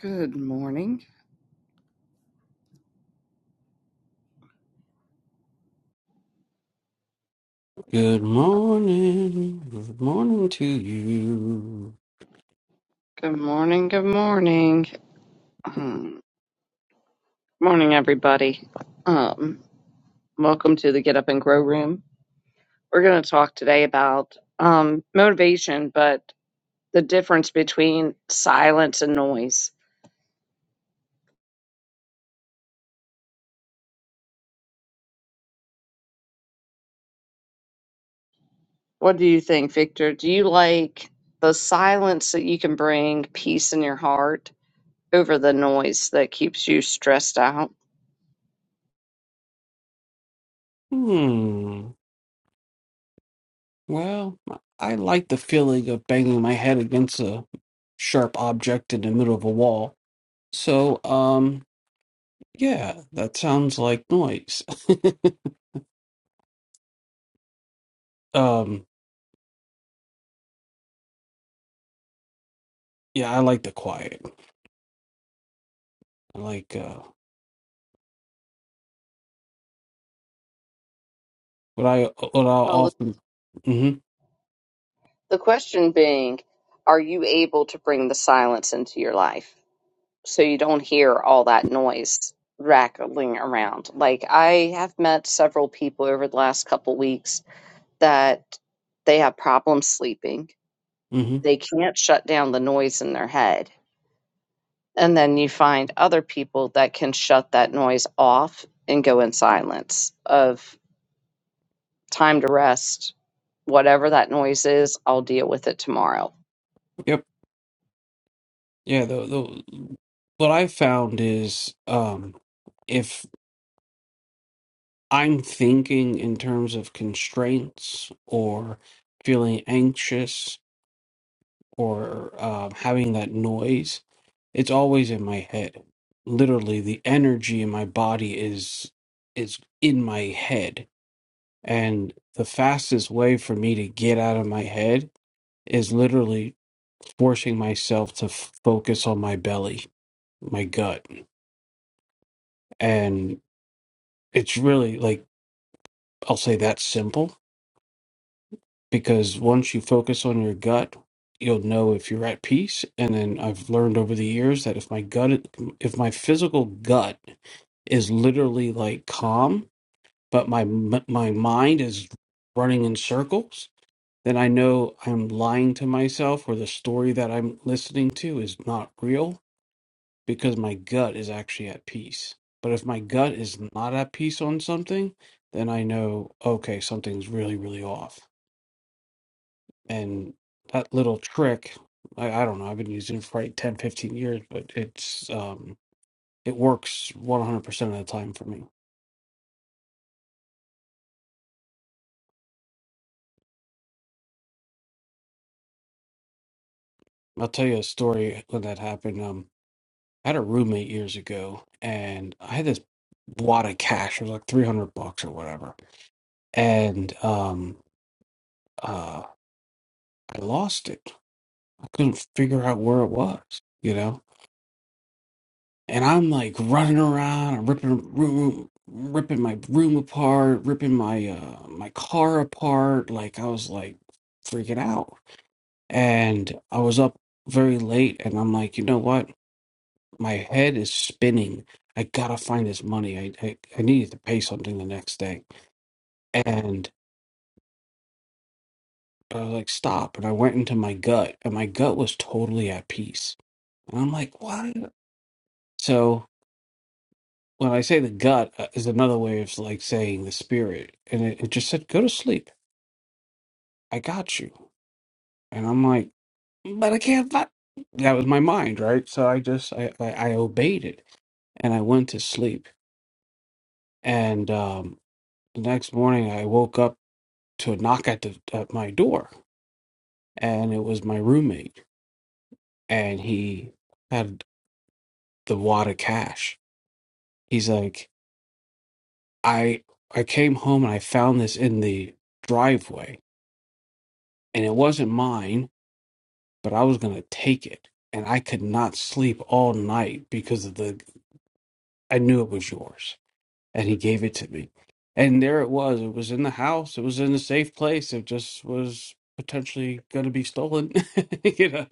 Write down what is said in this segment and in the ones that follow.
Good morning. Good morning. Good morning to you. Good morning. Good morning. Um, morning, everybody. Um, welcome to the Get Up and Grow Room. We're going to talk today about um, motivation, but the difference between silence and noise. What do you think, Victor? Do you like the silence that you can bring peace in your heart over the noise that keeps you stressed out? Hmm. Well, I like the feeling of banging my head against a sharp object in the middle of a wall. So, um, yeah, that sounds like noise. Um, yeah, I like the quiet. I like uh what I what I Well, the, often Mhm. the question being, are you able to bring the silence into your life? so you don't hear all that noise rattling around. Like I have met several people over the last couple weeks that they have problems sleeping. Mhm. They can't shut down the noise in their head. And then you find other people that can shut that noise off and go in silence of time to rest. Whatever that noise is, I'll deal with it tomorrow. Yep. Yeah, the the what I found is um if. I'm thinking in terms of constraints or feeling anxious or um, having that noise. It's always in my head. Literally, the energy in my body is is in my head, and the fastest way for me to get out of my head is literally forcing myself to f- focus on my belly, my gut, and it's really like I'll say that's simple because once you focus on your gut you'll know if you're at peace and then i've learned over the years that if my gut if my physical gut is literally like calm but my my mind is running in circles then i know i'm lying to myself or the story that i'm listening to is not real because my gut is actually at peace but if my gut is not at peace on something then i know okay something's really really off and that little trick I, I don't know i've been using it for like 10, 15 years but it's um it works 100% of the time for me i'll tell you a story when that happened um i had a roommate years ago and i had this wad of cash it was like 300 bucks or whatever and um uh i lost it i couldn't figure out where it was you know and I'm like running around, I'm ripping room, ripping my room apart, ripping my uh my car apart. Like I was like freaking out, and I was up very late, and I'm like, you know what? My head is spinning. I gotta find this money. I I, I needed to pay something the next day, and I was like, stop. And I went into my gut, and my gut was totally at peace. And I'm like, what? So. when I say the gut uh, is another way of like saying the spirit, and it, it just said, "Go to sleep. I got you." And I'm like, "But I can't." But that was my mind, right? So I just I, I, I obeyed it, and I went to sleep. And um, the next morning, I woke up to a knock at the at my door, and it was my roommate, and he had the wad of cash. He's like, "I I came home and I found this in the driveway, and it wasn't mine." but I was going to take it. And I could not sleep all night because of the, I knew it was yours. And he gave it to me. And there it was. It was in the house, it was in a safe place. It just was potentially going to be stolen, you know?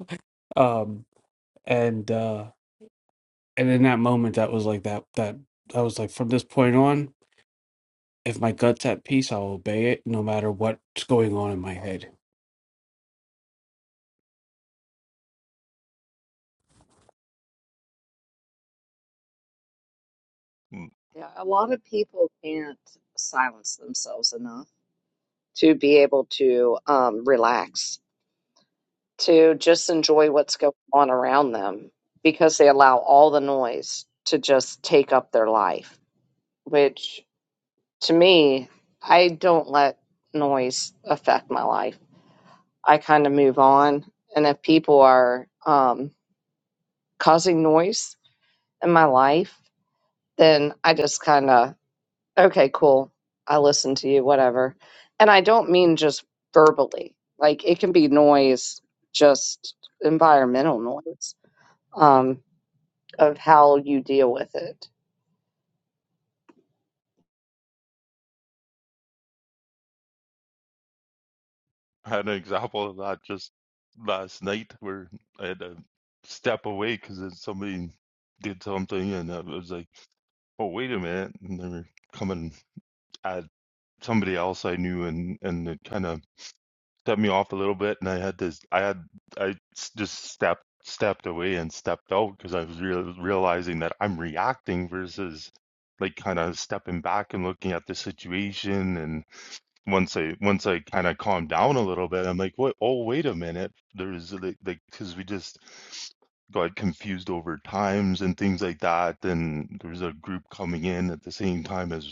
Um, and, uh, and in that moment, that was like that, that I was like, from this point on, if my gut's at peace, I'll obey it no matter what's going on in my head. Mm, Yeah, a lot of people can't silence themselves enough to be able to um, relax. to just enjoy what's going on around them because they allow all the noise to just take up their life, which to me, I don't let noise affect my life. I kind of move on. And if people are um, causing noise in my life, then I just kind of, okay, cool. I listen to you, whatever. And I don't mean just verbally, like it can be noise, just environmental noise. Um, of how you deal with it. I had an example of that just last night where I had to step away because somebody did something, and I was like, "Oh, wait a minute!" And they were coming at somebody else I knew, and and it kind of set me off a little bit, and I had to I had I s- just stepped stepped away and stepped out because I was real realizing that I'm reacting versus like kind of stepping back and looking at the situation and once I once I kind of calmed down a little bit, I'm like, what? Oh, wait a minute. There's like, like, because we just got confused over times and things like that. And there was a group coming in at the same time as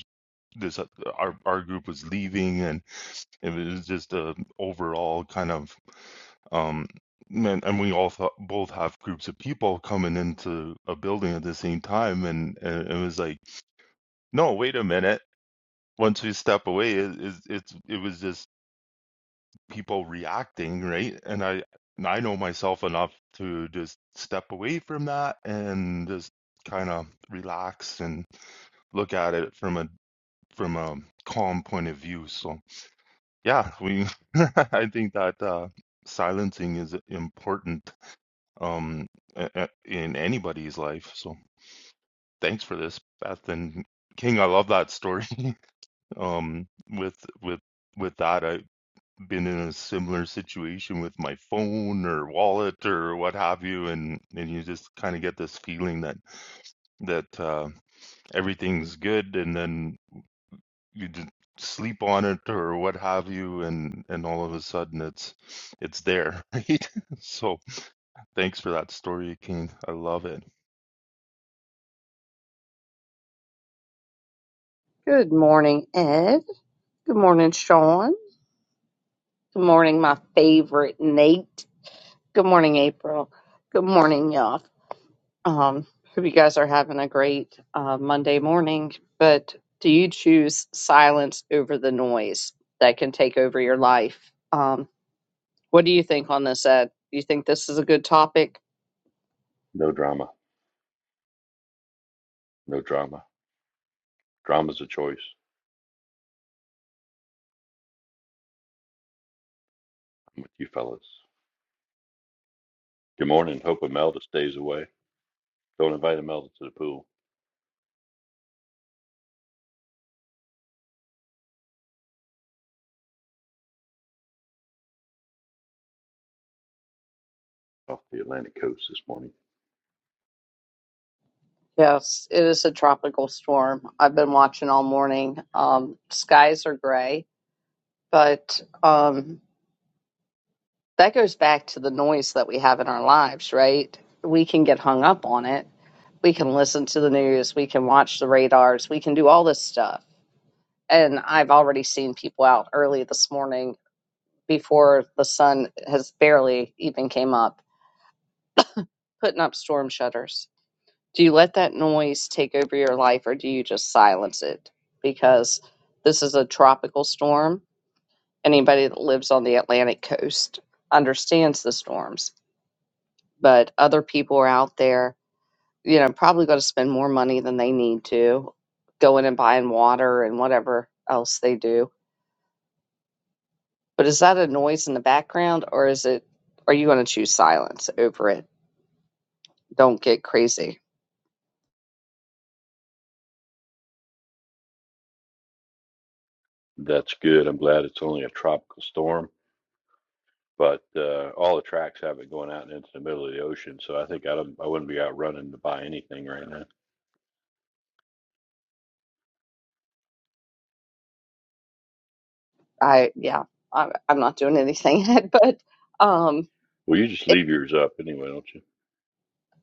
this uh, our our group was leaving and it was just a overall kind of um and, and we all thought, both have groups of people coming into a building at the same time and, and it was like no wait a minute once we step away it, it's it's it was just people reacting right and i and i know myself enough to just step away from that and just kind of relax and look at it from a from a calm point of view so Yeah, we. I think that uh, silencing is important um, a- a- in anybody's life. So thanks for this, Beth and King. I love that story. um, with with with that, I've been in a similar situation with my phone or wallet or what have you, and and you just kind of get this feeling that that uh, everything's good, and then you didn't sleep on it or what have you and and all of a sudden it's it's there right so thanks for that story king i love it Good morning, Ed. Good morning, Sean. Good morning, my favorite Nate. Good morning, April. Good morning, y'all. Um, hope you guys are having a great uh, Monday morning. But do you choose silence over the noise that can take over your life? Um, what do you think on this, Ed? Do you think this is a good topic? No drama. No drama. Drama's a choice. I'm with you fellas. Good morning. Hope Imelda stays away. Don't invite Imelda to the pool off the Atlantic coast this morning. Yes, it is a tropical storm. I've been watching all morning. Um, skies are gray, but um, that goes back to the noise that we have in our lives, right? We can get hung up on it. We can listen to the news. We can watch the radars. We can do all this stuff and I've already seen people out early this morning before the sun has barely even came up, putting up storm shutters. Do you let that noise take over your life or do you just silence it? Because this is a tropical storm. Anybody that lives on the Atlantic coast understands the storms, but other people are out there, you know, probably going to spend more money than they need to going and buying water and whatever else they do But is that a noise in the background or is it are you going to choose silence over it? Don't get crazy. That's good. I'm glad it's only a tropical storm, but uh, all the tracks have it going out and into the middle of the ocean. So I think I, don't, I wouldn't be out running to buy anything right now. I yeah, I, I'm not doing anything yet, but um, Well, you just it, leave yours up anyway, don't you?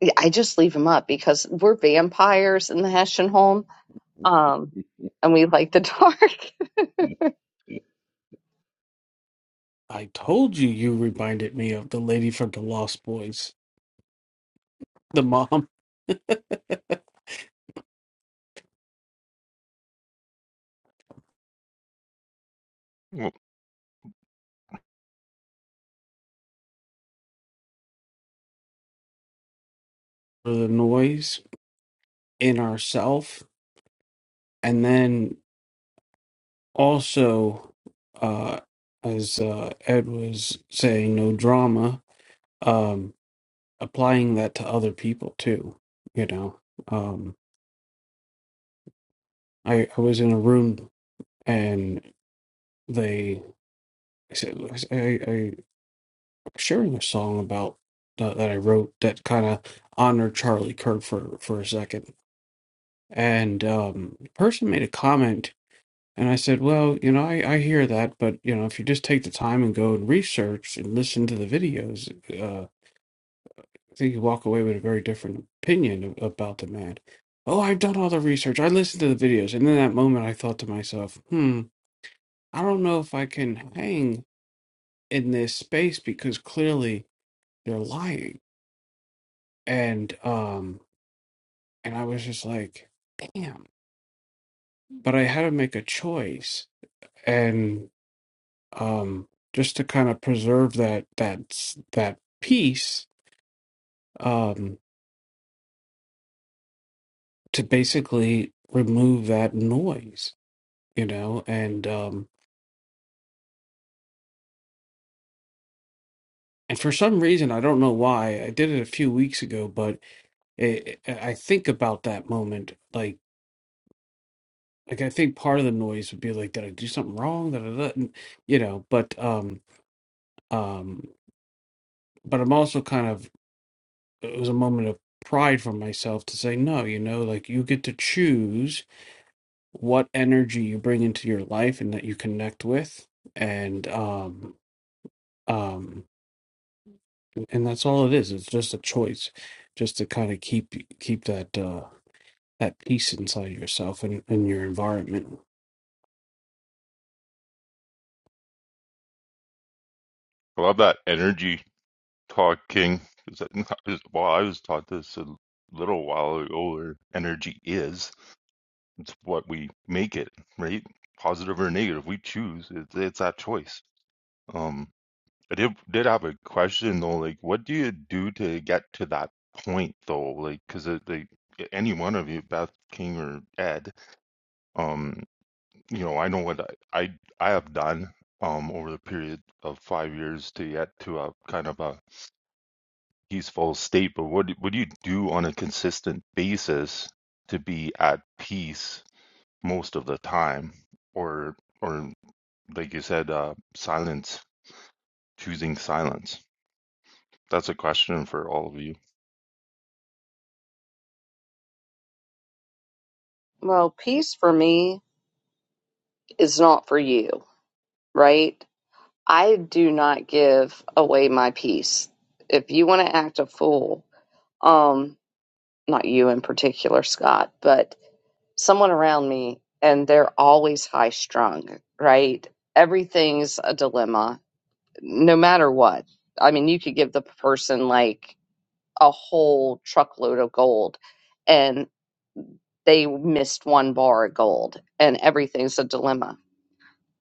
yeah, I just leave them up because we're vampires in the Hessian home, um, and we like the dark. I told you you reminded me of the lady from the Lost Boys, the mom. Well, for the noise in ourself and then also uh as uh ed was saying no drama um applying that to other people too you know um i i was in a room and they i said i i I'm sharing a song about that, that i wrote that kind of honored charlie kirk for for a second and um the person made a comment And I said, Well, you know, I, I hear that, but, you know, if you just take the time and go and research and listen to the videos, uh, I think you walk away with a very different opinion a- about the man. Oh, I've done all the research. I listened to the videos. And in that moment, I thought to myself, hmm, I don't know if I can hang in this space because clearly they're lying. And, um, and I was just like, damn. But I had to make a choice. um, just to kind of preserve that that that peace um, to basically remove that noise, you know, and um, and for some reason I don't know why I did it a few weeks ago, but it, it- I think about that moment like like I think part of the noise would be like did I do something wrong, da, da, da, and, you know, but um, um, but I'm also kind of it was a moment of pride for myself to say no, you know, like you get to choose what energy you bring into your life and that you connect with and um um and that's all it is it's just a choice just to kind of keep keep that uh that peace inside yourself and, and your environment i love that energy talk king 'Cause that- well i was taught this a little while ago or energy is it's what we make it right positive or negative we choose it's, it's that choice Um, I did did have a question though, like what do you do to get to that point though? Like, because like any one of you, Beth King or Ed, um, you know, I know what I I, I have done um over the period of five years to get to a kind of a peaceful state. But what do- what do you do on a consistent basis to be at peace most of the time, or or like you said, uh, silence, choosing silence? That's a question for all of you. Well, peace for me is not for you, right? I do not give away my peace. If you want to act a fool, um, not you in particular, Scott, but someone around me, and they're always high strung, right? Everything's a dilemma, no matter what. I mean, you could give the person like a whole truckload of gold, and they missed one bar of gold, and everything's a dilemma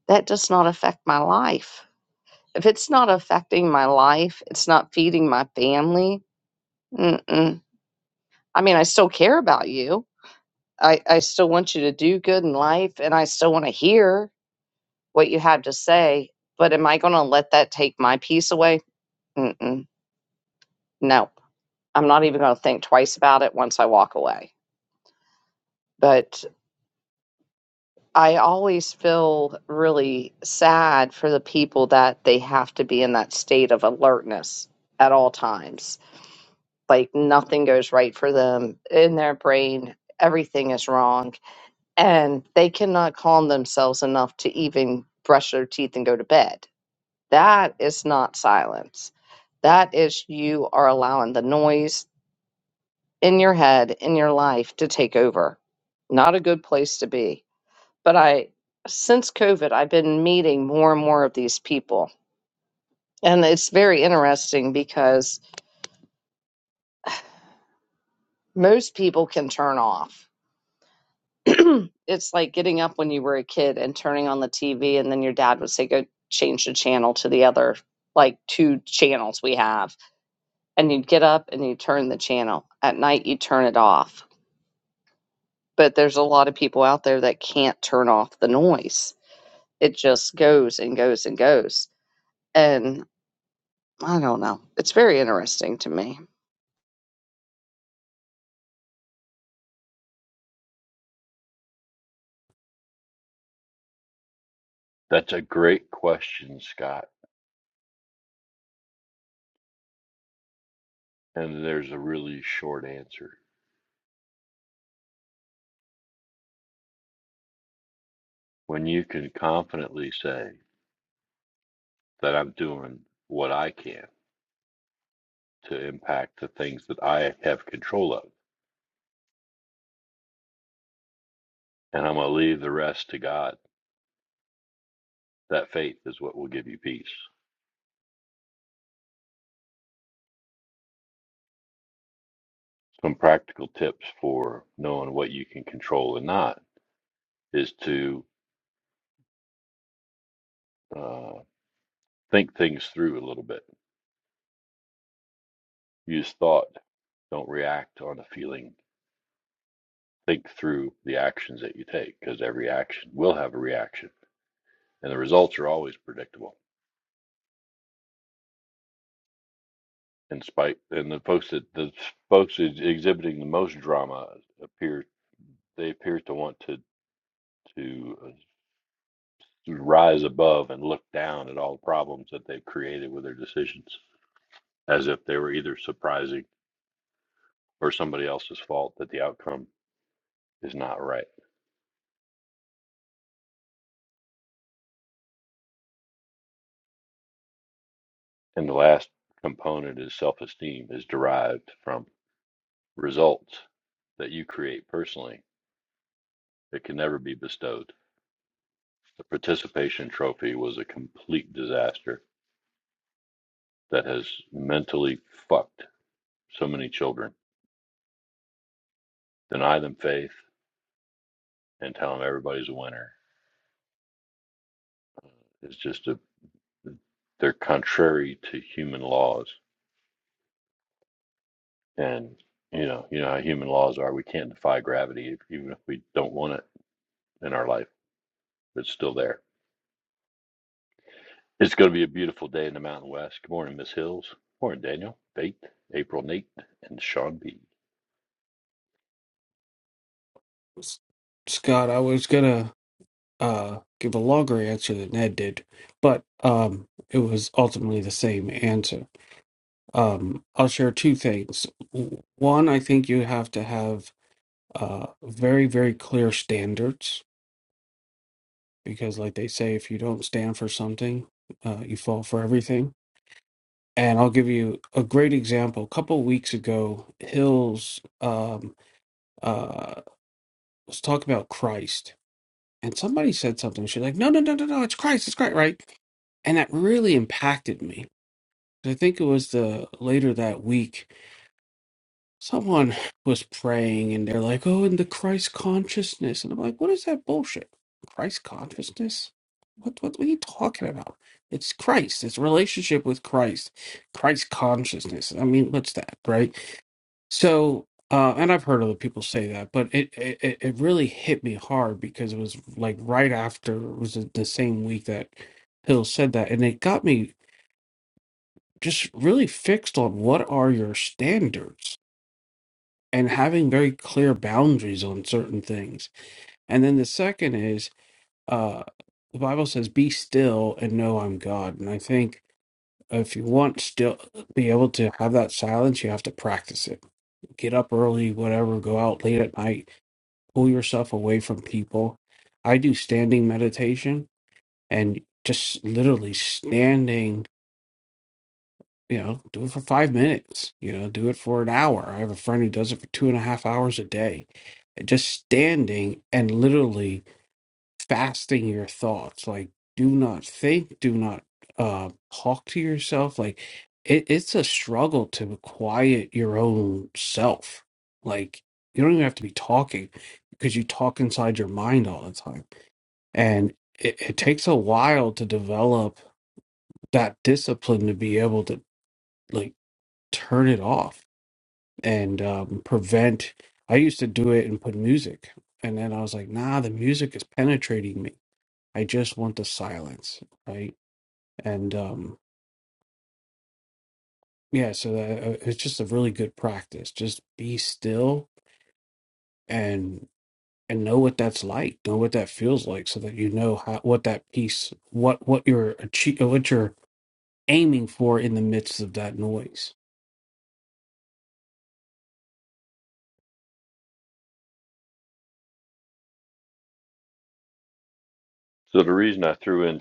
that does not affect my life. If it's not affecting my life, it's not feeding my family. Mm-mm. I mean, I still care about you. I, I still want you to do good in life and I still want to hear what you have to say. But am I going to let that take my peace away? Mm-mm. No, I'm not even going to think twice about it once I walk away. But I always feel really sad for the people that they have to be in that state of alertness at all times like nothing goes right for them in their brain everything is wrong and they cannot calm themselves enough to even brush their teeth and go to bed that is not silence that is you are allowing the noise in your head in your life to take over not a good place to be but i since covid i've been meeting more and more of these people and it's very interesting because most people can turn off it's like getting up when you were a kid and turning on the TV, and then your dad would say, Go change the channel to the other, like two channels we have. And you'd get up and you turn the channel. At night, you turn it off. But there's a lot of people out there that can't turn off the noise, it just goes and goes and goes. And I don't know. It's very interesting to me. That's a great question, Scott. And there's a really short answer. When you can confidently say, that I'm doing what I can to impact the things that I have control of. And I'm going to leave the rest to God. That faith is what will give you peace. Some practical tips for knowing what you can control and not is to uh, think things through a little bit. Use thought. Don't react on a feeling. Think through the actions that you take because every action will have a reaction and the results are always predictable and spite and the folks that the folks exhibiting the most drama appear they appear to want to to uh, rise above and look down at all the problems that they've created with their decisions as if they were either surprising or somebody else's fault that the outcome is not right and the last component is self-esteem is derived from results that you create personally It can never be bestowed the participation trophy was a complete disaster that has mentally fucked so many children. Deny them faith and tell them everybody's a winner. It's just a they're contrary to human laws, and you know you know how human laws are. We can't defy gravity, even if we don't want it in our life. It's still there. It's going to be a beautiful day in the Mountain West. Good morning, Miss Hills. Good morning, Daniel, Bate, April, Nate, and Sean B. S- scott i was gonna uh give a longer answer than ed did but um it was ultimately the same answer um i'll share two things W- one i think you have to have uh very very clear standards because like they say if you don't stand for something uh, you fall for everything and i'll give you a great example a couple weeks ago hills um, uh, was talking about christ and somebody said something she's like no no no no no it's christ it's christ right and that really impacted me i think it was the later that week someone was praying and they're like, oh, in the Christ consciousness. And I'm like, what is that bullshit? Christ consciousness? What, what, what are you talking about? It's Christ, it's relationship with Christ, Christ consciousness. I mean, what's that, right? So, uh, and I've heard other people say that, but it, it it it really hit me hard because it was like right after it was the same week that Hill said that, and it got me just really fixed on what are your standards and having very clear boundaries on certain things. And then the second is uh, the Bible says, "Be still and know I'm God." And I think if you want still be able to have that silence, you have to practice it. Get up early, whatever. Go out late at night. Pull yourself away from people. I do standing meditation and just literally standing You know, do it for five minutes. You know, do it for an hour. I have a friend who does it for two and a half hours a day, just standing and literally fasting your thoughts. Like, do not think, do not uh, talk to yourself. Like, it, it's a struggle to quiet your own self. Like, you don't even have to be talking because you talk inside your mind all the time. And it, it takes a while to develop that discipline to be able to. like turn it off and um, prevent. I used to do it and put music, and then I was like, nah, the music is penetrating me. I just want the silence, right? And um, yeah, so that, uh, it's just a really good practice. Just be still and and know what that's like, know what that feels like, so that you know how what that piece, what what you're achieve, what you're aiming for in the midst of that noise. So the reason I threw in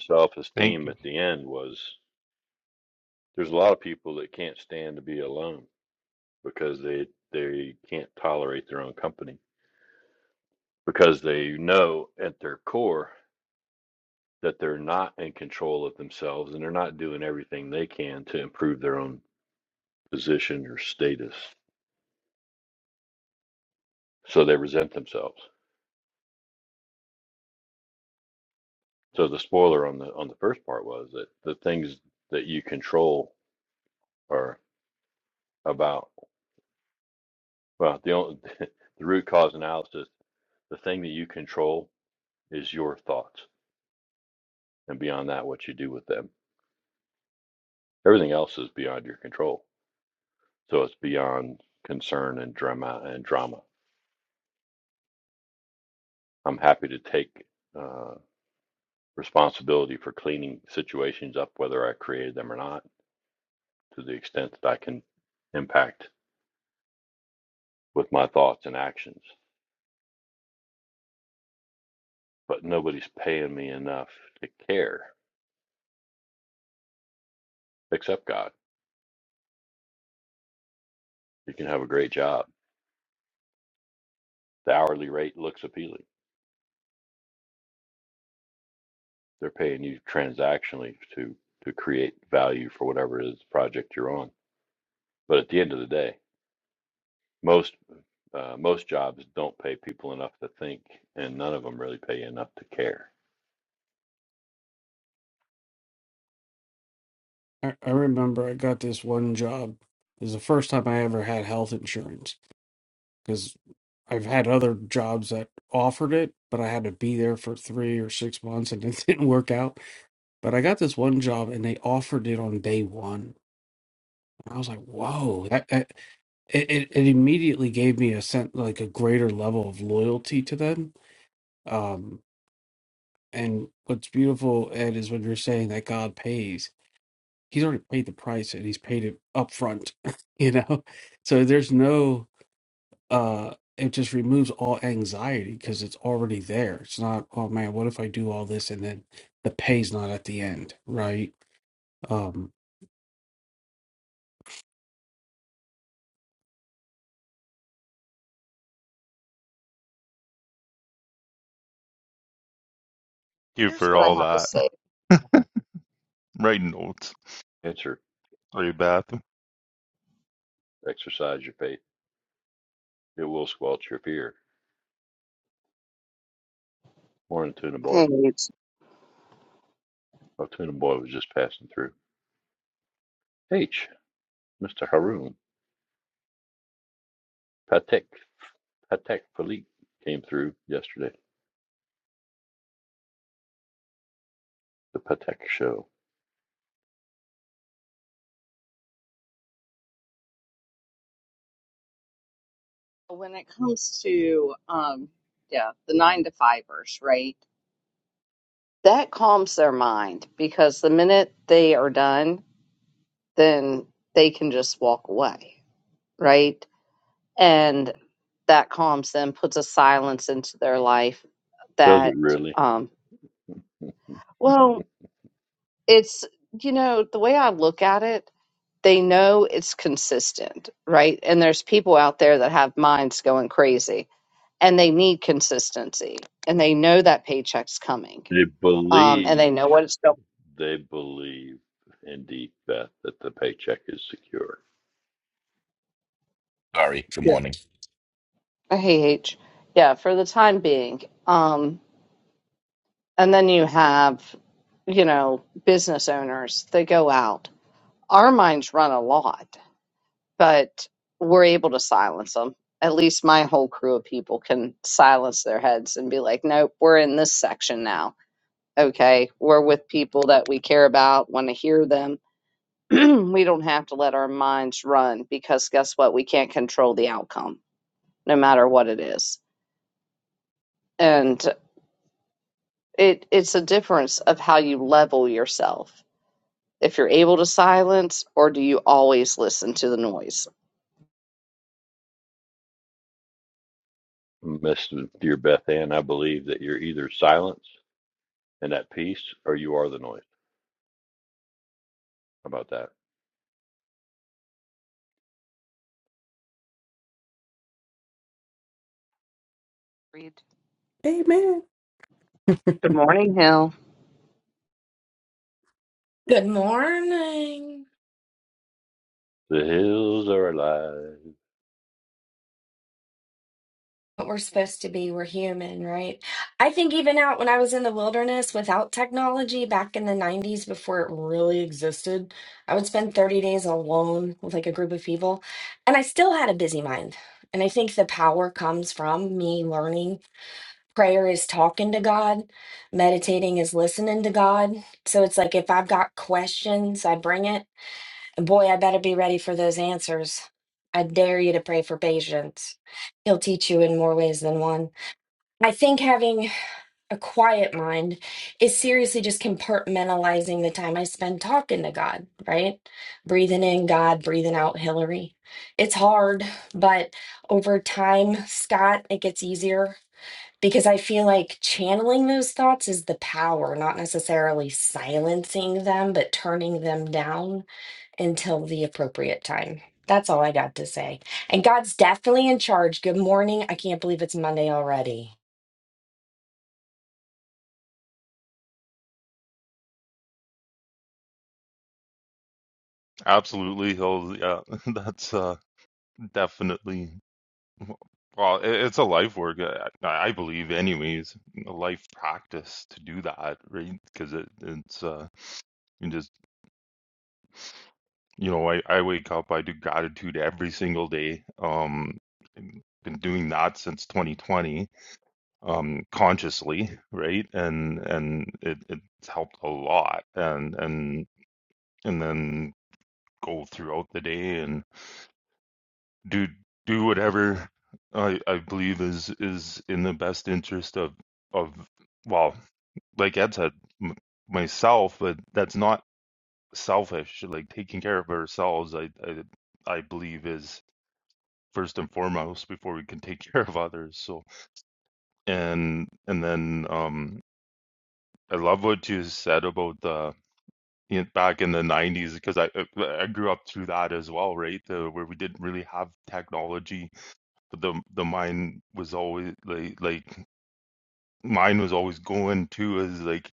Thank self-esteem you at the end was there's a lot of people that can't stand to be alone because they they can't tolerate their own company because they know at their core that they're not in control of themselves and they're not doing everything they can to improve their own position or status so they resent themselves so the spoiler on the on the first part was that the things that you control are about well the only, the root cause analysis the thing that you control is your thoughts and beyond that what you do with them everything else is beyond your control So it's beyond concern and drama and drama. I'm happy to take uh, responsibility for cleaning situations up, whether I created them or not, to the extent that I can impact with my thoughts and actions. But nobody's paying me enough to care except God. You can have a great job. The hourly rate looks appealing. They're paying you transactionally to to create value for whatever it is project you're on. But at the end of the day, most Uh, most jobs don't pay people enough to think, and none of them really pay you enough to care. I, I remember I got this one job. It was the first time I ever had health insurance because I've had other jobs that offered it, but I had to be there for three or six months and it didn't work out. But I got this one job and they offered it on day one. And I was like, whoa, that, that it, it it immediately gave me a sense like a greater level of loyalty to them. Um, and what's beautiful, Ed, is when you're saying that God pays, he's already paid the price and he's paid it up front, you know? So there's no, uh it just removes all anxiety because it's already there it's not oh man what if i do all this and then the pay's not at the end right um you Here's for what I all have to that. say. Writing notes. Answer, Sorry, Beth. exercise your faith. It will squelch your fear. Morning, Tuna Boy. Hey, it's- Oh, Tuna Boy was just passing through. H, Mr. Haroon Patek, Patek Philippe came through yesterday. The Patek show. when it comes to, um, yeah, the nine to fivers, right? that calms their mind because the minute they are done, then they can just walk away, right? And that calms them, puts a silence into their life Does it that, really? um, well, it's, you know, the way I look at it, they know it's consistent, right? And there's people out there that have minds going crazy and they need consistency and they know that paycheck's coming they um, and they believe, know what it's going they believe indeed, Beth, that the paycheck is secure. Sorry. Good morning. Hey, H. Yeah, for the time being. Um, and then you have, you know, business owners that go out. Our minds run a lot, but we're able to silence them. At least my whole crew of people can silence their heads and be like, nope, we're in this section now. Okay, we're with people that we care about, want to hear them. we don't have to let our minds run because guess what? We can't control the outcome, no matter what it is. And It it's a difference of how you level yourself. If you're able to silence or do you always listen to the noise? Miss dear Beth Ann, I believe that you're either silenced. and at peace, or you are the noise. How about that? Reed. Amen. Good morning, Hill. Good morning. The hills are alive. What we're supposed to be, we're human, right? I think even out when I was in the wilderness without technology back in the 90s before it really existed, I would spend 30 days alone with like a group of people, and I still had a busy mind. And I think the power comes from me learning. Prayer is talking to God, meditating is listening to God. So it's like if I've got questions, I bring it. Boy, I better be ready for those answers. I dare you to pray for patience. He'll teach you in more ways than one. I think having a quiet mind is seriously just compartmentalizing the time I spend talking to God, right? Breathing in God, breathing out Hillary. It's hard, but over time, Scott, it gets easier because I feel like channeling those thoughts is the power, not necessarily silencing them, but turning them down until the appropriate time. That's all I got to say. And God's definitely in charge. Good morning. I can't believe it's Monday already. Absolutely. He'll, yeah, that's uh, definitely, well, it, it's a life work, uh, I, I believe, anyways, a life practice to do that, right? Because it, it's, uh, you just, you know, I, I wake up, I do gratitude every single day. Um, and been doing that since 2020, um, consciously, right? And, and it, it's helped a lot. And, and, and then go throughout the day and do do whatever I I believe is is in the best interest of of well, like Ed said, m- myself, but that's not selfish. Like taking care of ourselves, I I, I believe is first and foremost before we can take care of others. So and and then um I love what you said about the in- back in the 90s because I I I grew up through that as well, right? The, where we didn't really have technology but the the mind was always like like mine was always going to is like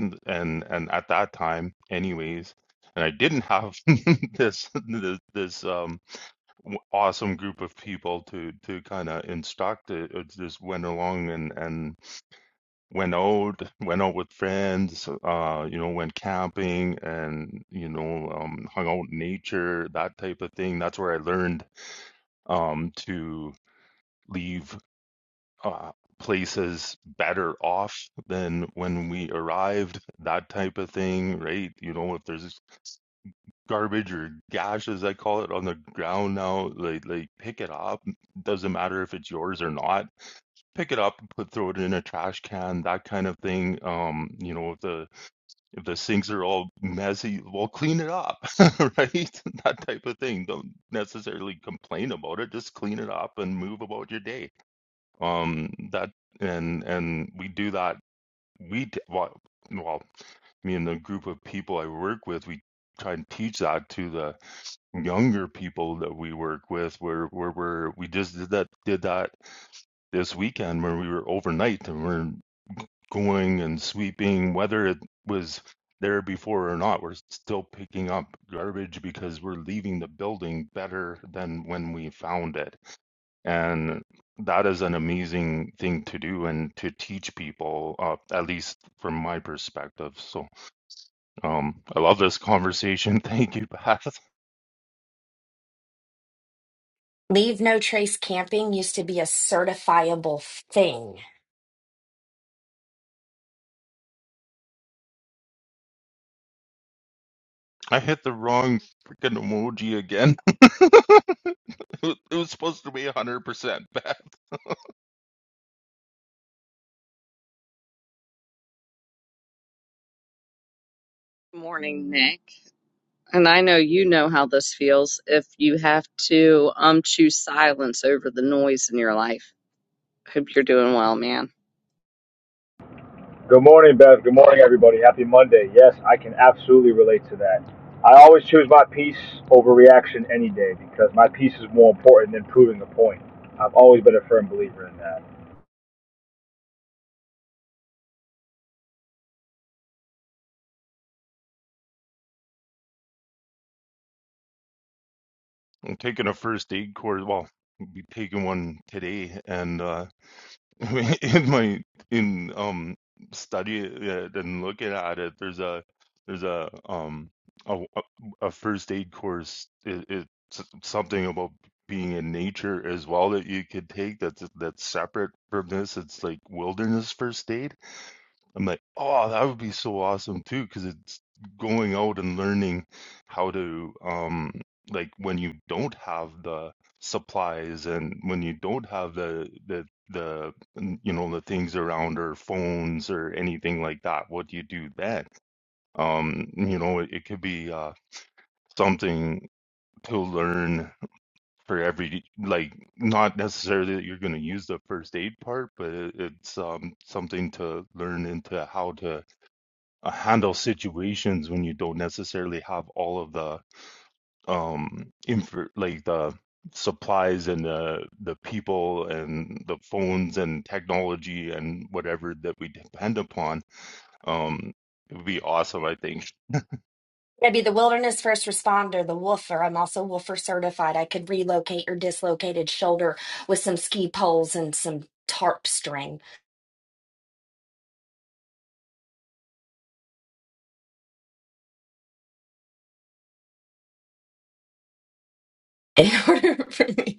n- and and at that time anyways and I didn't have this this this um w- awesome group of people to to kind of instruct it, it just went along and and went out went out with friends uh you know went camping and you know um hung out in nature that type of thing that's where I learned um to leave uh, places better off than when we arrived, that type of thing, right? You know, if there's garbage or gash, as I call it, on the ground now, like like pick it up. Doesn't matter if it's yours or not. Pick it up, put throw it in a trash can, that kind of thing. Um, you know, if the if the sinks are all messy, well, clean it up, right? That type of thing. Don't necessarily complain about it. Just clean it up and move about your day um, that and and we do that. We d- well, well, me and the group of people I work with, we try and teach that to the younger people that we work with. Where where we're we just did that did that this weekend where we were overnight and we're going and sweeping, whether it was there before or not, we're still picking up garbage because we're leaving the building better than when we found it and that is an amazing thing to do and to teach people, uh, at least from my perspective. So um, I love this conversation. Thank you, Beth. Leave no trace camping used to be a certifiable thing. I hit the wrong freaking emoji again. it was supposed to be 100%, Beth. Good morning, Nick. And I know you know how this feels if you have to um choose silence over the noise in your life. Hope you're doing well, man. Good morning, Bev. Good morning, everybody. Happy Monday. Yes, I can absolutely relate to that. I always choose my peace over reaction any day because my peace is more important than proving a point. I've always been a firm believer in that. I'm taking a first aid course. Well, I'll be taking one today. And uh, I mean, in my in um study uh, and looking at it there's a there's a um a, a a first aid course it, it's something about being in nature as well that you could take that's that's separate from this it's like wilderness first aid I'm like, oh, that would be so awesome too, because it's going out and learning how to, um, like when you don't have the supplies and when you don't have the the the mm, you know the things around or phones or anything like that, what do you do then? Um, you know, it, it could be uh, something to learn for every like not necessarily that you're going to use the first aid part, but it, it's um, something to learn into how to uh, handle situations when you don't necessarily have all of the um infor- like the supplies and the the people and the phones and technology and whatever that we depend upon um it would be awesome i think I'd be the wilderness first responder, the woofer. I'm also woofer certified. I could relocate your dislocated shoulder with some ski poles and some tarp string in order for me.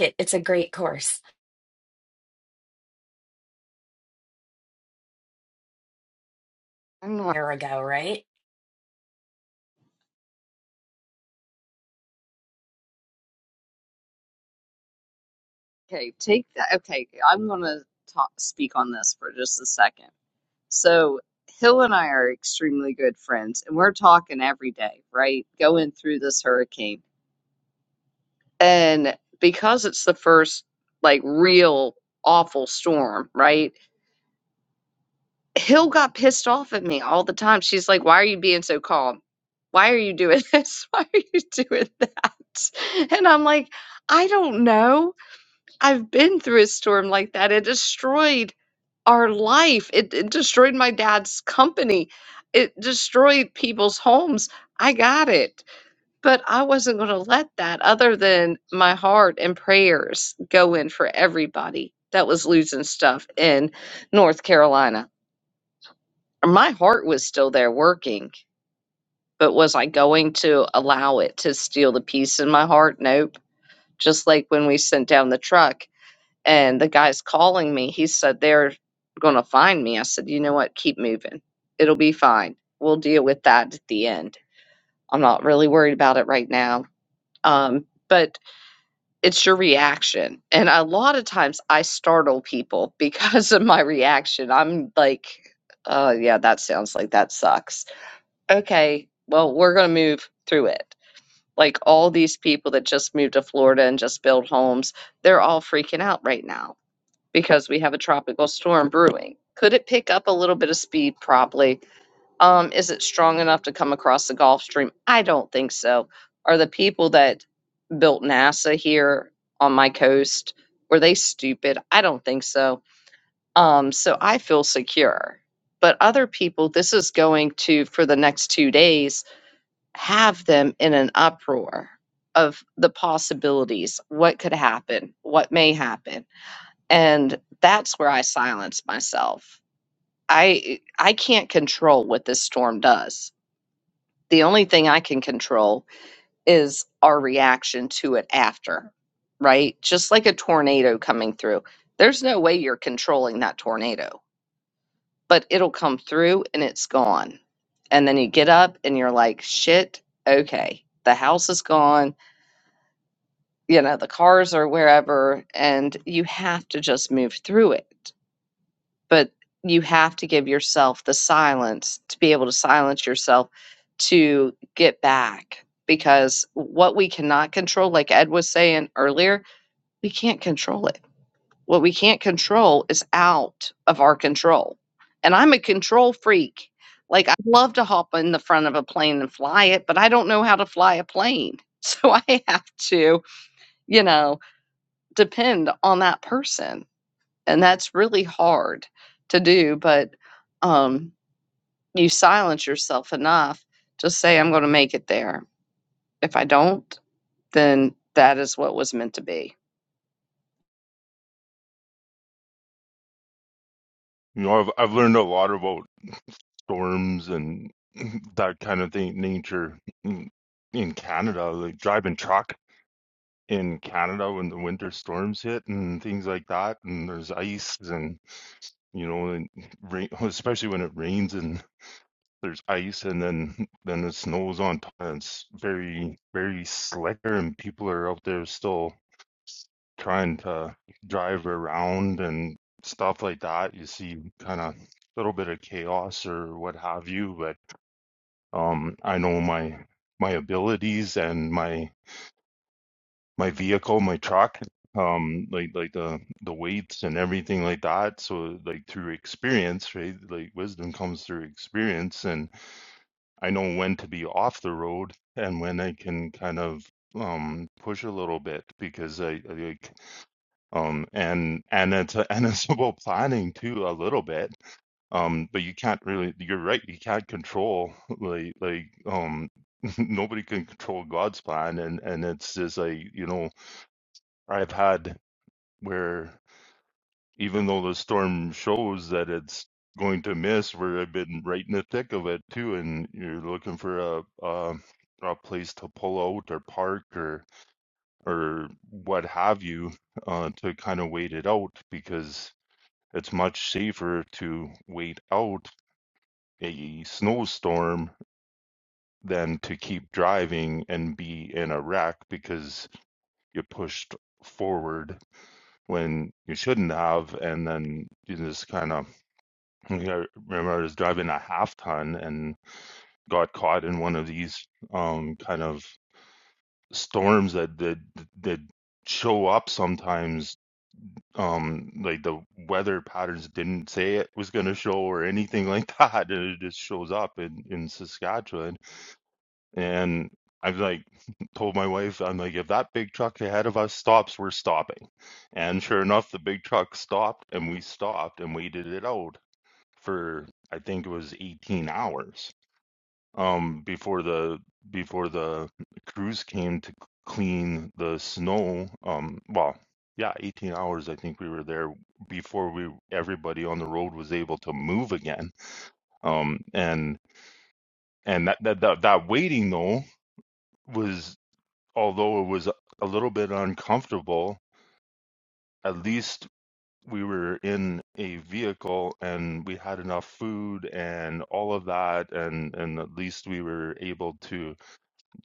It- It's a great course. There we go, right? Okay, take that. Okay, I'm going to talk, speak on this for just a second. So, Hill and I are extremely good friends, and we're talking every day, right? Going through this hurricane. And because it's the first, like, real awful storm, right? Hill got pissed off at me all the time. She's like, Why are you being so calm? Why are you doing this? Why are you doing that? And I'm like, I don't know I've been through a storm like that. It destroyed our life. It, it destroyed my dad's company. It destroyed people's homes. I got it. But I wasn't going to let that, other than my heart and prayers, go in for everybody that was losing stuff in North Carolina. My heart was still there working, but was I going to allow it to steal the peace in my heart? Nope. Just like when we sent down the truck and the guy's calling me. He said they're going to find me. I said, you know what? Keep moving. It'll be fine. We'll deal with that at the end. I'm not really worried about it right now. Um, but it's your reaction. And a lot of times I startle people because of my reaction. I'm like, oh, yeah, that sounds like that sucks. Okay, well, we're going to move through it. Like all these people that just moved to Florida and just built homes, they're all freaking out right now because we have a tropical storm brewing. Could it pick up a little bit of speed? Probably. Um, is it strong enough to come across the Gulf Stream? I don't think so. Are the people that built NASA here on my coast were they stupid? I don't think so. Um, so I feel secure. But other people, this is going to for the next two days have them in an uproar of the possibilities. What could happen? What may happen? and that's where i silence myself i i can't control what this storm does the only thing i can control is our reaction to it after right just like a tornado coming through there's no way you're controlling that tornado but it'll come through and it's gone and then you get up and you're like shit okay the house is gone you know the cars are wherever and you have to just move through it but you have to give yourself the silence to be able to silence yourself to get back because what we cannot control like ed was saying earlier we can't control it what we can't control is out of our control and i'm a control freak like i'd love to hop in the front of a plane and fly it but i don't know how to fly a plane so i have to you know depend on that person and that's really hard to do but um, you silence yourself enough to say i'm going to make it there if i don't then that is what was meant to be you know i've, I've learned a lot about storms and that kind of thing nature in in canada like driving truck in canada when the winter storms hit and things like that and there's ice and. you know, and rain, especially when it rains and there's ice and then then it snows on top and it's very very slicker and people are out there still trying to drive around and stuff like that. You see kind of little bit of chaos or what have you, but um I know my my abilities and my my vehicle, my truck, um, like like the the weights and everything like that. So like through experience, right? Like wisdom comes through experience, and I know when to be off the road and when I can kind of um push a little bit because I, I like um and and it's a, and it's about planning too a little bit um but you can't really you're right you can't control like like um nobody can control God's plan and and it's just like you know I've had where even though the storm shows that it's going to miss, where I've been right in the thick of it too, and you're looking for a a, a place to pull out or park or or what have you uh, to kind of wait it out because it's much safer to wait out a snowstorm than to keep driving and be in a wreck because you pushed forward when you shouldn't have and then you just kind of You know, I remember I was driving a half ton and got caught in one of these um, kind of storms that that that show up sometimes. Um, like the weather patterns didn't say it was going to show or anything like that, and it just shows up in in Saskatchewan. And I've like told my wife, I'm like, if that big truck ahead of us stops, we're stopping. And sure enough, the big truck stopped, and we stopped and waited it out for I think it was 18 hours um, before the before the crews came to clean the snow. Um, well, yeah, 18 hours I think we were there before we everybody on the road was able to move again. Um, and and that that that, that waiting though was although it was a little bit uncomfortable, at least we were in a vehicle and we had enough food and all of that and and at least we were able to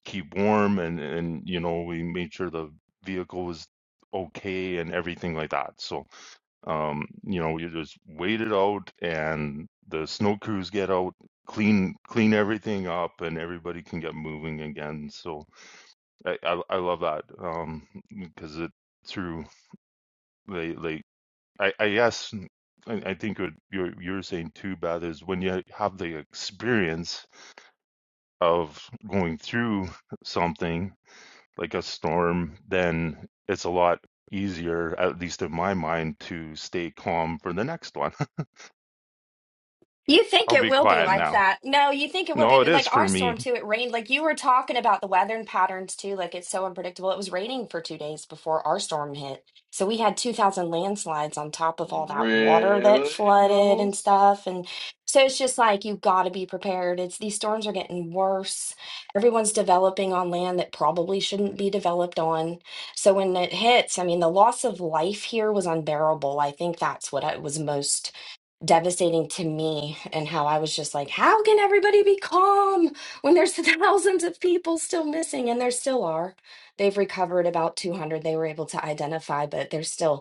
keep warm and and you know we made sure the vehicle was okay and everything like that so um you know we just waited out and the snow crews get out clean clean everything up and everybody can get moving again so i i, I love that um because it through like like I, I guess n- I I think what you're you're saying too, Beth, is when you have the experience of going through something like a storm, then it's a lot easier, at least in my mind, to stay calm for the next one. You think I'll it be will be quiet like now. that. No, you think it will No, it be is like our for storm me. too. It rained. Like you were talking about the weather and patterns too. Like it's so unpredictable. It was raining for two days before our storm hit. So we had 2,000 landslides on top of all that water that Really, flooded and Hells? stuff. And so it's just like you got to be prepared. It's these storms are getting worse. Everyone's developing on land that probably shouldn't be developed on. So when it hits, I mean, the loss of life here was unbearable. I think that's what I was most devastating to me and how I was just like, how can everybody be calm when there's thousands of people still missing? And there still are. They've recovered about 200 they were able to identify, but there's still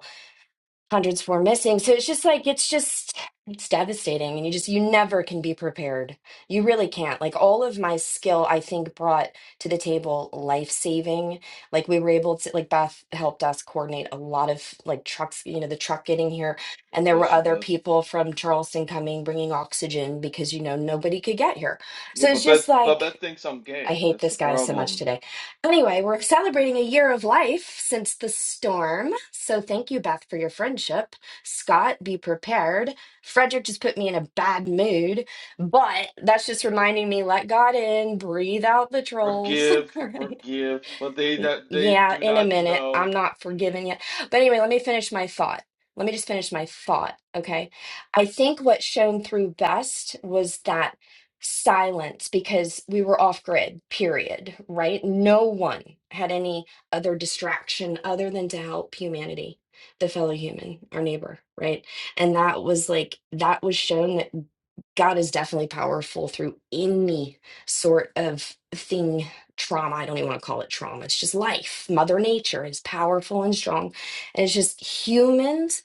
hundreds were missing. So it's just like it's just it's devastating and you just you never can be prepared. You really can't. Like all of my skill I think brought to the table life-saving. Like we were able to like Beth helped us coordinate a lot of like trucks, you know, the truck getting here and God there were bless you, other Beth. people from Charleston coming bringing oxygen because you know nobody could get here. Yeah, So it's but Beth, just but like Beth thinks I'm I gay. hate That's the this guy so much problem. today. Anyway, we're celebrating a year of life since the storm. So thank you, Beth, for your friendship. Scott, be prepared. Frederick just put me in a bad mood, but that's just reminding me let God in, breathe out the trolls. All Forgive, right. forgive, but they that they Yeah, do in a not minute. I'm know. not forgiven yet. But anyway, let me finish my thought. Let me just finish my thought. Okay. I think what shone through best was that silence because we were off grid, period, right? No one had any other distraction other than to help humanity, the fellow human, our neighbor, right? And that was like, that was shown that God is definitely powerful through any sort of thing trauma. I don't even want to call it trauma. It's just life. Mother Nature is powerful and strong. And it's just humans,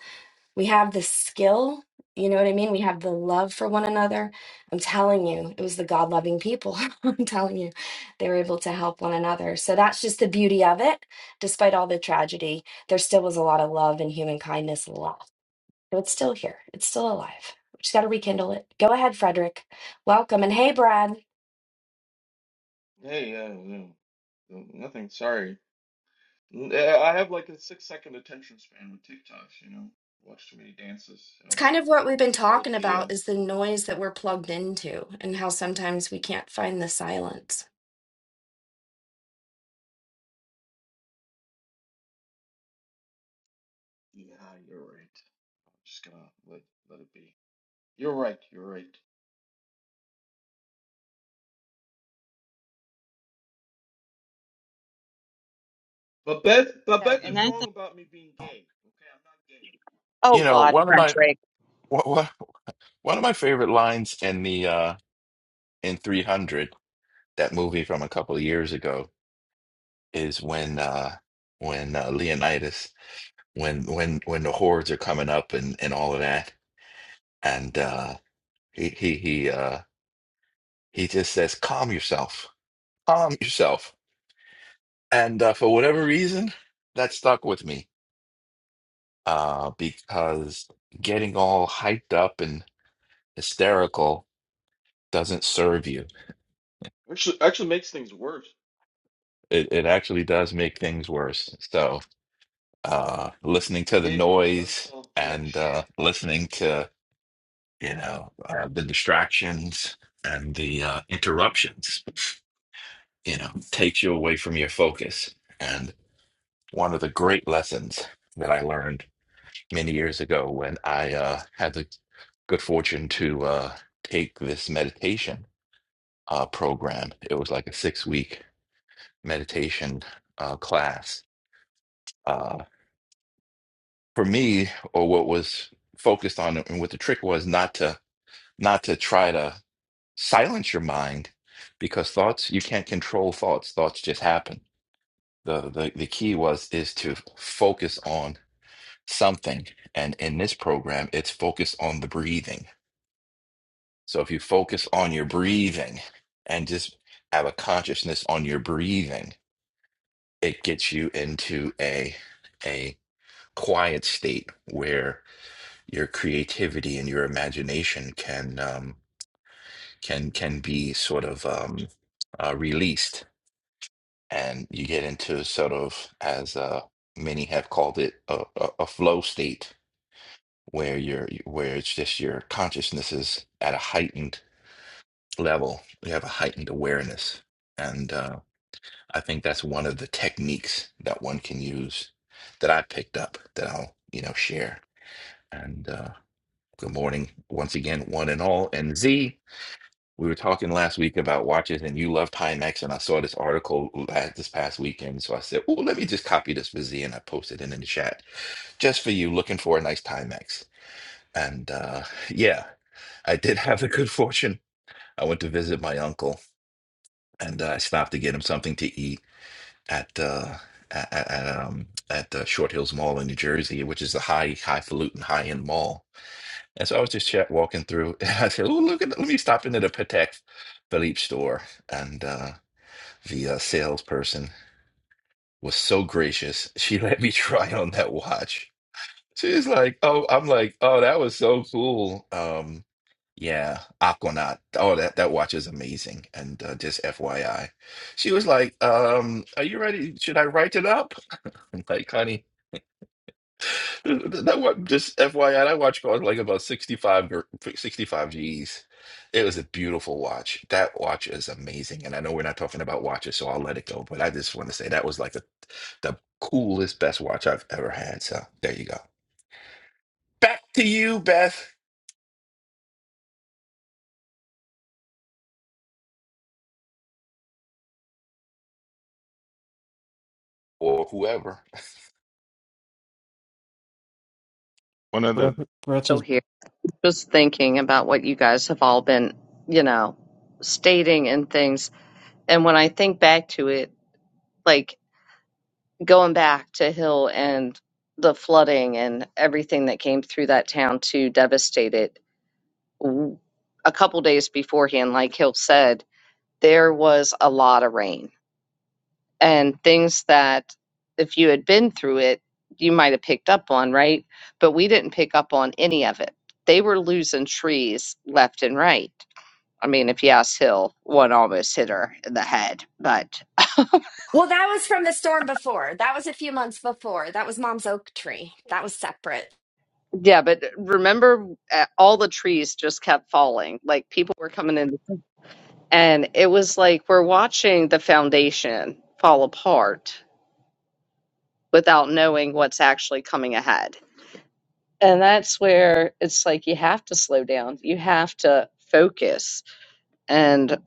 we have the skill. You know what I mean? We have the love for one another. I'm telling you, it was the God loving people. I'm telling you, they were able to help one another. So that's just the beauty of it. Despite all the tragedy, there still was a lot of love and human kindness left. So it's still here, it's still alive. We just got to rekindle it. Go ahead, Frederick. Welcome. And hey, Brad. Hey, yeah, no, no, nothing. Sorry. N- I have like a six second attention span with TikToks. You know, watch too many dances. So it's kind I of what we've been talking developed a. Uh, about is the noise that we're plugged into and how sometimes we can't find the silence. yeah, you're right. I'm just gonna let let it be. You're right. You're right. But Beth, but Yeah, Beth and is I wrong thought, about me being gay. Okay, I'm not gay. oh You know, god one of my patrick wha- wha- one of my favorite lines in the uh in 300, that movie from a couple of years ago, is when uh when uh, Leonidas when when when the hordes are coming up and and all of that and uh he he he uh he just says calm yourself. Calm yourself. And uh, for whatever reason, that stuck with me uh because getting all hyped up and hysterical doesn't serve you Actually, actually makes things worse. It it actually does make things worse. So uh, listening to the Dick doesn't noise solve jack and shit. uh, listening to you know uh, the distractions and the uh, interruptions, you know, takes you away from your focus. And one of the great lessons that I learned many years ago when I uh, had the good fortune to uh, take this meditation uh, program. It was like a six week meditation uh, class uh, for me, or what was focused on, and what the trick was, not to not to try to silence your mind, because thoughts you can't control thoughts. Thoughts just happen. The the the key was is to focus on something, and in this program, it's focused on the breathing. So if you focus on your breathing, and just have a consciousness on your breathing, it gets you into a a quiet state where. your creativity and your imagination can um, can can be sort of um, uh, released, and you get into sort of as uh, many have called it a, a, a flow state where you're where it's just your consciousness is at a heightened level. You have a heightened awareness, and uh, I think that's one of the techniques that one can use that I picked up that I'll you know share. And uh, good morning once again, one and all, and Z. We were talking last week about watches, and you love Timex, and I saw this article last this past weekend. So I said, "Oh, let me just copy this for Z," and I posted it in the chat just for you, looking for a nice Timex. And uh, yeah, I did have the good fortune. I went to visit my uncle, and uh, I stopped to get him something to eat at uh, at, at, at, um, at uh, Short Hills Mall in New Jersey, which is a high highfalutin high end mall. And so I was just chat walking through, and I said, "Oh, look at let me stop into the Patek Philippe store." and uh, the uh, salesperson was so gracious. She let me try on that watch. She's like, "Oh, I'm like, oh, that was so cool." Um, yeah, Aquanaut. Oh, that that watch is amazing. And uh, just FYI, she was like, um, "Are you ready? Should I write it up?" I'm like, "Honey." That wa- just FYI, I that watch on like about 65, gr- 65 G's. It was a beautiful watch. That watch is amazing. And I know we're not talking about watches, so I'll let it go. But I just want to say that was like a, the coolest, best watch I've ever had. So there you go. Back to you, Beth, or whoever. One of breath, the breath so is here just thinking about what you guys have all been you know stating and things and when i think back to it like going back to hill and the flooding and everything that came through that town to devastate it A couple days beforehand, like Hill said, there was a lot of rain and things that if you had been through it, you might have picked up on, right? But we didn't pick up on any of it. They were losing trees left and right. I mean, if you ask Hill, one almost hit her in the head. But Well, that was from the storm before. That was a few months before. That was mom's oak tree. That was separate. yeah, but remember, uh, all the trees just kept falling. Like people were coming in, and it was like we're watching the foundation fall apart without knowing what's actually coming ahead. And that's where it's like you have to slow down. You have to focus. And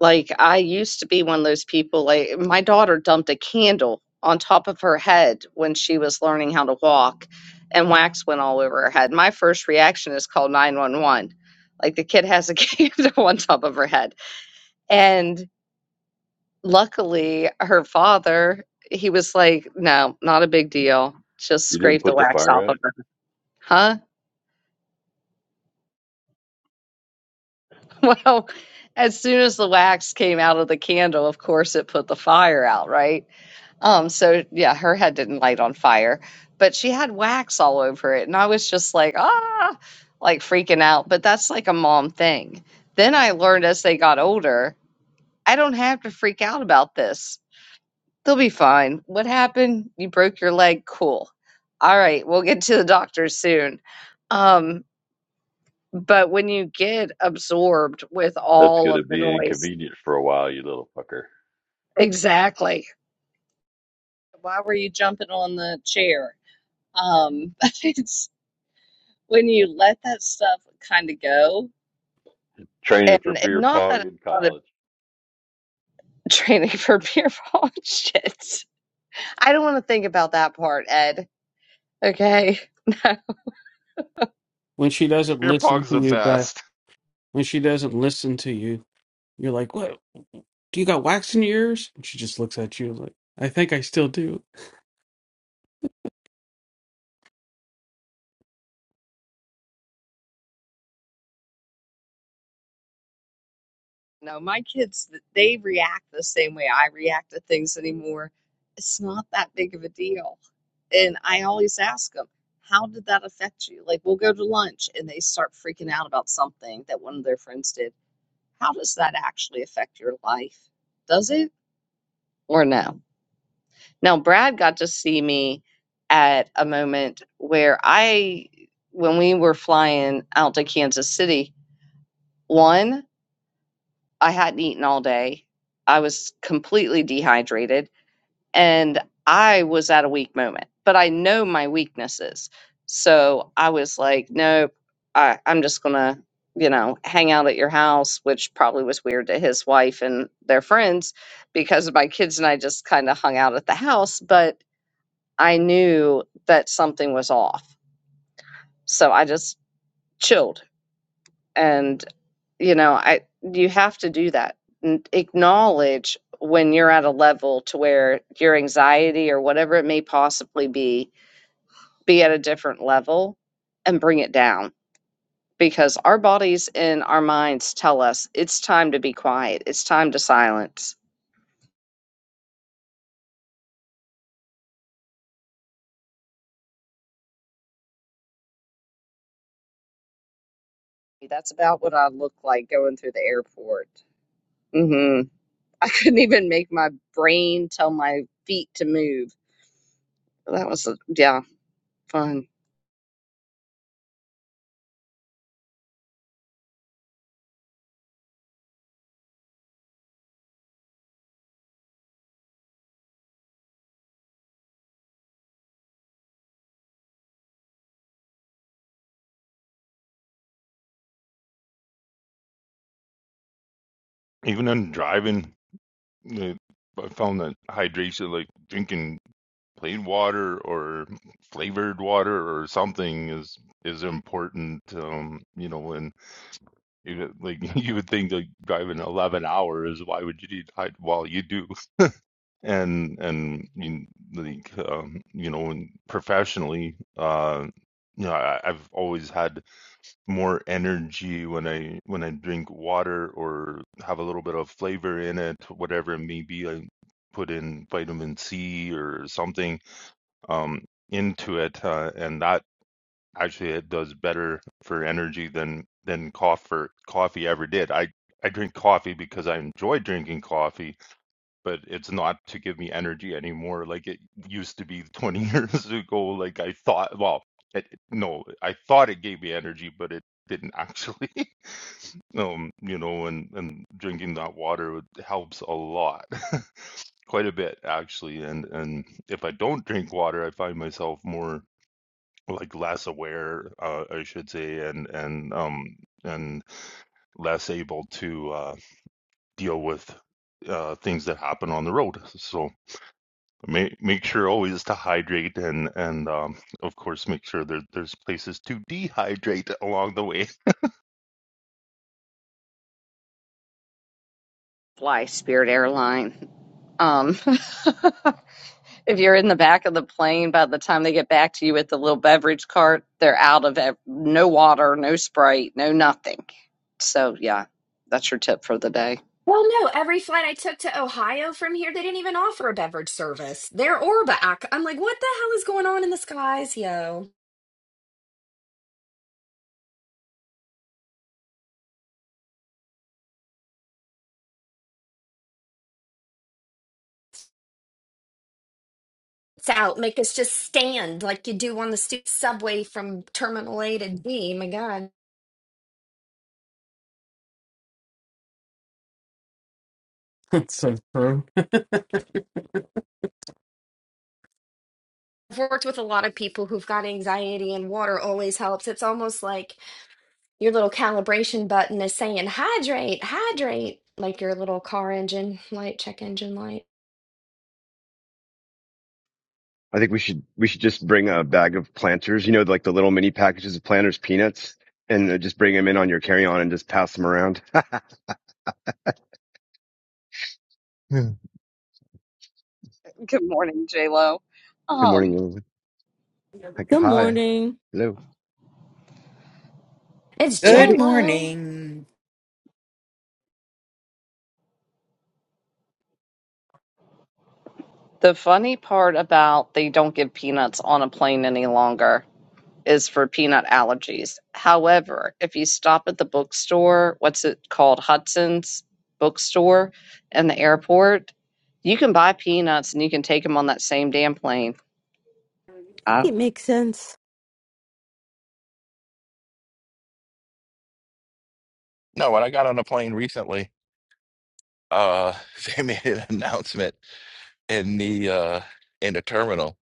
like I used to be one of those people like my daughter dumped a candle on top of her head when she was learning how to walk and wax went all over her head. My first reaction is call 911. Like the kid has a candle on top of her head. And luckily her father, he was like, "No, not a big deal. Just You didn't scrape the put the wax off fire of up? her." Huh? Well, as soon as the wax came out of the candle, of course it put the fire out, right? Um, so yeah, her head didn't light on fire, but she had wax all over it, and I was just like, ah, like freaking out. But that's like a mom thing. Then I learned as they got older, I don't have to freak out about this. They'll be fine. What happened? You broke your leg. Cool. All right, we'll get to the doctor soon. Um, But when you get absorbed with That's all going to of the be noise, inconvenient for a while, you little fucker. exactly. Why were you jumping on the chair? Um, it's when you let that stuff kind of go, Training and for it- beer not that pong it's in not a college. training for beer pong shit. I don't want to think about that part, Ed. Okay. when she doesn't beer listen pong's to the you back best. when she doesn't listen to you you're like what do you got wax in your ears and she just looks at you like i think i still do No, my kids, they react the same way I react to things anymore. It's not that big of a deal. And I always ask them, how did that affect you? Like, we'll go to lunch and they start freaking out about something that one of their friends did. How does that actually affect your life? Does it or no? Now, Brad got to see me at a moment where I, when we were flying out to Kansas City, one, I hadn't eaten all day. I was completely dehydrated and I was at a weak moment, but I know my weaknesses. So I was like, nope, I, I'm just going to, you know, hang out at your house, which probably was weird to his wife and their friends because my kids and I just kind of hung out at the house. But I knew that something was off. So I just chilled and you know i you have to do that N- acknowledge when you're at a level to where your anxiety or whatever it may possibly be be at a different level and bring it down because our bodies and our minds tell us it's time to be quiet it's time to silence that's about what i look like going through the airport hmm i couldn't even make my brain tell my feet to move that was yeah fun Even in driving, the- I found that hydration, like drinking plain water or flavored water or something is is important um you know and you like you would think like driving 11 hours why would you need hyd- well you do and and you, like um you know and professionally uh you know I, i've always had more energy when i when i drink water or have a little bit of flavor in it whatever it may be i put in vitamin c or something um, into it, uh, and that actually it does better for energy than than coffee coffee ever did. I I drink coffee because I enjoy drinking coffee but it's not to give me energy anymore like it used to be 20 years ago like i thought well it, no i thought it gave me energy but it didn't actually um you know and and drinking that water helps a lot quite a bit actually and and if i don't drink water i find myself more like less aware uh, i should say and and um and less able to uh deal with uh things that happen on the road so Make make sure always to hydrate and and um, of course make sure that there's places to dehydrate along the way. fly Spirit Airline. Um, if you're in the back of the plane, by the time they get back to you with the little beverage cart, they're out of ev- no water, no Sprite, no nothing. So yeah, that's your tip for the day. Well, no, every flight I took to Ohio from here, they didn't even offer a beverage service. There or back. I'm like, what the hell is going on in the skies, yo? It's out. Make us just stand like you do on the stu- subway from Terminal A to D. My God. that's so true I've worked with a lot of people who've got anxiety, and water always helps. It's almost like your little calibration button is saying, hydrate, hydrate, like your little car engine light, check engine light. I think we should we should just bring a bag of planters, you know, like the little mini packages of planters peanuts, and uh, just bring them in on your carry on and just pass them around. Good morning, J Lo. Good morning, Um, Lily. Like, Good hi, morning. hello. It's Good the J-Lo. morning. the funny part about they don't give peanuts on a plane any longer. is for peanut allergies. However, if you stop at the bookstore, what's it called? Hudson's bookstore in the airport, you can buy peanuts and you can take them on that same damn plane. I I think it makes sense. No, when I got on a plane recently, uh, they made an announcement in the uh, in the terminal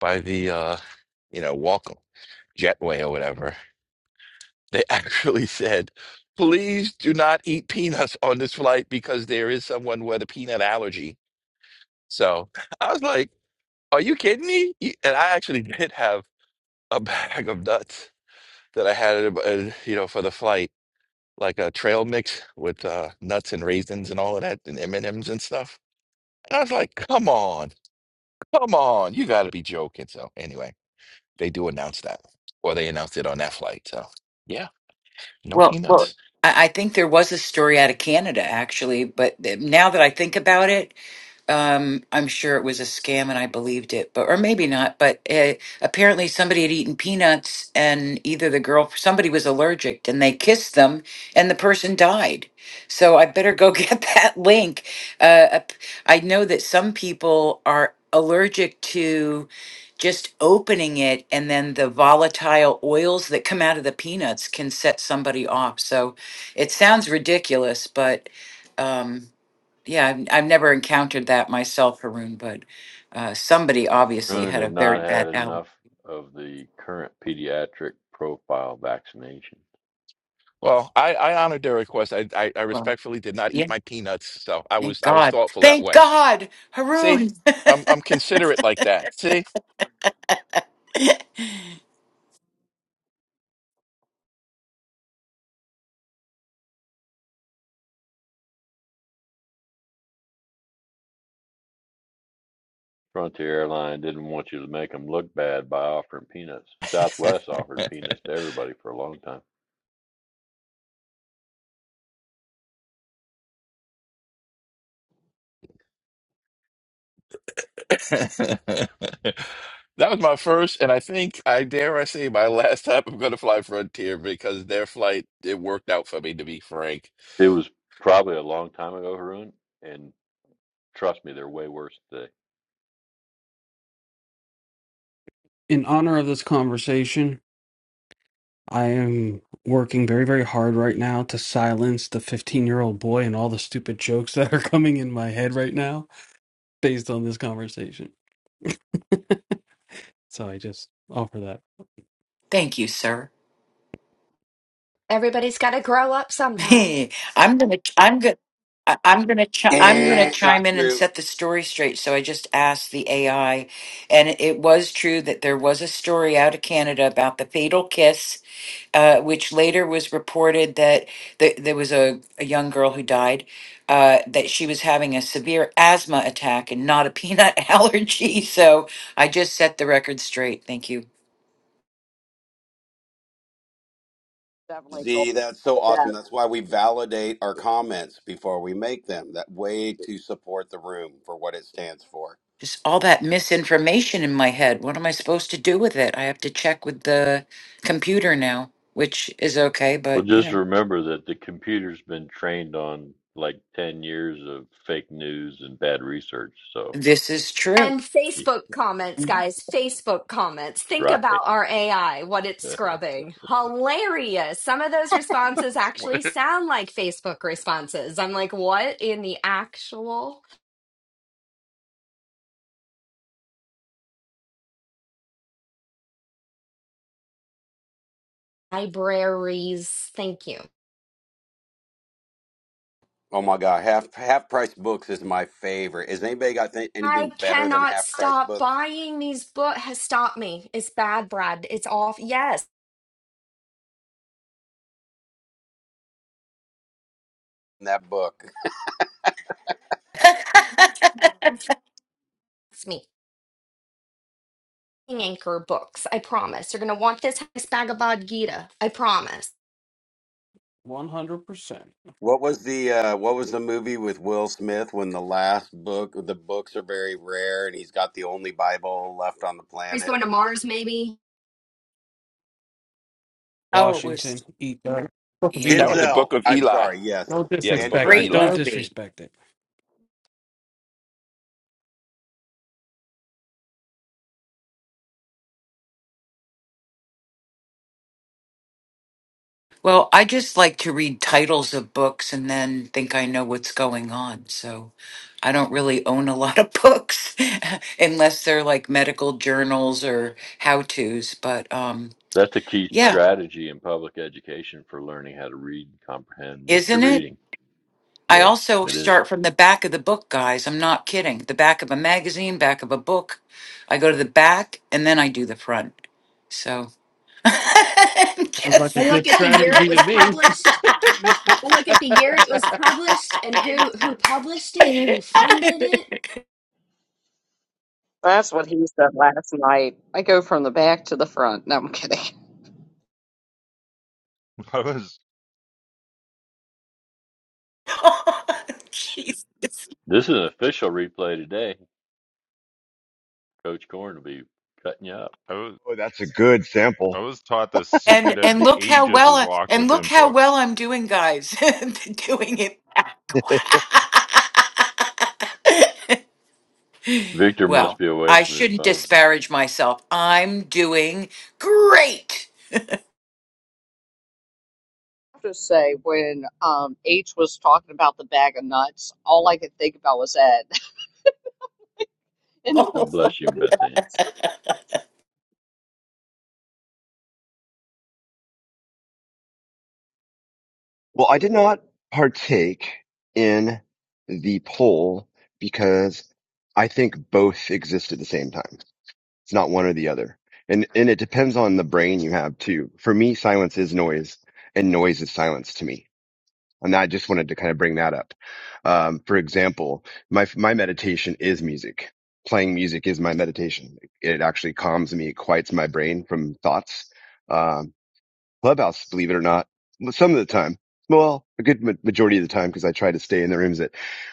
by the uh, you know, welcome jetway or whatever They actually said, please do not eat peanuts on this flight because there is someone with a peanut allergy. So I was like, are you kidding me? You- And I actually did have a bag of nuts that I had, uh, you know, for the flight, like a trail mix with uh, nuts and raisins and all of that and M&Ms and M's and stuff. And I was like, come on, come on, you got to be joking. So anyway, they do announce that, or they announced it on that flight. So yeah, no Well, well, peanuts. I, I think there was a story out of Canada actually, but th- now that I think about it, Um, I'm sure it was a scam and I believed it, but or maybe not. But uh apparently, somebody had eaten peanuts, and either the girl, somebody was allergic, and they kissed them, and the person died. So I better go get that link. Uh, ap- I know that some people are allergic to just opening it, and then the volatile oils that come out of the peanuts can set somebody off. So it sounds ridiculous, but. Um, yeah, I've, I've never encountered that myself, Haroon, but uh, somebody obviously Rune had a had very not bad had allergy. enough of the current pediatric profile vaccination. Well, I, I honored their request. I, I I Well, respectfully did not yeah, eat my peanuts, so I thank was I was God. thoughtful that Thank way. God, See, Haroon. I'm I'm considerate like that. See, Frontier Airlines didn't want you to make them look bad by offering peanuts. Southwest offered peanuts to everybody for a long time. that was my first, and I think I dare I say my last time I'm going to fly Frontier because their flight it worked out for me to be frank. It was probably a long time ago, Harun, and trust me, they're way worse today in honor of this conversation I am working very, very hard right now to silence the 15 year old boy and all the stupid jokes that are coming in my head right now based on this conversation. So I just offer that. Thank you, sir. Everybody's got to grow up sometime. I'm gonna, I'm gonna, I- I'm gonna, chi- I'm gonna Eh, not chime in and true. set the story straight. So I just asked the AI, and it was true that there was a story out of Canada about the fatal kiss uh, which later was reported that th- there was a, a young girl who died, uh, that she was having a severe asthma attack and not a peanut allergy. So I just set the record straight. Thank you. definitely called Z, that's so for awesome. that. That's why we validate our comments before we make them. That way to support the room for what it stands for. Just all that misinformation in my head. What am I supposed to do with it? I have to check with the computer now, which is okay, Well, but you just know, remember that the computer's been trained on like 10 years of fake news and bad research. So, this is true. And y- Facebook comments, guys, Facebook comments. Think right. about our AI, what it's scrubbing. Hilarious. Some of those responses That's actually what- sound like Facebook responses. I'm like, what in the actual libraries? Thank you. Oh my God, half half price books is my favorite. Has anybody got th- I anything better than cannot half price stop books? buying these books. Has stopped me. It's bad, Brad. It's off. Yes, in That book. it's me. Anchor books. I promise. You're gonna want this this Bhagavad Gita. I promise. 100% What was the uh, what was the movie with Will Smith when the last book the books are very rare and he's got the only Bible left on the He's planet? going to Mars, maybe. oh, it Washington, was, eat that. Fuck That yeah, was Vila. the Denzel. Book of I'm Eli. sorry. Yes, Don't Yeah, the stand Book disrespect of it. corrected. great Don't Eli. movie. disrespect it. Well, I just like to read titles of books and then think I know what's going on. So I don't really own a lot of books unless they're like medical journals or how to's. But um, That's a key yeah, strategy in public education for learning how to read and comprehend what you're isn't it? reading. I Yes, also it is. start from the back of the book, guys. I'm not kidding. The back of a magazine, back of a book. I go to the back and then I do the front. So. Sounds like I Just- a look good at the year it strategy was to me. published. I look at the year it was published and who who published it, who funded it. Oh, That's what he said last night. I go from the back to the front. No, I'm kidding. I was Jesus. This is an official replay today. Coach Corn will be cutting you up. I was Oh, that's a good I sample. was taught the and secret of and the look how ages well is I, locked and look within how well books. I'm doing, guys. doing it. Victor well, must be away I from his shouldn't phone. disparage myself. I'm doing great. have to say when um H was talking about the bag of nuts, all I could think about was Ed. and God bless you, Beth Ann. Well, I did not partake in the poll because I think both exist at the same time. It's not one or the other, and and it depends on the brain you have too. For me, silence is noise, and noise is silence to me And I just wanted to kind of bring that up. Um, for example, my my meditation is music. Playing music is my meditation. It actually calms me, it quiets my brain from thoughts. Um, Clubhouse, believe it or not, well, some of the time, well, a good ma- majority of the time, because I try to stay in the rooms that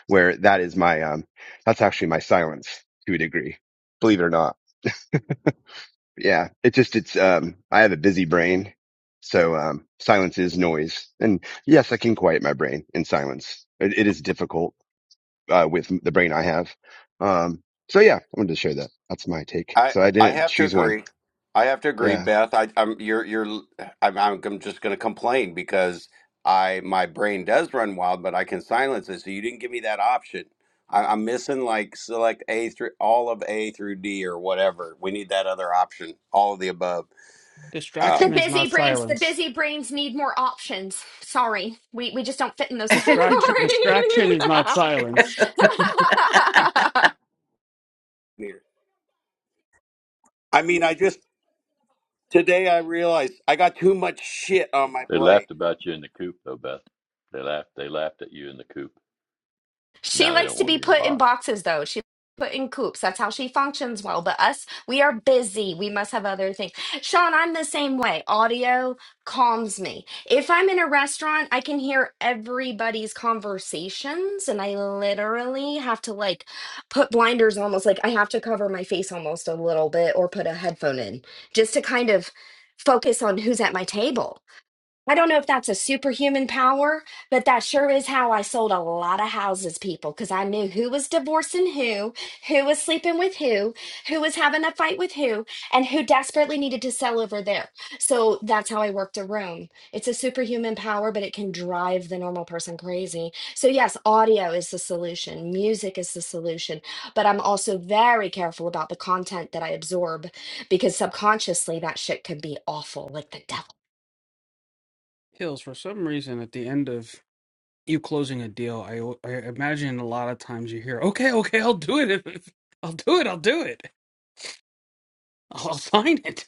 where that is my um, that's actually my silence to a degree. Believe it or not yeah, it just it's um I have a busy brain. So um silence is noise. And yes, I can quiet my brain in silence. It, it is difficult uh with the brain I have. Um so yeah, I wanted to share that. That's my take. I So I I didn't have to choose one. agree. I have to agree, Yeah, Beth. I, I'm you're you're I'm I'm I'm just going to complain because I my brain does run wild, but I can silence it. So you didn't give me that option. I, I'm missing like select A through all of A through D or whatever. We need that other option. All of the above. Um, The distraction is busy not brains. The silence. busy brains need more options. Sorry, we we just don't fit in those Distraction distraction is not categories. silence. yeah. I mean, I just today I realized I got too much shit on my They plate. laughed about you in the coop, though, Beth. They laughed. They laughed at you in the coop. She Now they likes don't to want to be be in a put in box. boxes, though. She put in coops. That's how she functions well. But us, we are busy. We must have other things. Sean, I'm the same way. Audio calms me. If I'm in a restaurant, I can hear everybody's conversations, and I literally have to like put blinders almost like I have to cover my face almost a little bit or put a headphone in just to kind of focus on who's at my table I don't know if that's a superhuman power, but that sure is how I sold a lot of houses, people, because I knew who was divorcing who, who was sleeping with who, who was having a fight with who, and who desperately needed to sell over there. So that's how I worked a room. It's a superhuman power, but it can drive the normal person crazy. So, yes, audio is the solution, music is the solution, but I'm also very careful about the content that I absorb because subconsciously that shit can be awful, like the devil. Hills, for some reason, at the end of you closing a deal, I I imagine a lot of times you hear, "Okay, okay, I'll do it. If, if- I'll do it. I'll do it. I'll, I'll sign it."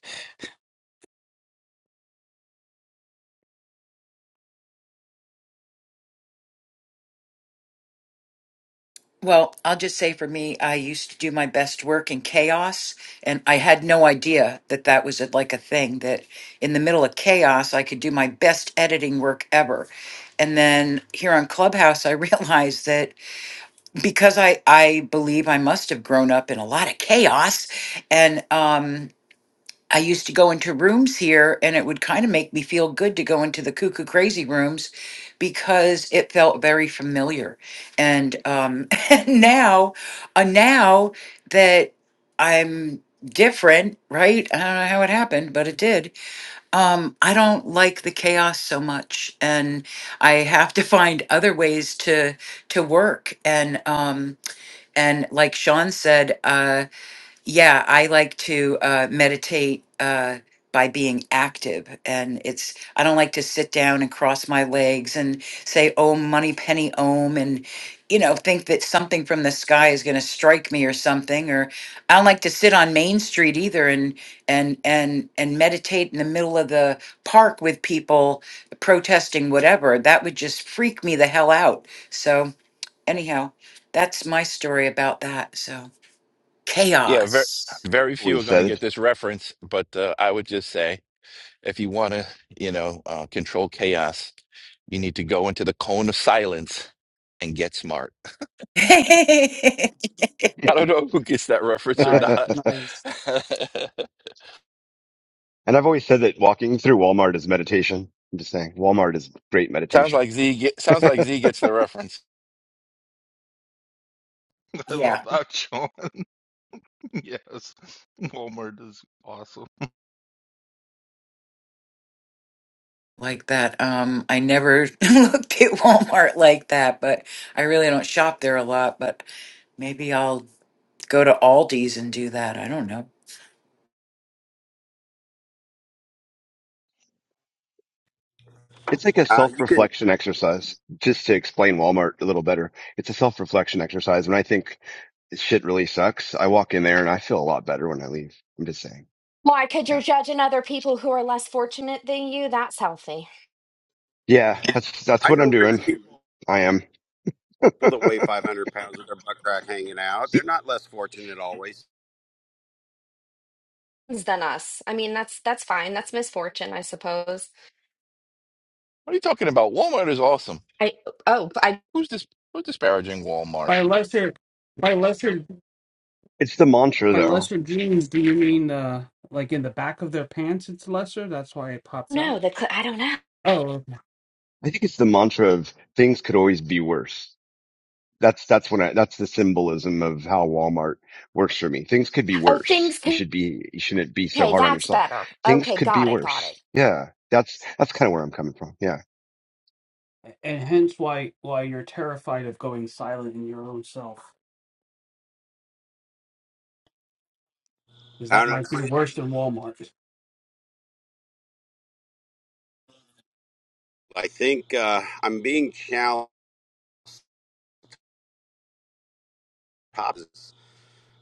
Well, I'll just say for me, I used to do my best work in chaos, and I had no idea that that was a, like a thing that in the middle of chaos, I could do my best editing work ever. And then here on Clubhouse, I realized that because I I believe I must have grown up in a lot of chaos, and um, I used to go into rooms here, and it would kind of make me feel good to go into the cuckoo crazy rooms because it felt very familiar. And um, and now, uh, now that I'm different, right? I don't know how it happened, but it did. Um, I don't like the chaos so much, and I have to find other ways to to work and. Um, and like Sean said, uh, yeah, I like to uh, meditate uh, by being active. And it's, I don't like to sit down and cross my legs and say, oh, money penny ohm, and, you know, think that something from the sky is going to strike me or something. Or I don't like to sit on Main Street either and, and, and, and meditate in the middle of the park with people protesting whatever. That would just freak me the hell out. So, anyhow, that's my story about that. So Yeah, very chaos. very I've few always are going to said get this reference, but uh, I would just say. if you want to, you know, uh, control chaos, you need to go into the cone of silence and get smart. yeah. I don't it. know who gets that reference or Nice, not. nice. and I've always said that walking through Walmart is meditation. I'm just saying Walmart is great sounds meditation. like Z get, sounds like it's Z gets the reference. I love that show. Yes, Walmart is awesome. Like that. Um, I never looked at Walmart like that, but I really don't shop there a lot, but maybe I'll go to Aldi's and do that. I don't know. like a Uh, you can self-reflection exercise just to explain Walmart a little better. It's a self-reflection exercise. When I think this shit really sucks. I walk in there and I feel a lot better when I leave. I'm just saying. Why? Because you're Yeah. judging other people who are less fortunate than you. That's healthy. Yeah. That's, that's I what I'm know rich doing. people I am. that weigh 500 pounds with their butt crack hanging out. They're not less fortunate always. Than us. I mean, that's that's fine. That's misfortune, I suppose. What are you talking about? Walmart is awesome. I Oh, but I Who's this? Who's disparaging Walmart? By lesser, by lesser, It's the mantra by though. lesser jeans, do you mean uh, like in the back of their pants? It's lesser. That's why it pops no, out, the cl- I don't know. Oh, I think it's the mantra of things could always be worse. That's, that's when I, that's the symbolism of how Walmart works for me. Things could be Oh, things. worse. You Can, should be, you shouldn't be so okay, hard on that's yourself. better. Things Okay, could be got it, got worse. it. Yeah. That's, that's kind of where I'm coming from. Yeah. okay. and hence why why you're terrified of going silent in your own self, because I that don't know. might be like- worse than Walmart. I think uh, I'm being challenged. Pops,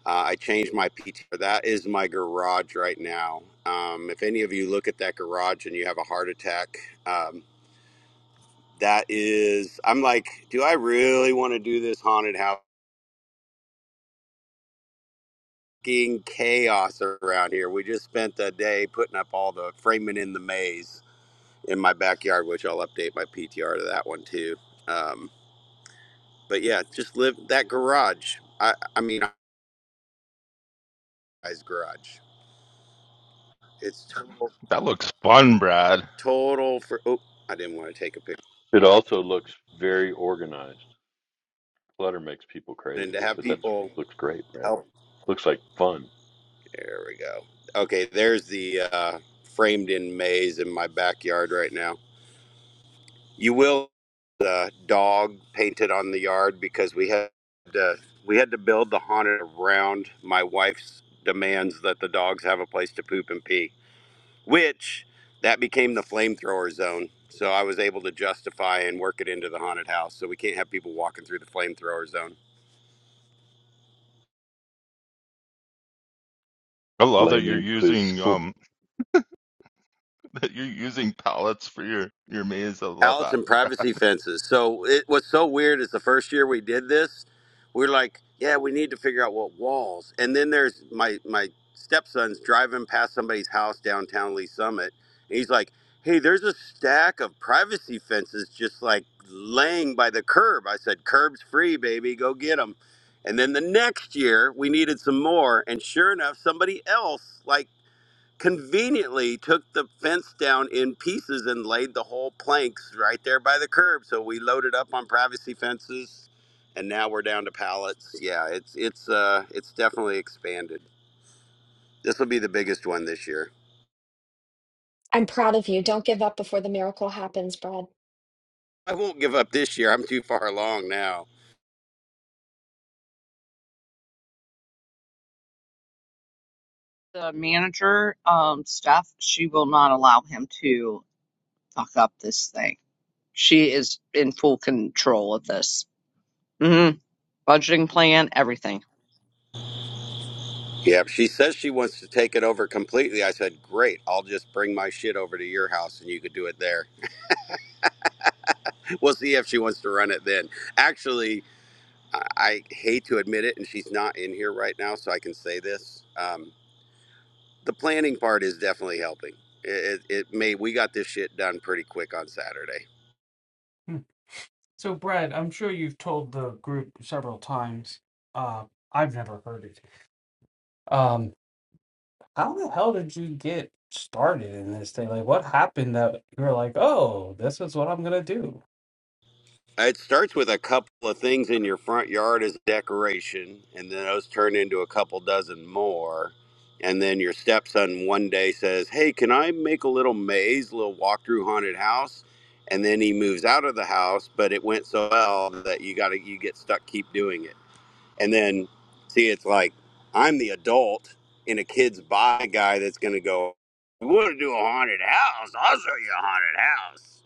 Uh, I changed my PT. That is my garage right now. Um, if any of you look at that garage and you have a heart attack, um, that is. I'm like, do I really want to do this haunted house? Fucking Chaos around here. We just spent a day putting up all the framing in the maze in my backyard, which I'll update my PTR to that one too. Um, but yeah, just live that garage. I, I mean, guy's garage. It's total, That looks fun, Brad. total for. Oh, I didn't want to take a picture. It also looks very organized. Clutter makes people And to crazy, have but that's people looks great, Brad. help. Looks like fun. There we go. Okay, there's the uh, framed in maze in my backyard right now. You will the dog painted on the yard because we had to, we had to build the haunted around my wife's demands that the dogs have a place to poop and pee, which that became the flamethrower zone. So I was able to justify and work it into the haunted house. So we can't have people walking through the flamethrower zone. I love that you're Flaming poop. It's using cool. um that you're using pallets for your your maze. I love pallets that, and Brad. privacy fences. So it what's so weird is the first year we did this, we are like, yeah, we need to figure out what walls. And then there's my my stepson's driving past somebody's house downtown Lee Summit, and he's like, hey, there's a stack of privacy fences just like laying by the curb. I said, curbs free, baby, go get them. And then the next year we needed some more, and sure enough, somebody else like conveniently took the fence down in pieces and laid the whole planks right there by the curb. So we loaded up on privacy fences, and now we're down to pallets. Yeah, it's it's uh it's definitely expanded. This will be the biggest one this year. I'm proud of you. Don't give up before the miracle happens, Brad. I won't give up this year. I'm too far along now. the manager, um, Steph, she will not allow him to fuck up this thing. She is in full control of this. hmm Budgeting plan, everything. Yeah, she says she wants to take it over completely. I said, "Great. I'll just bring my shit over to your house and you could do it there." We'll see if she wants to run it then. Actually, I I hate to admit it, and she's not in here right now, so I can say this. Um, the planning part is definitely helping. It, it, it made we got this shit done pretty quick on Saturday. Hmm. So, Brad, I'm sure you've told the group several times. Uh, I've never heard it. Um, how the hell did you get started in this thing? Like, what happened that you were like, oh, this is what I'm gonna do? It starts with a couple of things in your front yard as decoration, and then those turn into a couple dozen more. And then your stepson one day says, Hey, can I make a little maze, a little walkthrough haunted house? And then he moves out of the house, but it went so well that you got to you get stuck keep doing it. And then, see, it's like I'm the adult in a kid's buy guy that's going to go, You want to do a haunted house? I'll show you a haunted house.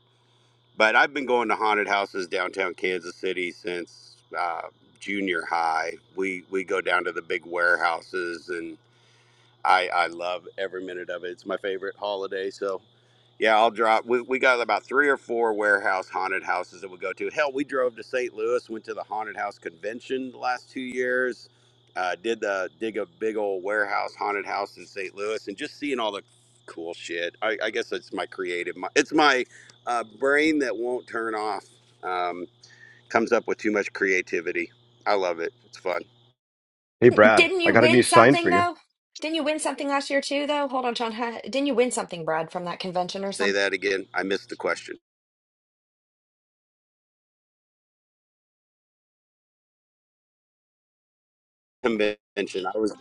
But I've been going to haunted houses downtown Kansas City since uh, junior high. We we go down to the big warehouses, and I I love every minute of it. It's my favorite holiday, so yeah, I'll drop. We, we got about three or four warehouse haunted houses that we go to. Hell, we drove to St. Louis, went to the haunted house convention the last two years. Uh, did the dig a big old warehouse haunted house in St. Louis, and just seeing all the cool shit. I, I guess it's my creative. mi- It's my uh, brain that won't turn off. Um, comes up with too much creativity. I love it. It's fun. Hey, Brad, didn't I you got a win new sign something for you. though? Didn't you win something last year too though? Hold on, Sean. Huh? Didn't you win something, Brad, from that convention or Say something? that again. I missed the question. Convention. I was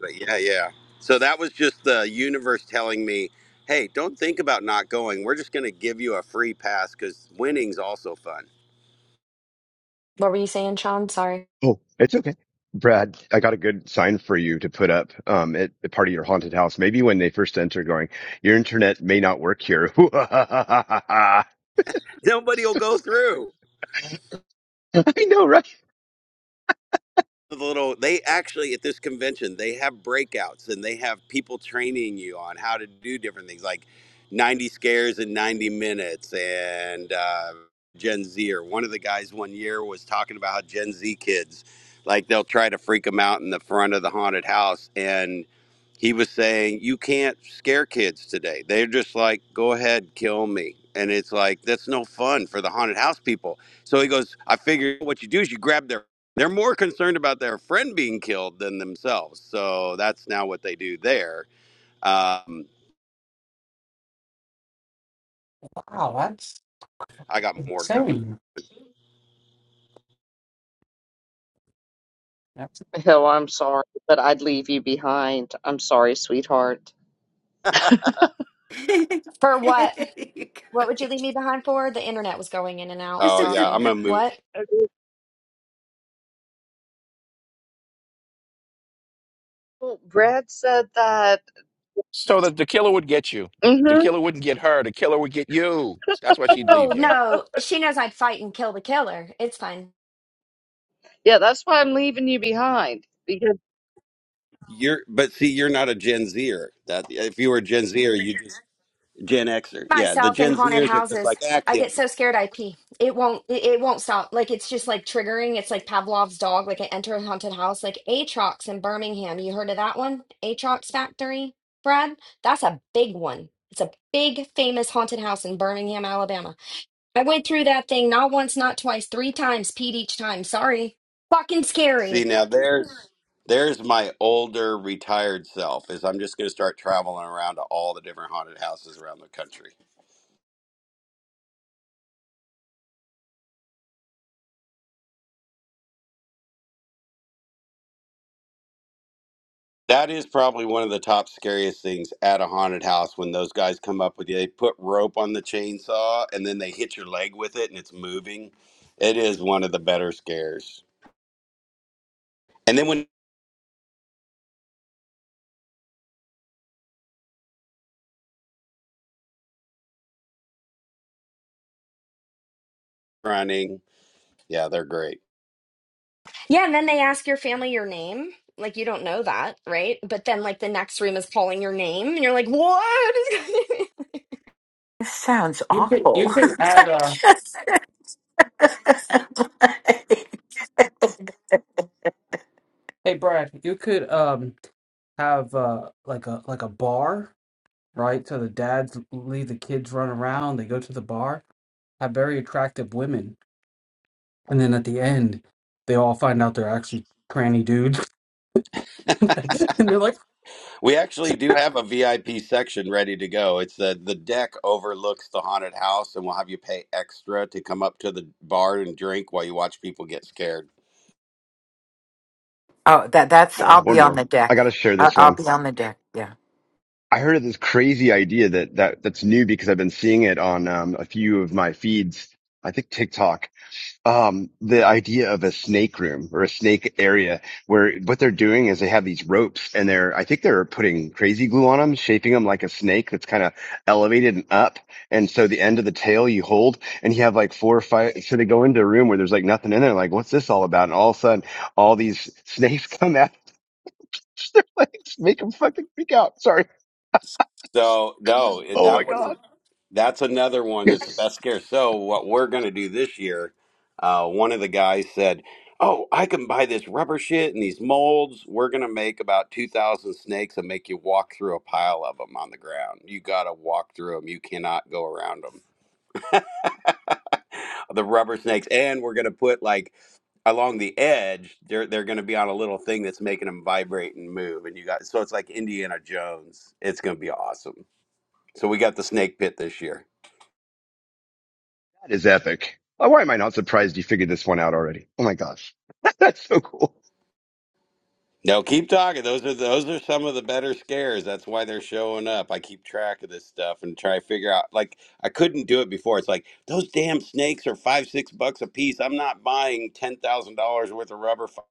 But yeah, yeah. So that was just the universe telling me, hey, don't think about not going. We're just going to give you a free pass because winning's also fun. What were you saying, Sean? Sorry. Oh, it's okay. Brad, I got a good sign for you to put up um, at, at part of your haunted house. Maybe when they first enter, going, your internet may not work here. I Nobody will go through. know, right? the little they actually at this convention they have breakouts and they have people training you on how to do different things like 90 scares in 90 minutes and uh, gen z or one of the guys one year was talking about how gen z kids like they'll try to freak them out in the front of the haunted house and he was saying you can't scare kids today they're just like go ahead kill me and it's like that's no fun for the haunted house people so he goes i figured what you do is you grab their they're more concerned about their friend being killed than themselves. So that's now what they do there. Um, Wow, that's I got more coming. insane. That's Hill, I'm sorry, but I'd leave you behind. I'm sorry, sweetheart. For what? What would you leave me behind for? The internet was going in and out. Oh yeah, I'm Sorry. gonna move. What? Okay. Well, Brad said that. So that the killer would get you. hmm The killer wouldn't get her. The killer would get you. That's why she'd Oh leave you. no, she knows I'd fight and kill the killer. It's fine. Yeah, that's why I'm leaving you behind because You're, but see, you're not a Gen Zer. That if you were a Gen Zer, you just Gen Xer. Yeah, the Myself in Gen haunted Zers are just houses, like, ah, I kill get me. so scared. I pee. It won't. It, it won't stop. Like it's just like triggering. It's like Pavlov's dog. Like I enter a haunted house, like Atrox in Birmingham. You heard of that one? Atrox Factory, Brad. That's a big one. It's a big famous haunted house in Birmingham, Alabama. I went through that thing not once, not twice, three times. Peed each time. Sorry. Fucking scary. See now, there's there's my older retired self. Is I'm just gonna start traveling around to all the different haunted houses around the country. That is probably one of the top scariest things at a haunted house when those guys come up with you. They put rope on the chainsaw and then they hit your leg with it and it's moving. It is one of the better scares. And then when you're running, yeah, they're great. Yeah, and then they ask your family your name. Like you don't know that, right? But then like the next room is calling your name and you're like, "What is going This sounds you could awful. you could add uh Just- like- hey Brad, you could um have uh like a like a bar. right? So the dads leave the kids run around, they go to the bar, have very attractive women. And then at the end, they all find out they're actually tranny dudes. and they're like, We actually do have a VIP section ready to go. It's the the deck overlooks the haunted house and we'll have you pay extra to come up to the bar and drink while you watch people get scared. oh, that that's. More, I'll one be on more. the I deck. got to share I'll, this I'll one. be on the deck. Yeah. I heard of this crazy idea that, that that's new because I've been seeing it on um, a few of my feeds. I think TikTok um the idea of a snake room or a snake area where what they're doing is they have these ropes and they're I think they're putting crazy glue on them shaping them like a snake that's kind of elevated and up and so the end of the tail you hold and you have like four or five so they go into a room where there's like nothing in there like what's this all about and all of a sudden all these snakes come out their legs make them fucking freak out sorry So, no, it- oh my that one god That's another one that that's the best scare. So what we're going to do this year, uh, one of the guys said, "Oh, I can buy this rubber shit and these molds. We're going to make about 2,000 snakes and make you walk through a pile of them on the ground. You got to walk through them. You cannot go around them. The rubber snakes and we're going to put like along the edge, they're they're going to be on a little thing that's making them vibrate and move and you got so it's like Indiana Jones. It's going to be awesome. So we got the snake pit this year. is epic why am I not surprised you figured this one out already oh my gosh that's so cool No, keep talking. Those are those are some of the better scares. That's why they're showing up. I keep track of this stuff and try to figure out. Like I couldn't do it before. It's like those damn snakes are five six bucks a piece. I'm not buying ten thousand dollars worth of rubber. fi-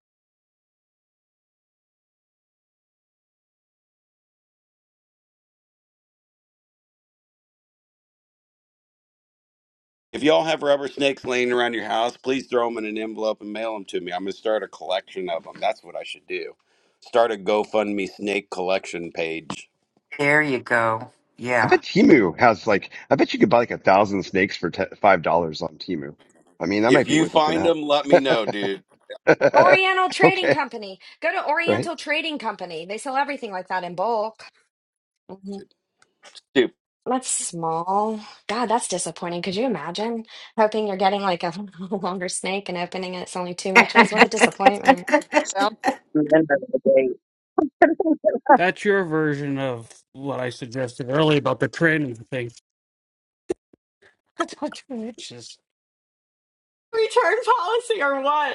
If y'all have rubber snakes laying around your house, please throw them in an envelope and mail them to me. I'm gonna start a collection of them. That's what I should do. Start a GoFundMe snake collection page. There you go. I Yeah. bet Timu has like, I bet you could buy like a thousand snakes for te five dollars on Timu. I mean, that might If be you worth looking find at. them, let me know, dude. Oriental Trading Okay, Company. Go to right? Oriental Trading Company. They sell everything like that in bulk. Mhm. That's small. God, that's disappointing. Could you imagine hoping you're getting like a longer snake and opening it, it's only two inches? What a disappointment. sounds. that's your version of what I suggested earlier about the tranny thing. That's what you bitches. Return policy or what?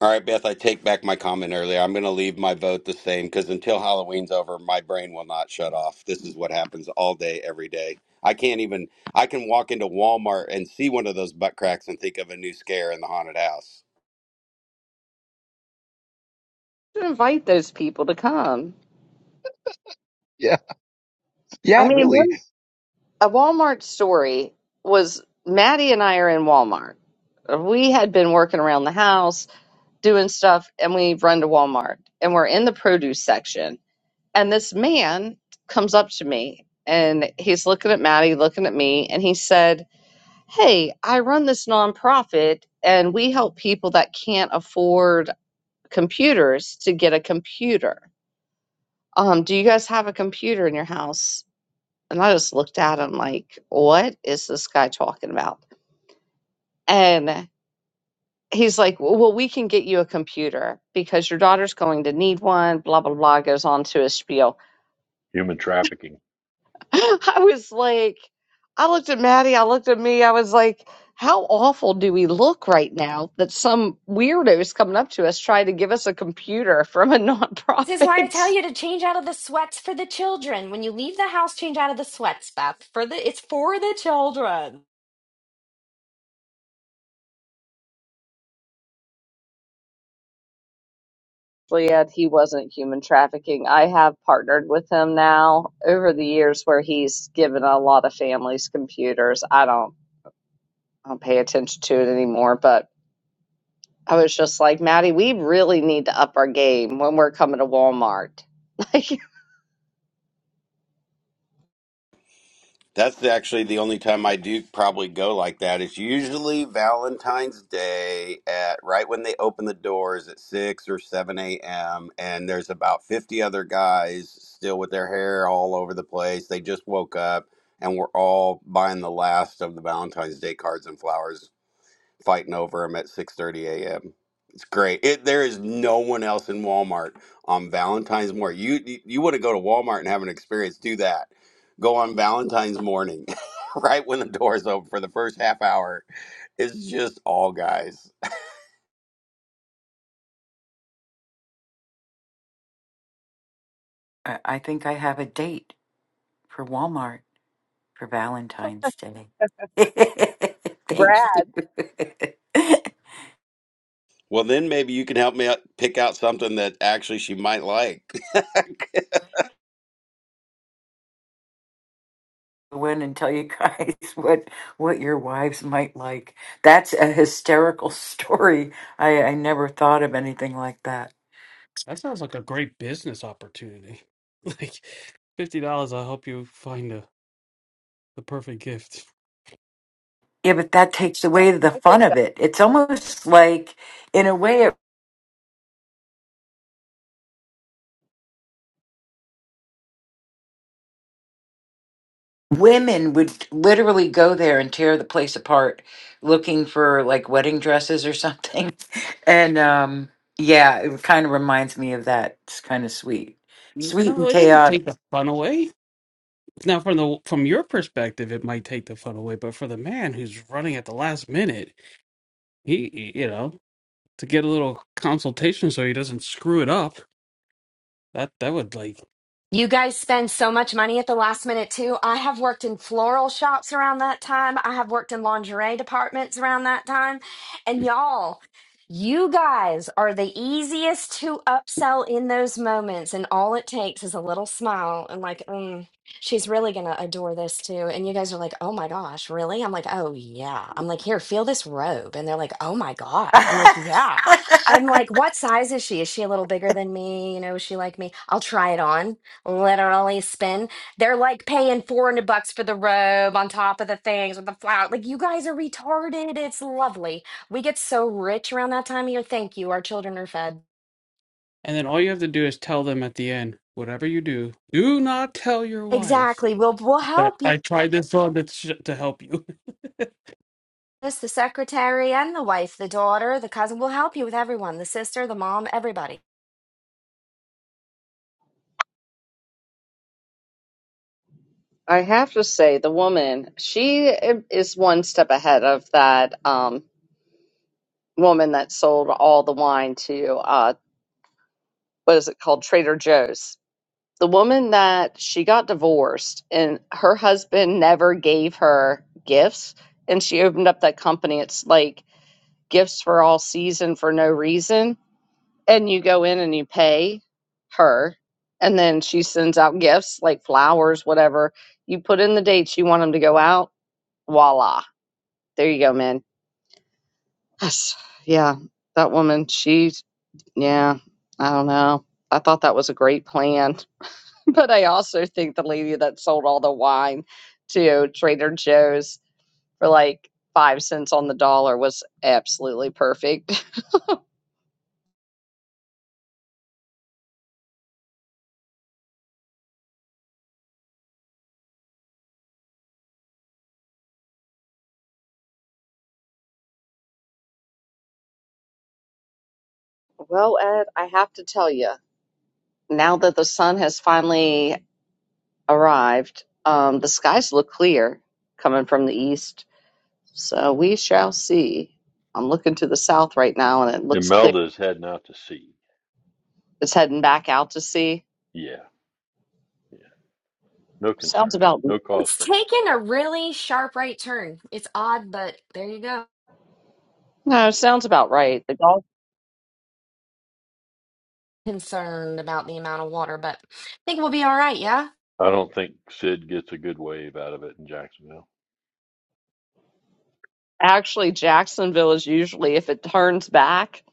All right, Beth, I take back my comment earlier. I'm going to leave my vote the same because until Halloween's over, my brain will not shut off. This is what happens all day, every day. I can't even, I can walk into Walmart and see one of those butt cracks and think of a new scare in the haunted house. should invite those people to come. Yeah, I yeah, mean, really. one, a Walmart story was Maddie and I are in Walmart. We had been working around the house doing stuff, and we run to Walmart and we're in the produce section. And this man comes up to me and he's looking at Maddie, looking at me, and he said, Hey, I run this nonprofit and we help people that can't afford computers to get a computer. Um, do you guys have a computer in your house? And I just looked at him like, what is this guy talking about? And he's like, well, well, we can get you a computer because your daughter's going to need one, blah, blah, blah, goes on to his spiel. Human trafficking. I was like, I looked at Maddie, I looked at me, I was like, how awful do we look right now that some weirdo is coming up to us trying to give us a computer from a This is why I nonprofit? tell you to change out of the sweats for the children. When you leave the house, change out of the sweats, Beth. For the it's for the children. Juliet, he wasn't human trafficking. I have partnered with him now over the years where he's given a lot of families computers. I don't I don't pay attention to it anymore, but I was just like, Maddie, we really need to up our game when we're coming to Walmart. Like That's actually the only time I do probably go like that. It's usually Valentine's Day at right when they open the doors at six or seven a.m. And there's about fifty other guys still with their hair all over the place. They just woke up, and we're all buying the last of the Valentine's Day cards and flowers fighting over them at 6:30 a.m. It's great. It, there is no one else in Walmart on Valentine's morning. You you, you want to go to Walmart and have an experience? Do that. Go on Valentine's morning, right when the doors open for the first half hour. It's just all guys. I, I think I have a date for Walmart. for Valentine's Day. Thank you. Brad, Well, then maybe you can help me out, pick out something that actually she might like. Go in and tell you guys what what your wives might like. That's a hysterical story. I, I never thought of anything like that. That sounds like a great business opportunity. Like fifty dollars, I'll help you find the the perfect gift. Yeah, but that takes away the I fun think of that it. It's almost like, in a way, it, women would literally go there and tear the place apart, looking for like wedding dresses or something. And um, yeah, it kind of reminds me of that. It's kind of sweet, N- sweet No, and it doesn't take chaotic. the fun away. Now, from the from your perspective, it might take the fun away, but for the man who's running at the last minute, he he- you know to get a little consultation so he doesn't screw it up. That that would like, You guys spend so much money at the last minute too. I have worked in floral shops around that time. I have worked in lingerie departments around that time. And y'all, you guys are the easiest to upsell in those moments. And all it takes is a little smile and like, mm, she's really going to adore this too. And you guys are like, oh my gosh, really? I'm like, oh yeah. I'm like, here, feel this robe. And they're like, oh my God. I'm like, yeah. I'm like, what size is she? Is she a little bigger than me? You know, is she like me? I'll try it on literally spin. They're like paying 400 bucks for the robe on top of the things with the flower. Like, you guys are retarded. It's lovely. We get so rich around that time of year. Thank you. Our children are fed. and then all you have to do is tell them at the end, whatever you do, do not tell your wife Exactly. We'll, we'll that help you. I tried this on to sh- to help you. Yes, The secretary and the wife, the daughter, the cousin will help you with everyone the sister, the mom, everybody. I have to say the woman, she is one step ahead of that. Um, woman that sold all the wine to uh what is it called Trader Joe's. The woman that she got divorced and her husband never gave her gifts and she opened up that company. It's like gifts for all season for no reason and you go in and you pay her and then she sends out gifts like flowers whatever. You put in the dates you want them to go out. Voila. There you go, man. That's, yeah, that woman, she Yeah, I don't know. I thought that was a great plan. But I also think the lady that sold all the wine to Trader Joe's for like five cents on the dollar was absolutely perfect. Well, Ed, I have to tell you, now that the sun has finally arrived, um, the skies look clear coming from the east. So we shall see. I'm looking to the south right now and it looks clear. Imelda is heading out to sea. It's heading back out to sea. Yeah, yeah. No Sounds concern. about No cause It's for concern. taken a really sharp right turn. It's odd, but there you go. no, sounds about right. The dog Concerned about the amount of water, but I think we'll be all right. Yeah. I don't think Sid gets a good wave out of it in Jacksonville. Actually, Jacksonville is usually, if it turns back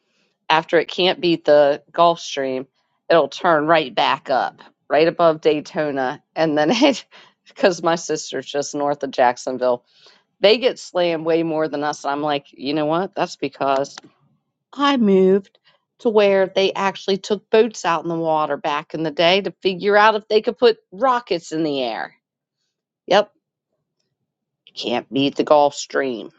after it can't beat the Gulf Stream, it'll turn right back up, right above Daytona. And then it, because my sister's just north of Jacksonville, they get slammed way more than us. And I'm like, you know what? That's because I moved to where they actually took boats out in the water back in the day to figure out if they could put rockets in the air. Yep, can't beat the Gulf Stream.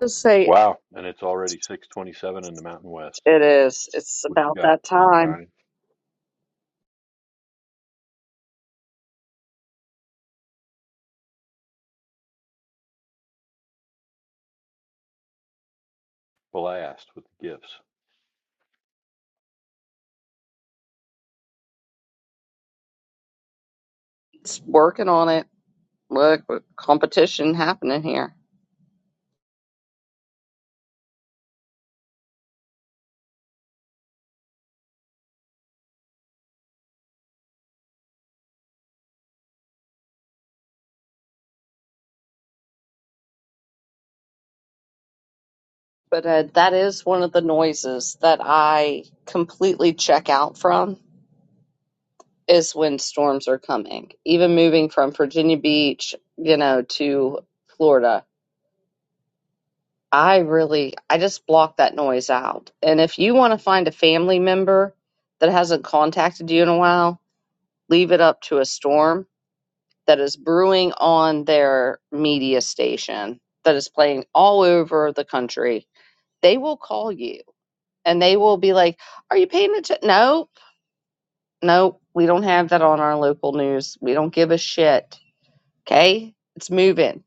Just say Wow. And it's already 627 in the Mountain West. It is. It's What about you got, that time. sunshine? Blast with the gifts. It's working on it. Look, competition happening here. But uh, that is one of the noises that I completely check out from is when storms are coming. Even moving from Virginia Beach, you know, to Florida, I really, I just block that noise out. And if you want to find a family member that hasn't contacted you in a while, leave it up to a storm that is brewing on their media station that is playing all over the country, they will call you and they will be like, Are you paying attention? No, no, we don't have that on our local news. We don't give a shit. Okay. It's moving.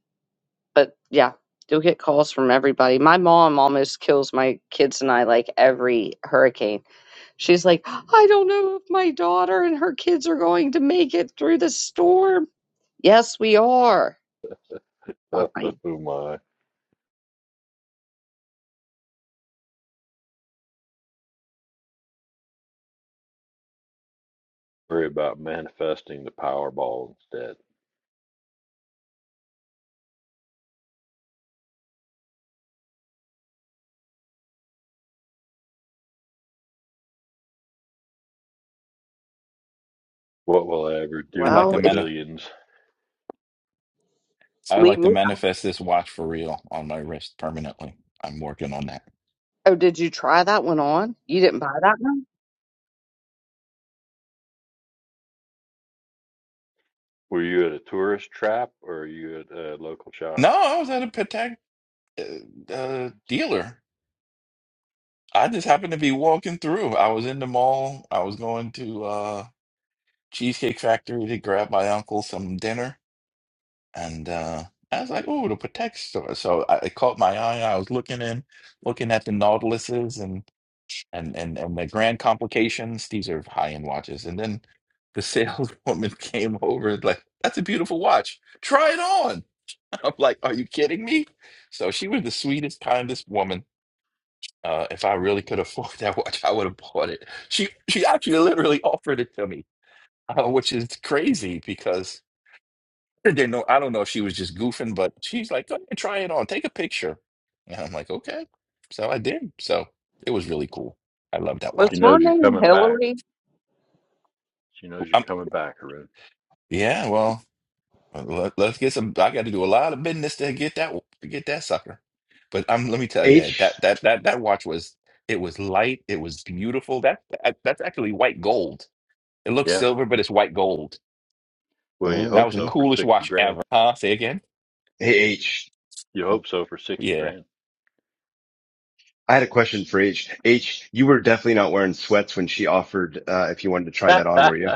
But yeah, you'll get calls from everybody. My mom almost kills my kids and I like every hurricane. She's like, I don't know if my daughter and her kids are going to make it through the storm. Yes, we are. Fine Oh my. Worry about manifesting the Powerball instead. What will I ever I'd do like with to Well, the if manif- billions? you I'd leave like to me, manifest this watch for real on my wrist permanently. I'm working on that. oh, did you try that one on? You didn't buy that one? Were you at a tourist trap or are you at a local shop? No, I was at a Patek. uh, uh, dealer. I just happened to be walking through. I was in the mall. I was going to uh, Cheesecake Factory to grab my uncle some dinner, and uh, I was like, "Oh, the Patek store." So I, it caught my eye. I was looking in, looking at the Nautiluses and and and and the Grand Complications. These are high-end watches. And then the saleswoman came over and like, "That's a beautiful watch. Try it on." I'm like, "Are you kidding me?" So she was the sweetest, kindest woman Uh, if I really could afford that watch, I would have bought it. She she actually literally offered it to me, uh, which is crazy because I didn't know. I don't know if she was just goofing, but she's like, "Go ahead, try it on, take a picture." And I'm like, "Okay." So I did. So it was really cool. I love that Was watch. She her knows you're name coming back. Hillary? She knows you're Um, coming back, Haroon. yeah. Well, uh, let, us get some. I got to do a lot of business to get that to get that sucker. But um, let me tell you, that H. that that that watch was it was light. It was beautiful. That, that that's actually white gold. It looks Yeah. silver, but it's white gold. Well, you Oh, That hope was the so okay. for coolest 60 watch grand. ever. Huh? Say again? Hey, H. You Oh, hope so for 60 Yeah. grand. I had a question for H. H, you were definitely not wearing sweats when she offered uh, if you wanted to try That's that on, were you?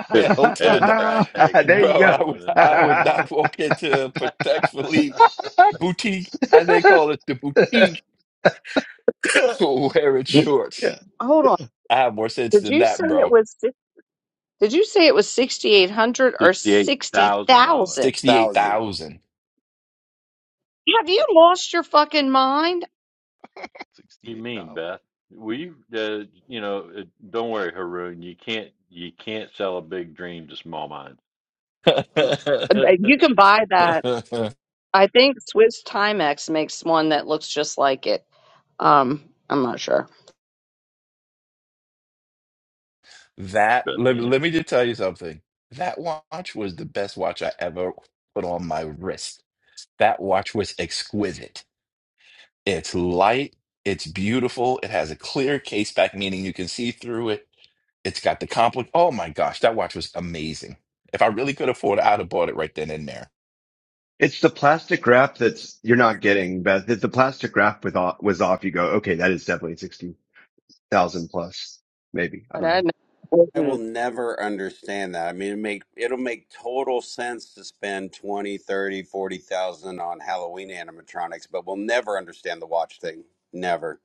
Hell to the crack no. hanging there Bro, out, you go. I would going into I would Walmart. not walk into a Protect Philippe boutique, as they call it, the boutique for wearing yeah. shorts. Hold on. I have more sense Did than you say that, it bro. was? si- Did you say it was sixty eight hundred or sixty $68,000. thousand? Sixty-eight Thousand. thousand. Have you lost your fucking mind? Sixty You eight mean, thousand. Beth? We, uh, you know, uh, don't worry, Haroon. You can't, you can't sell a big dream to small minds. Just Uh, You can buy that. I think Swiss Timex makes one that looks just like it. Um, I'm not sure. That Beth let me Ann. let me just tell you something. That watch was the best watch I ever put on my wrist. That watch was exquisite It's light, it's beautiful, it has a clear case back, meaning you can see through it. It's got the compli Oh my gosh, that watch was amazing. If I really could afford it, I'd have bought it right then and there. It's the plastic wrap that's you're not getting, Beth. If the plastic wrap with off, was off, you go, okay, that is definitely sixty thousand plus, maybe. I And don't know. I know I will Clinton never understand that. I mean, it make it'll make total sense to spend 20, 30, 40,000 on Halloween animatronics, but we'll never understand the watch thing. Never.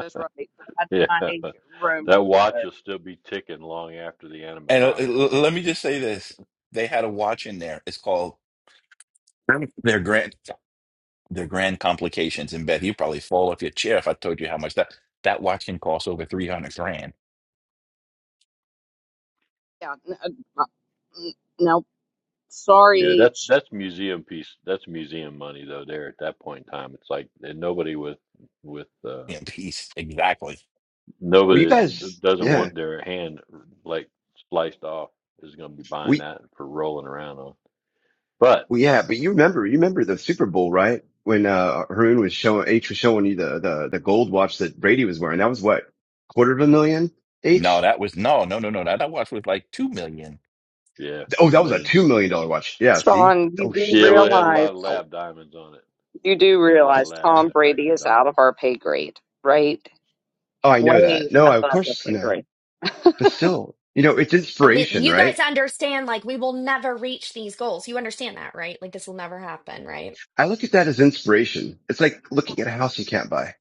is right. We had Yeah, my that room watch together. will still be ticking long after the And uh, animatronics, l- let brother. me just say this. They had a watch in there. It's called their grand their grand complications in bed. You'd probably fall off your chair if I told you how much that that watch can cost over 300 grand. Yeah. n- uh, uh, n- No, sorry, Yeah, that's H. that's museum piece. That's museum money though. There at that point in time, it's like and nobody with with uh, Yeah, piece. Exactly. Well, you nobody guys, that doesn't yeah, want their hand like sliced off is going to be buying we, that for rolling around on. But we, yeah, but you remember, you remember the Super Bowl, right? When uh Haroon was showing H was showing you the the the gold watch that Brady was wearing. That was what quarter of a million No, H. that was no, no, no, no. That I watched was like two million. yeah, Oh, a that was a million. two million dollar watch. Yeah, see. Sean, you Oh, do sh- Yeah, well, it had a realize lot of ow. lab diamonds on it. you do It had a lot of realize lab Tom Brady manufactured is diamonds. out of our pay grade, right? Oh, I know Way that. No, I, of above our course I pay know, grade. but still, you know, it's At least inspiration, you right? guys understand, like, we will never reach these goals. You understand that, right? Like, this will never happen, right? I look at that as inspiration. It's like looking at a house you can't buy.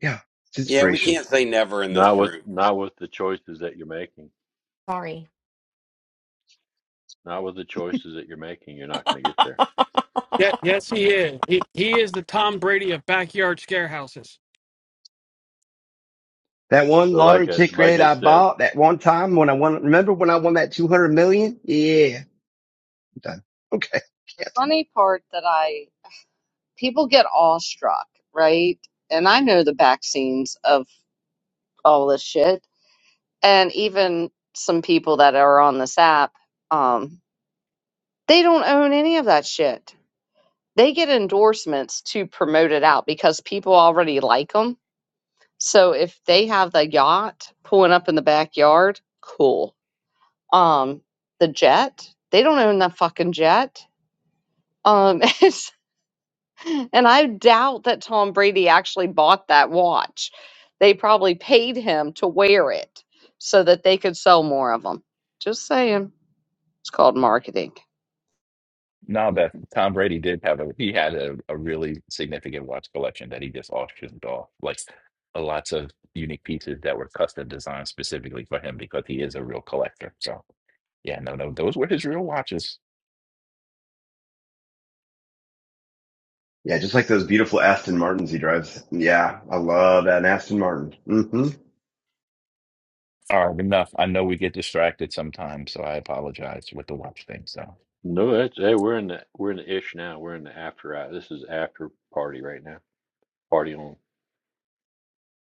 Yeah, it's Yeah, we inspiration. can't say never in this Not with room. not with the choices that you're making. Sorry. Not with the choices that you're making. You're not going to get there. Yeah, yes, he is. He he is the Tom Brady of backyard scare houses. That one But lottery like I like ticket I I said, bought that one time when I won, remember when I won that 200 million? Yeah, I'm done. Okay. The Can't. funny part that I people get awestruck, right? And I know the back scenes of all this shit, and even some people that are on this app, um, they don't own any of that shit. They get endorsements to promote it out because people already like them. So if they have the yacht pulling up in the backyard, cool. um the jet they don't own the fucking jet um and i doubt that tom brady actually bought that watch they probably paid him to wear it so that they could sell more of them just saying it's called marketing No, that Tom Brady did have a he had a, a really significant watch collection that he just auctioned off, like uh, lots of unique pieces that were custom designed specifically for him because he is a real collector. So yeah, no, no, those were his real watches. Yeah, just like those beautiful Aston Martins he drives. Yeah, I love that Aston Martin. hmm All right, enough. I know we get distracted sometimes, so I apologize with the watch thing. So no, that's hey, we're in the we're in the ish now. We're in the after hour. This is after party right now. Party on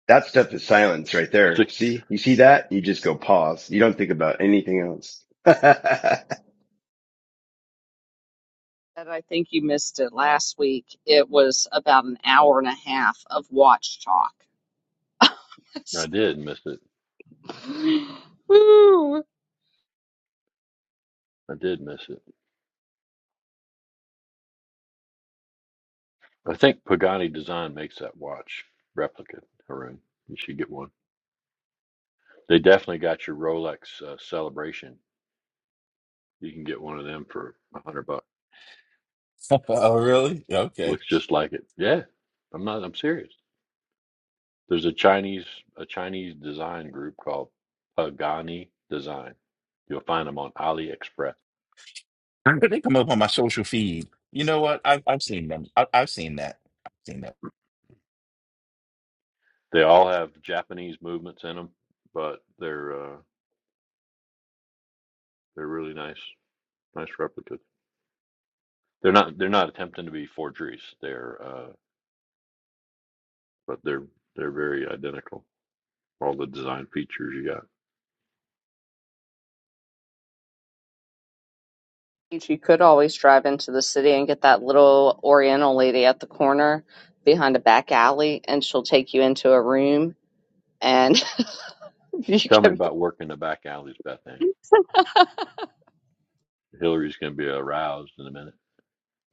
That stuff is silence right there. six. See, you see that? You just go pause. You don't think about anything else. And I think you missed it last week. It was about an hour and a half of watch talk. I did miss it. Woo, I did miss it. I think Pagani Design makes that watch replica, Haroon. You should get one. They definitely got your Rolex uh, Celebration. You can get one of them for a hundred bucks. Oh, really? Okay. Looks just like it. Yeah, I'm not. I'm serious. There's a Chinese a Chinese design group called Pagani Design. You'll find them on AliExpress. But they come up on my social feed. You know what? I've I've seen them. I, have seen that. I've seen that. They all have Japanese movements in them, but they're uh, they're really nice nice replicas. They're not they're not attempting to be forgeries. They're uh, but they're they're very identical. All the design features you got. You could always drive into the city and get that little Oriental lady at the corner behind a back alley, and she'll take you into a room and you Tell me can. about working the back alleys, Beth Ann. Hillary's going to be aroused in a minute.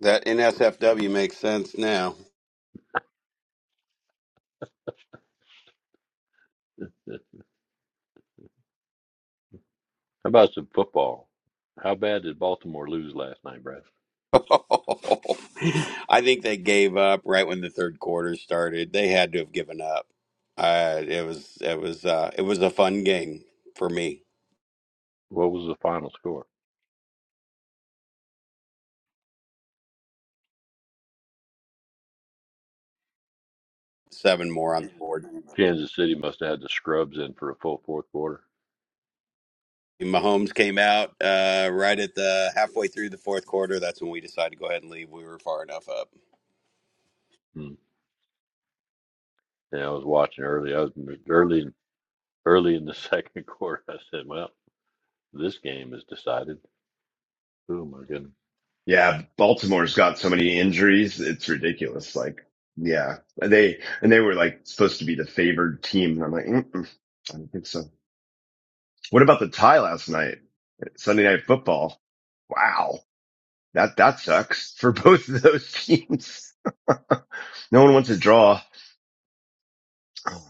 That NSFW makes sense now. How about some football? How bad did Baltimore lose last night, Brad? I think they gave up right when the third quarter started. They had to have given up. Uh, it was it was uh, it was a fun game for me. What was the final score? Seven more on the board. Kansas City must have had the scrubs in for a full fourth quarter. Mahomes came out uh, right at the halfway through the fourth quarter. That's when we decided to go ahead and leave. We were far enough up. Hmm. Yeah, I was watching early. I was early, early in the second quarter. I said, "Well, this game is decided." Oh my goodness! Yeah, Baltimore's got so many injuries, it's ridiculous. Like, yeah, they and they were like supposed to be the favored team, and I'm like, Mm-mm, I don't think so. What about the tie last night, Sunday Night Football? Wow, that that sucks for both of those teams. No one wants to draw. Oh,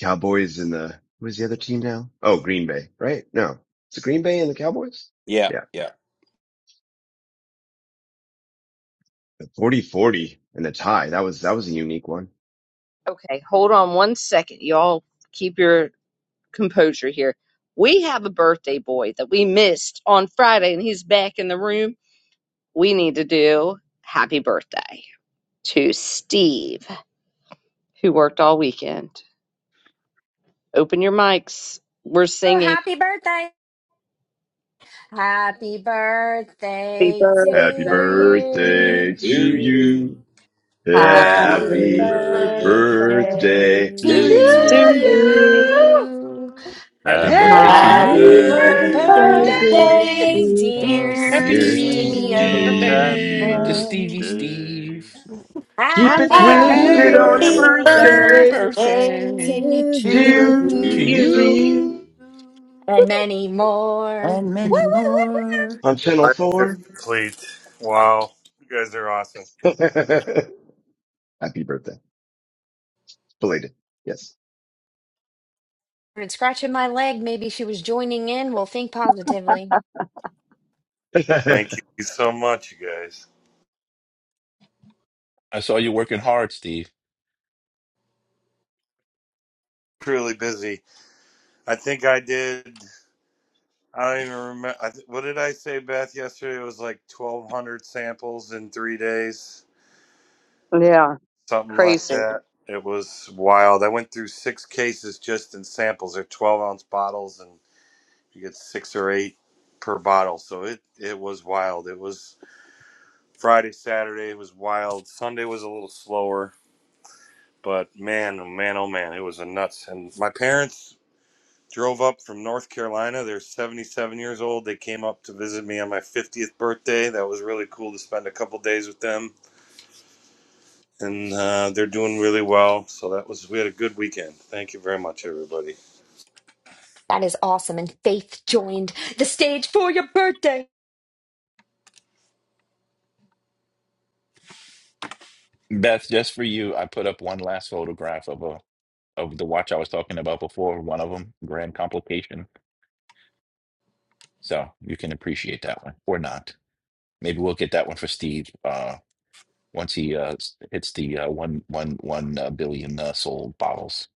Cowboys and the who is the other team now? Oh, Green Bay, right? No, it's Green Bay and the Cowboys. Yeah, Yeah, yeah. forty forty and the tie. That was that was a unique one. Okay, hold on one second. Y'all keep your composure here. We have a birthday boy that we missed on Friday, and he's back in the room. We need to do happy birthday to Steve, who worked all weekend. Open your mics. We're Oh, singing. happy birthday. Happy Happy birthday to Happy birthday. birthday you. Do to you? you. Happy Happy Happy Happy birthday Happy Happy birthday birthday. birthday birthday to to Do to birthday to you? to you. you. you. you. you. Happy Happy Happy Happy birthday to Happy Happy you. Happy Happy birthday, birthday, birthday. birthday, birthday dear dear you. to We birthday, birthday, you. Stephen. dear love dear dear you. Happy Stevie Stephen. O. Happy birthday to Steve. Stevie birthday Steve. Keep Happy it Happy to Happy you. Happy twisted Happy on your birthday Happy birthday birthday birthday birthday, birthday birthday to to to the to dear to you. to Duke. you. you. Steve. you. you. And many more. Woo, and woo, many woo. more. On The channel life is four. complete. Wow. You guys are awesome. Happy birthday. Belated. Yes. And scratching my leg. Maybe she was joining in. We'll think positively. Thank you so much, you guys. I saw you working hard, Steve. Truly busy. I think I did, I don't even remember. I th- what did I say, Beth, yesterday? It was like 1,200 samples in three days, Yeah, something like crazy. that. It was wild. I went through six cases just in samples. They're 12 ounce bottles, and you get six or eight per bottle. So it, it was wild. It was Friday, Saturday, it was wild. Sunday was a little slower But man, oh man, oh man, it was a nuts. And my parents drove up from North Carolina. They're 77 years old. They came up to visit me on my 50th birthday. That was really cool to spend a couple days with them. And uh, they're doing really well. So that was, we had a good weekend. Thank you very much, everybody. That is awesome. And Faith joined the stage for your birthday. Beth, just for you, I put up one last photograph of a of the watch I was talking about before, one of them, Grand Complication. So you can appreciate that one or not. Maybe we'll get that one for Steve uh, once he uh, s- hits the uh, one, one, one uh, billion uh, sold bottles.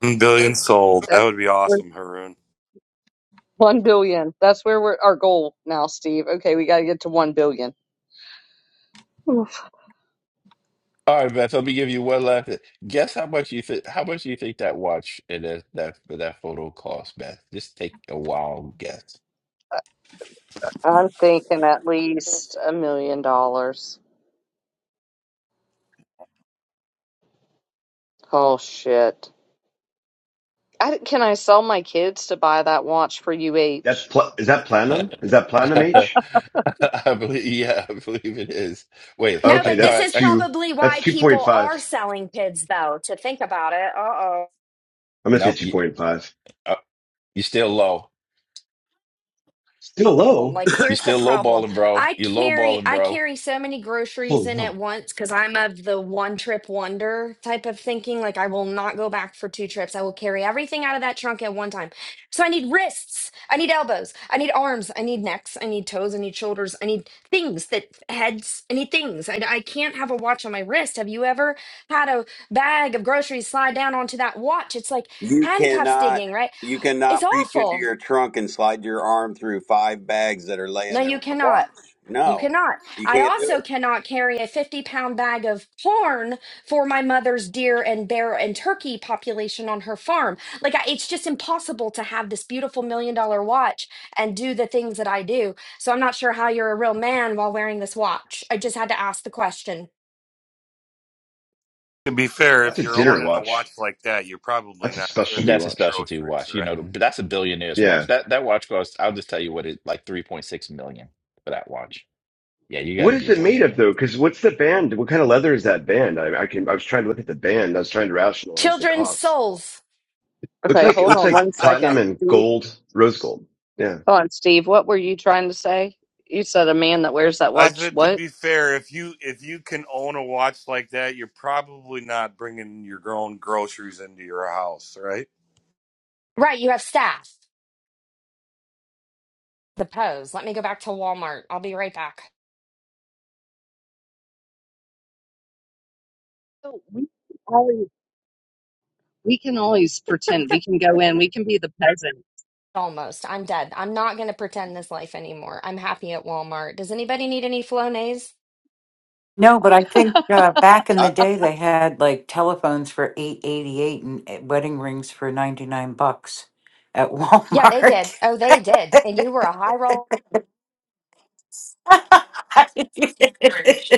One Billion sold. That's That would be we're- awesome, Haroon. one billion. That's where we're our goal now, Steve. Okay, we got to get to one billion. Oof. All right, Beth. Let me give you one last. Guess how much you think? How much do you think that watch and that that that photo cost, Beth? Just take a wild guess. I'm thinking at least a million dollars. Oh shit! I, d- can I sell my kids to buy that watch for that's UH? pl- is that platinum? Is that platinum I H? believe. Yeah, I believe it is. Wait, No, uh, Okay, but this no, that's is actually, two. probably That's why two point people are five. selling kids, though, to think about it. Uh oh. I'm gonna say nope. two You, point five. uh, you're still low. Still problem. low, Like You're here's the still low problem. balling, bro. I You're low carry balling, I bro. carry so many groceries Holy in at hell. once cuz I'm of the one trip wonder type of thinking like I will not go back for two trips. I will carry everything out of that trunk at one time. So I need wrists, I need elbows, I need arms, I need necks, I need toes, I need shoulders, I need things that heads, I need things. I, I can't have a watch on my wrist. Have you ever had a bag of groceries slide down onto that watch? It's like You handcuffs cannot. digging, right? You It's cannot reach into awful. your trunk and slide your arm through five bags that are laying No, there you with a cannot. watch. You No, cannot. you I can't do also cannot carry a 50 pound bag of corn for my mother's deer and bear and turkey population on her farm. Like, I, it's just impossible to have this beautiful million dollar watch and do the things that I do. So, I'm not sure how you're a real man while wearing this watch. I just had to ask the question. To be fair, That's if a you're dinner owning a watch watch. like that, you're probably That's a not carrying specialty That's a your watch. specialty groceries, watch. You right? know, but that's a billionaire's watch. Yeah. That that watch costs. I'll just tell you what it like three point six million for that watch. Yeah, you got What to be is a it made of billionaire. though? Because what's the band? What kind of leather is that band? I, I can. I was trying to look at the band. I was trying to rationalize the Children's cost. souls. Looks Okay, like it hold looks on like one platinum second. and gold, rose gold. Yeah. Go on, Steve. What were you trying to say? You said a man that wears that I watch. said to What? be fair, if you if you can own a watch like that, you're probably not bringing your own groceries into your house, right? Right. You have staff. The pose. Let me go back to Walmart. I'll be right back. Oh, We can always we can always pretend. We can go in. We can be the peasant. Almost. I'm dead. I'm not going to pretend this life anymore. I'm happy at Walmart. Does anybody need any Flonase? No, but I think uh, back in the it. day they had like telephones for eight eighty eight and uh, wedding rings for ninety nine bucks at Yeah, they Walmart. did. Oh, they did. And you were a high roll.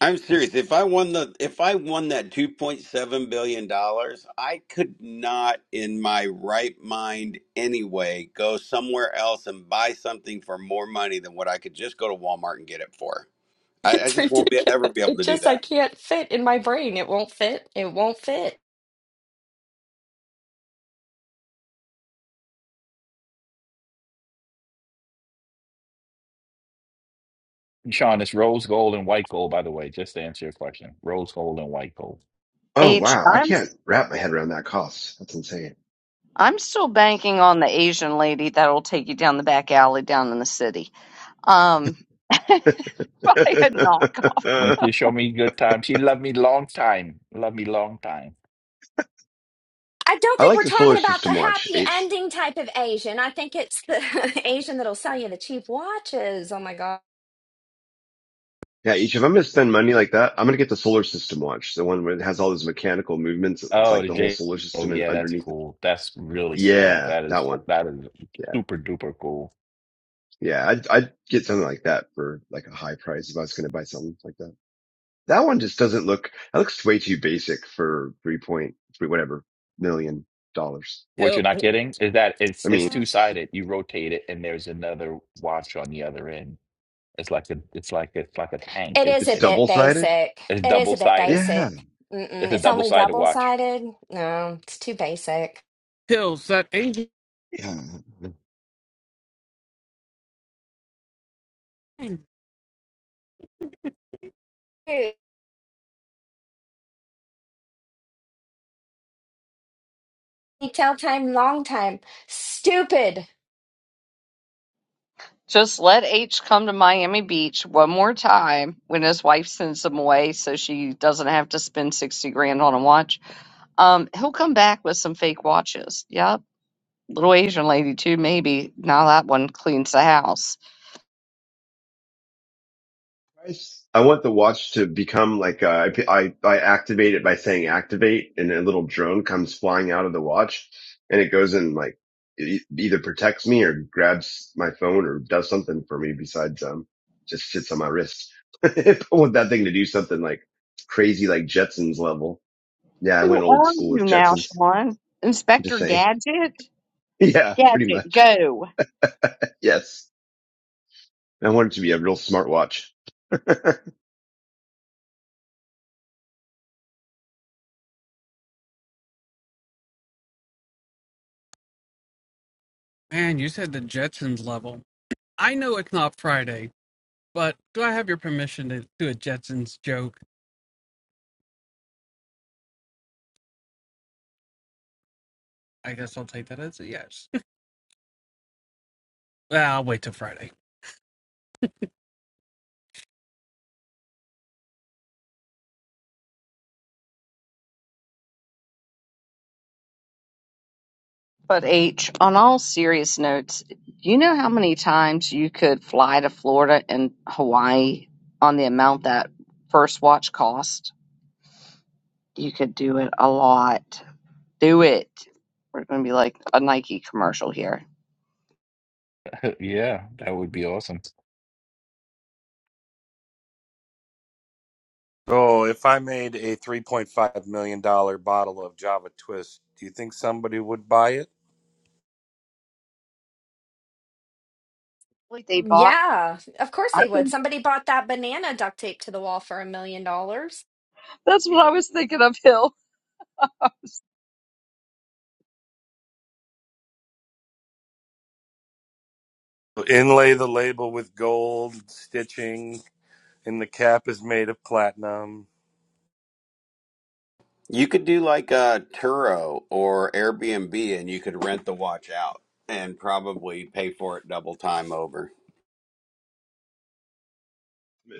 I'm serious. If I won the if I won that 2.7 billion dollars, I could not in my right mind anyway go somewhere else and buy something for more money than what I could just go to Walmart and get it for. I, I It's just won't be, ever ridiculous. be able It to do just, I that. can't fit in my brain. It won't fit. It won't fit. Sean, it's rose gold and white gold, by the way, just to answer your question. Rose gold and white gold. Oh H, wow, I I'm can't wrap my head around that cost. That's insane. I'm still banking on the Asian lady that'll take you down the back alley down in the city. Um, I had knock. And I she showed me good time. She loved me long time. Loved me long time. I don't think like we're the talking solar about the system watch. happy H. ending type of Asian. I think it's the Asian that'll sell you the cheap watches. Oh my God. Yeah, H. If I'm gonna spend money like that, I'm gonna get the solar system watch, the one where it has all those mechanical movements. It's Oh, like the the whole J. solar Oh, system and yeah, that's underneath it. cool. That's really cool. Yeah, That that is one. that is Yeah. super duper cool. Yeah, I'd, I'd get something like that for like a high price if I was going to buy something like that. That one just doesn't look, that looks way too basic for three point three whatever million dollars. What Hill, you're not getting is that it's I it's mean, two sided. You rotate it, and there's another watch on the other end. It's like a it's like it's like a tank. It It, is it's a it bit double sided. basic. it's It is double a bit sided. basic. Yeah. Mm-mm. It's a It's double only sided double watch. sided. No, it's too basic. Hill, that Angel. Yeah. Hey, Tell time, long time. Stupid. Just let H come to Miami Beach one more time when his wife sends him away, so she doesn't have to spend sixty grand on a watch. Um, he'll come back with some fake watches. Yep. little Asian lady too, maybe. Now that one cleans the house. I want the watch to become like uh, I, I I activate it by saying activate, and a little drone comes flying out of the watch, and it goes and like e- either protects me or grabs my phone or does something for me besides um just sits on my wrist. I want that thing to do something like crazy, like Jetsons level. Yeah, I Who went old are school you with now, Jetsons. Sean? I'm just Inspector saying. Gadget? Yeah, pretty Gadget, much. go. Yes, I want it to be a real smart watch. Man, you said the Jetsons level. I know it's not Friday, but do I have your permission to do a Jetsons joke? I guess I'll take that as a yes. well, I'll wait till Friday. But H, on all serious notes, do you know how many times you could fly to Florida and Hawaii on the amount that first watch cost? You could do it a lot. Do it. We're going to be like a Nike commercial here. Yeah, that would be awesome. So if I made a 3.5 million dollar bottle of Java Twist, do you think somebody would buy it? Like they bought. Yeah, of course I they would. think Somebody bought that banana duct tape to the wall for a million dollars. that's what I was thinking of, Hill. Inlay the label with gold stitching, and the cap is made of platinum. You could do like a Turo or Airbnb and you could rent the watch out and probably pay for it double time over.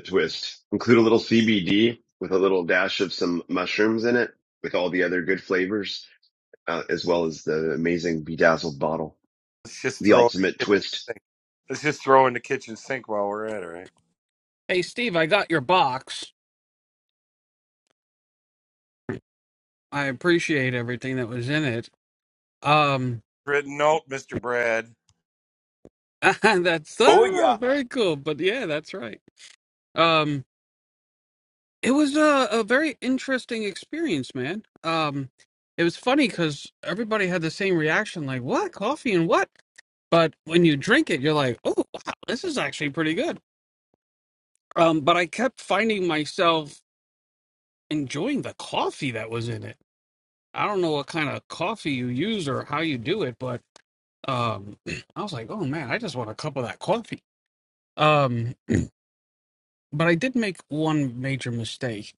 twist. Include a little CBD with a little dash of some mushrooms in it with all the other good flavors, uh, as well as the amazing bedazzled bottle. Let's just The throw it ultimate in twist. the sink. Let's just throw it in the kitchen sink while we're at it, right? Hey, Steve, I got your box. I appreciate everything that was in it. Um, Written note, Mister Brad. that's Booyah! ah, very cool. But yeah, that's right. Um. It was a, a very interesting experience, man. Um, it was funny because everybody had the same reaction, like "What coffee and what?" But when you drink it, you're like, "Oh, wow, this is actually pretty good." Um, but I kept finding myself enjoying the coffee that was in it. I don't know what kind of coffee you use or how you do it, but um, I was like, "Oh man, I just want a cup of that coffee." Um, but I did make one major mistake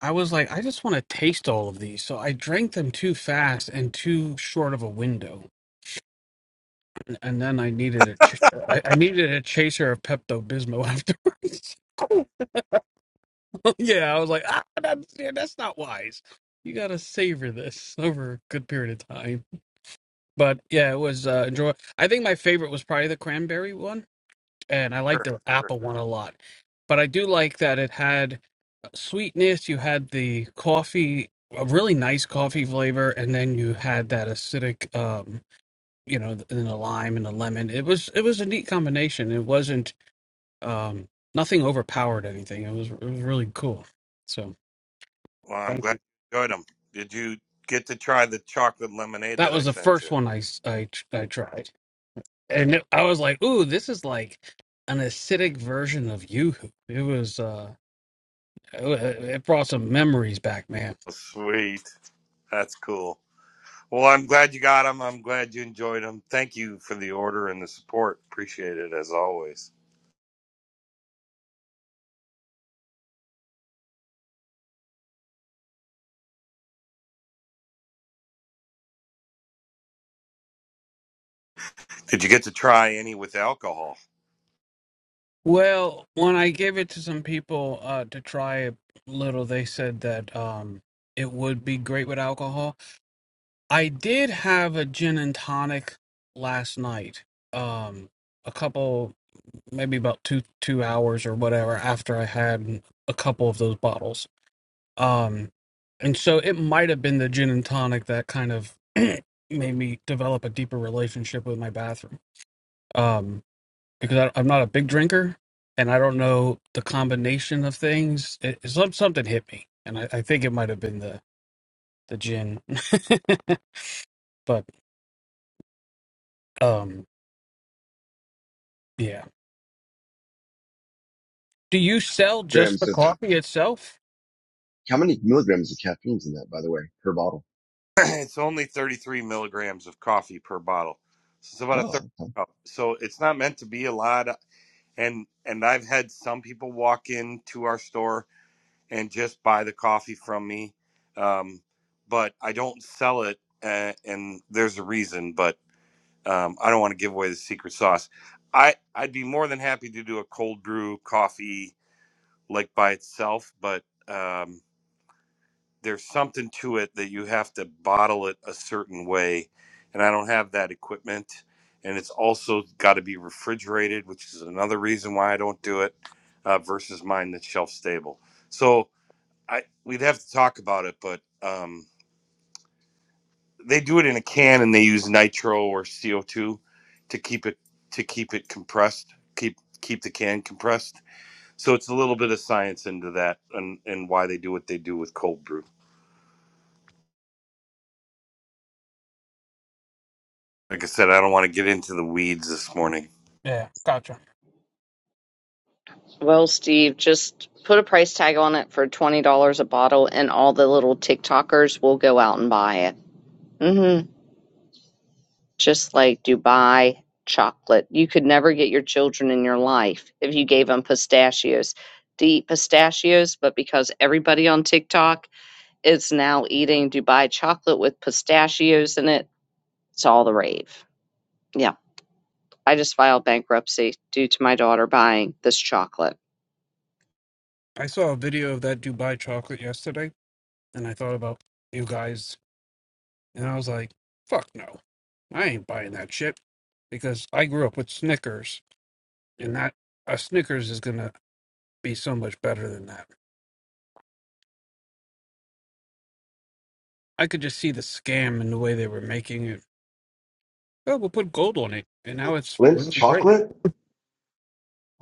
I was like, I just want to taste all of these. So I drank them too fast and too short of a window, and, and then I needed a, ch- I, I needed a chaser of Pepto Bismol afterwards. so yeah, I was like, ah, that's, yeah, that's not wise. You gotta savor this over a good period of time. But yeah, it was uh, enjoy. I think my favorite was probably the cranberry one. and I like Sure. their sure. apple one a lot. But I do like that it had uh, sweetness. You had the coffee, a really nice coffee flavor, and then you had that acidic, um, you know, th- and the lime and the lemon. It was it was a neat combination. It wasn't um, nothing overpowered anything. It was it was really cool. So Well, I'm thank glad you. you enjoyed them. Did you get to try the chocolate lemonade That that I was the sent first you? one I s- I tr- I tried, and it, I was like, ooh, this is like an acidic version of YooHoo. It was. uh, Oh, It it brought some memories back, man. Oh, sweet. That's cool. Well, I'm glad you got them. I'm glad you enjoyed them. Thank you for the order and the support. Appreciate it as always. Did you get to try any with alcohol? Well, when I gave it to some people uh, to try a little, they said that um, it would be great with alcohol. I did have a gin and tonic last night. Um, a couple, maybe about two two hours or whatever after I had a couple of those bottles. Um, and so it might have been the gin and tonic that kind of made me develop a deeper relationship with my bathroom. Um, because I, I'm not a big drinker, and I don't know the combination of things. It, it, some something hit me, and I, I think it might have been the the gin. but um, yeah. Do you sell just Grams the of, coffee itself? how many milligrams of caffeine's in that, by the way, per bottle? it's only 33 milligrams of coffee per bottle. So it's about a third Oh, okay. cup. So it's not meant to be a lot. And and I've had some people walk into our store and just buy the coffee from me. Um, but I don't sell it, uh, and there's a reason. But um, I don't want to give away the secret sauce. I I'd be more than happy to do a cold brew coffee like by itself, but um, there's something to it that you have to bottle it a certain way, and I don't have that equipment. And it's also got to be refrigerated, which is another reason why I don't do it uh, versus mine that's shelf stable. So I we'd have to talk about it, but um, they do it in a can and they use nitro or CO two to keep it to keep it compressed, keep keep the can compressed. So it's a little bit of science into that and and why they do what they do with cold brew. Like I said, I don't want to get into the weeds this morning. Yeah, gotcha. Well, Steve, just put a price tag on it for $20 a bottle, and all the little TikTokers will go out and buy it. Mm-hmm. Just like Dubai chocolate. You could never get your children in your life if you gave them pistachios to eat pistachios, but because everybody on TikTok is now eating Dubai chocolate with pistachios in it, it's all the rave. Yeah, I just filed bankruptcy due to my daughter buying this chocolate. I saw a video of that Dubai chocolate yesterday, and I thought about you guys, and I was like, fuck no, I ain't buying that shit because I grew up with Snickers, and that a Snickers is gonna be so much better than that. I could just see the scam in the way they were making it. Oh, we'll put gold on it, and now it's Lint's really great. chocolate?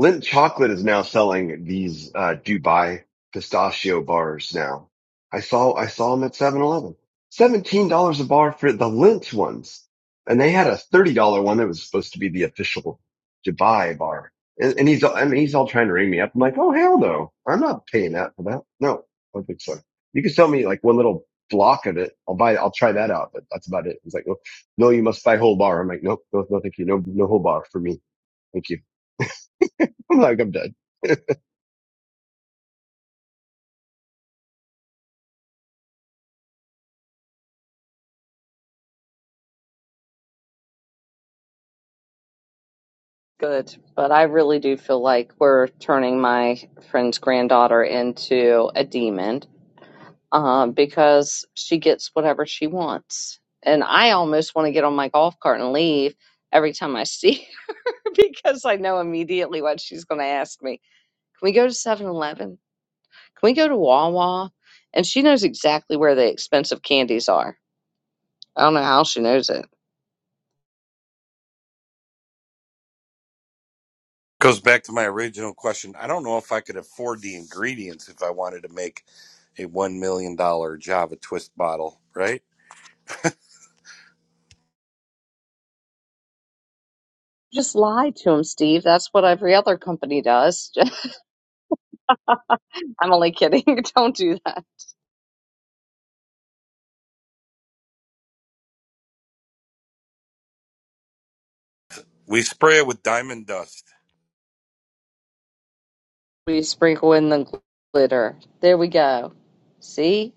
Lindt Chocolate is now selling these uh, Dubai pistachio bars now. I saw I saw them at 7 eleven. $17 a bar for the Lindt ones. And they had a $30 one that was supposed to be the official Dubai bar. And, and he's all, I mean, he's all trying to ring me up. I'm like, oh hell no. I'm not paying that for that. No, I don't think so. You can sell me like one little block of it. I'll buy I'll try that out, but that's about it. He's like, no, no, you must buy whole bar. I'm like, nope, no, no, thank you. No, no whole bar for me. Thank you. I'm like, I'm done. Good, but I really do feel like we're turning my friend's granddaughter into a demon um, because she gets whatever she wants. And I almost want to get on my golf cart and leave every time I see her because I know immediately what she's going to ask me. Can we go to Seven Eleven? Can we go to Wawa? And she knows exactly where the expensive candies are. I don't know how she knows it. Goes back to my original question. I don't know if I could afford the ingredients if I wanted to make a one million dollar Java Twist bottle. Right? Just lie to him, Steve. That's what every other company does. I'm only kidding. Don't do that. We spray it with diamond dust. We sprinkle in the glitter. There we go. See?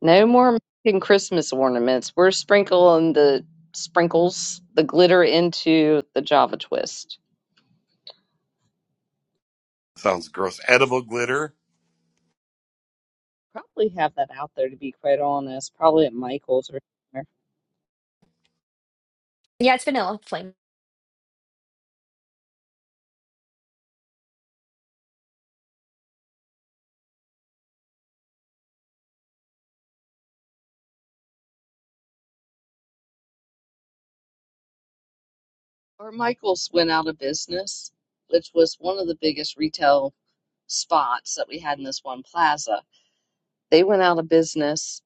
No more making Christmas ornaments. We're sprinkling the sprinkles, the glitter into the Java twist. Sounds gross. Edible glitter Probably have that out there, to be quite honest. Probably at Michael's or Yeah, it's vanilla flame. Or Michael's went out of business, which was one of the biggest retail spots that we had in this one plaza. They went out of business,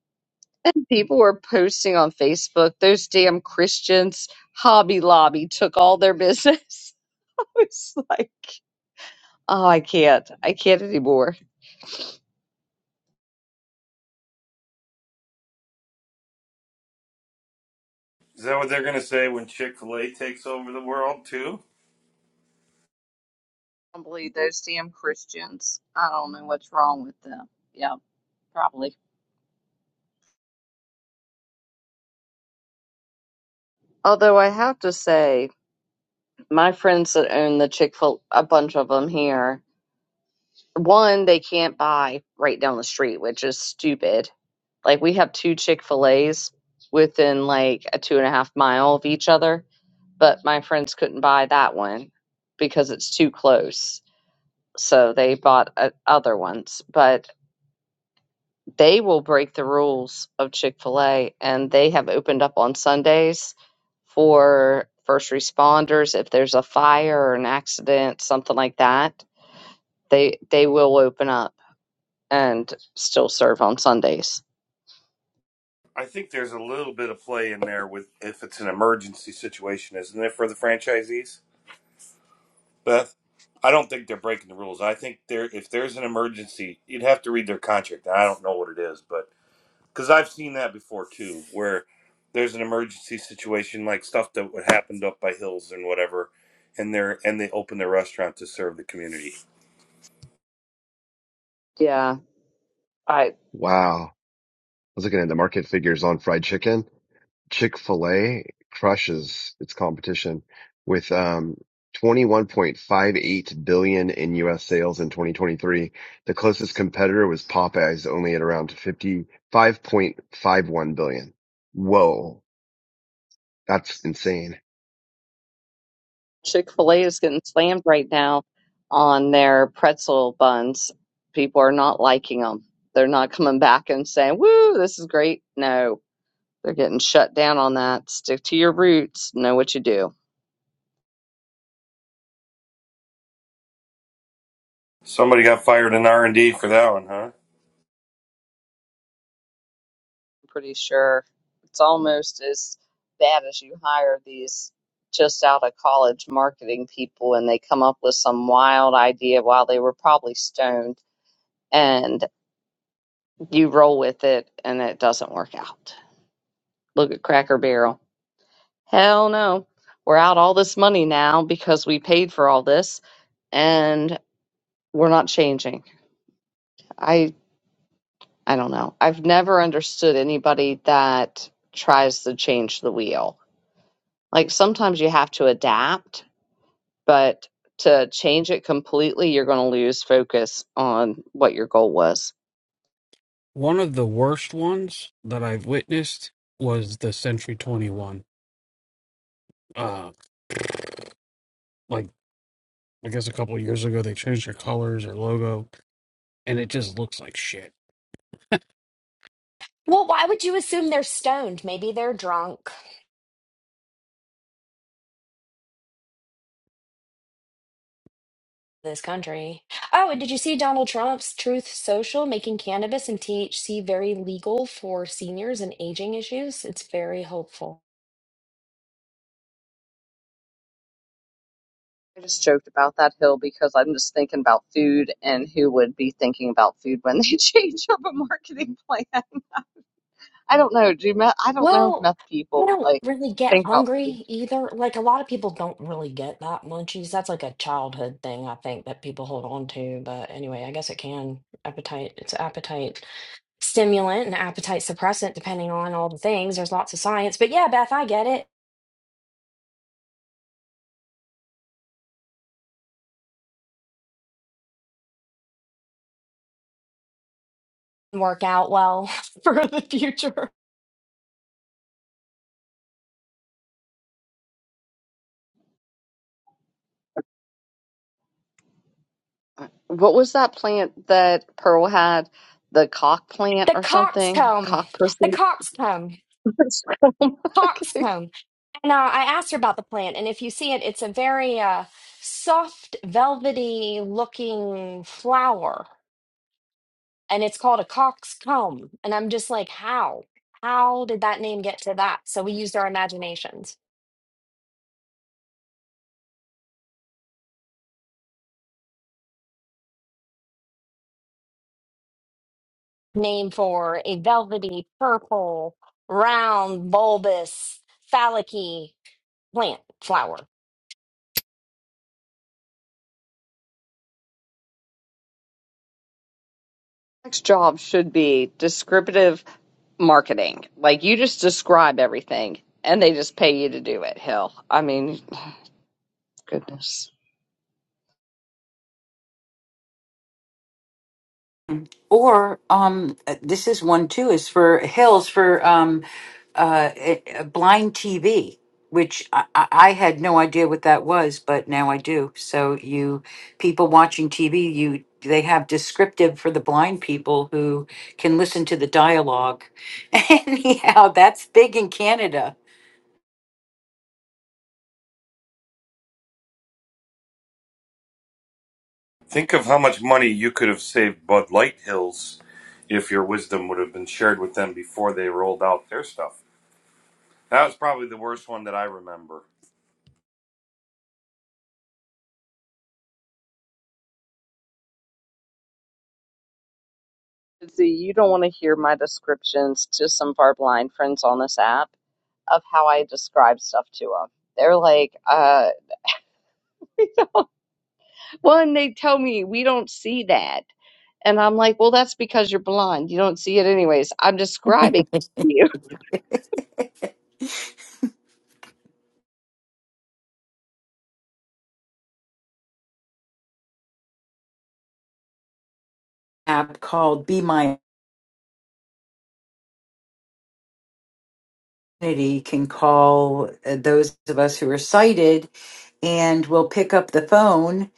and people were posting on Facebook, those damn Christians, Hobby Lobby took all their business. I was like, oh, I can't. I can't anymore. Is that what they're going to say when Chick fil A takes over the world, too? don't believe those damn Christians. I don't know what's wrong with them. Yeah, probably. Although I have to say, my friends that own the Chick fil a bunch of them here, one, they can't buy right down the street, which is stupid. Like, we have two Chick fil A's within like a two and a half mile of each other, but my friends couldn't buy that one because it's too close. So they bought uh, other ones. But they will break the rules of Chick-fil-A and they have opened up on Sundays for first responders if there's a fire or an accident, something like that. They they will open up and still serve on Sundays. I think there's a little bit of play in there with if it's an emergency situation, isn't it, for the franchisees? Beth, I don't think they're breaking the rules. I think there, if there's an emergency, you'd have to read their contract. I don't know what it is, but because I've seen that before, too, where there's an emergency situation, like stuff that would happened up by Hills and whatever. And they're and they open their restaurant to serve the community. Yeah. I Wow. I was looking at the market figures on fried chicken. Chick-fil-A crushes its competition with um, 21.58 billion in US sales in 2023. The closest competitor was Popeyes, only at around 55.51 billion. Whoa, that's insane. Chick-fil-A is getting slammed right now on their pretzel buns. People are not liking them. They're not coming back and saying, "Woo, this is great." No. They're getting shut down on that. Stick to your roots. Know what you do. Somebody got fired in R and D for that one, huh? pretty sure it's almost as bad as you hire these just out of college marketing people and they come up with some wild idea while they were probably stoned and you roll with it and it doesn't work out. Look at Cracker Barrel. Hell no. We're out all this money now because we paid for all this and we're not changing. I I don't know. I've never understood anybody that tries to change the wheel Like sometimes you have to adapt, but to change it completely, you're going to lose focus on what your goal was. One of the worst ones that I've witnessed was the Century 21. Uh, like. I guess a couple of years ago they changed their colors or logo, and it just looks like shit. Well, why would you assume they're stoned? Maybe they're drunk. This country. Oh, and did you see Donald Trump's Truth Social making cannabis and THC very legal for seniors and aging issues? It's very hopeful. I just joked about that hill because I'm just thinking about food and who would be thinking about food when they change up a marketing plan. I don't know. Do meth, I don't know if Well, meth I people don't like really get think about food. hungry either. Like a lot of people don't really get that munchies. That's like a childhood thing, I think, that people hold on to. But anyway, I guess it can appetite. It's an appetite stimulant and appetite suppressant, depending on all the things. There's lots of science. But yeah, Beth, I get it. Work out well for the future. What was that plant that Pearl had? The cock plant The or something? coxcomb. Cock The pussy? coxcomb. Okay. Coxcomb. No, I asked her about the plant, and if you see it, it's a very uh, soft, velvety looking flower, and it's called a coxcomb. And I'm just like, how? How did that name get to that? So we used our imaginations. Name for a velvety, purple, round, bulbous, phallic plant flower. next job should be descriptive marketing. Like you just describe everything and they just pay you to do it. Hell, I mean, goodness. Or um, uh, this is one too. Is for Hills for um, uh, eh, eh, blind TV, which I, I I had no idea what that was, but now I do. So you people watching TV, you they have descriptive for the blind people who can listen to the dialogue. Anyhow, that's big in Canada. Think of how much money you could have saved Bud Light Hills if your wisdom would have been shared with them before they rolled out their stuff. That was probably the worst one that I remember. See, you don't want to hear my descriptions to some of our blind friends on this app of how I describe stuff to them. They're like, uh, you know, one, they tell me we don't see that. And I'm like, well, that's because you're blind. You don't see it anyways. I'm describing it to you. App called Be My Identity can call uh, those of us who are sighted and will pick up the phone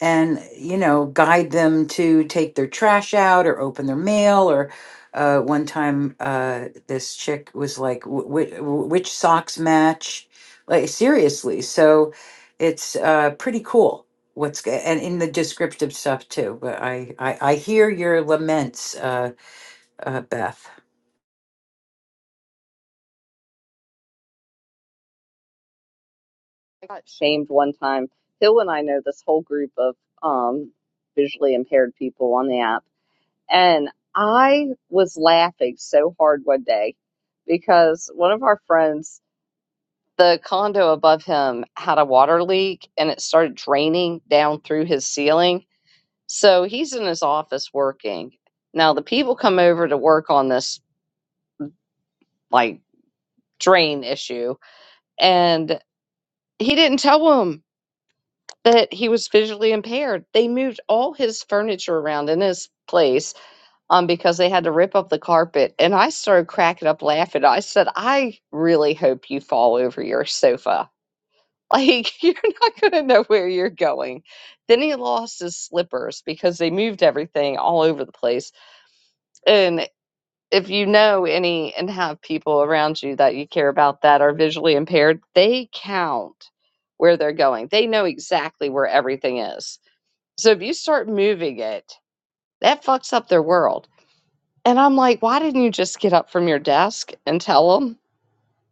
and you know guide them to take their trash out or open their mail or uh, one time uh, this chick was like "Wh- wh- which socks match like seriously so it's uh, pretty cool what's go- and in the descriptive stuff too but i i, I hear your laments uh, uh, beth I got shamed one time. Hill and I know this whole group of um, visually impaired people on the app, and I was laughing so hard one day because one of our friends, the condo above him, had a water leak and it started draining down through his ceiling. So he's in his office working. Now the people come over to work on this like drain issue, and he didn't tell them that he was visually impaired. They moved all his furniture around in his place um, because they had to rip up the carpet. And I started cracking up laughing. I said, I really hope you fall over your sofa. Like, you're not going to know where you're going. Then he lost his slippers because they moved everything all over the place. And if you know any and have people around you that you care about that are visually impaired, they count where they're going. They know exactly where everything is. So if you start moving it, that fucks up their world. And I'm like, why didn't you just get up from your desk and tell them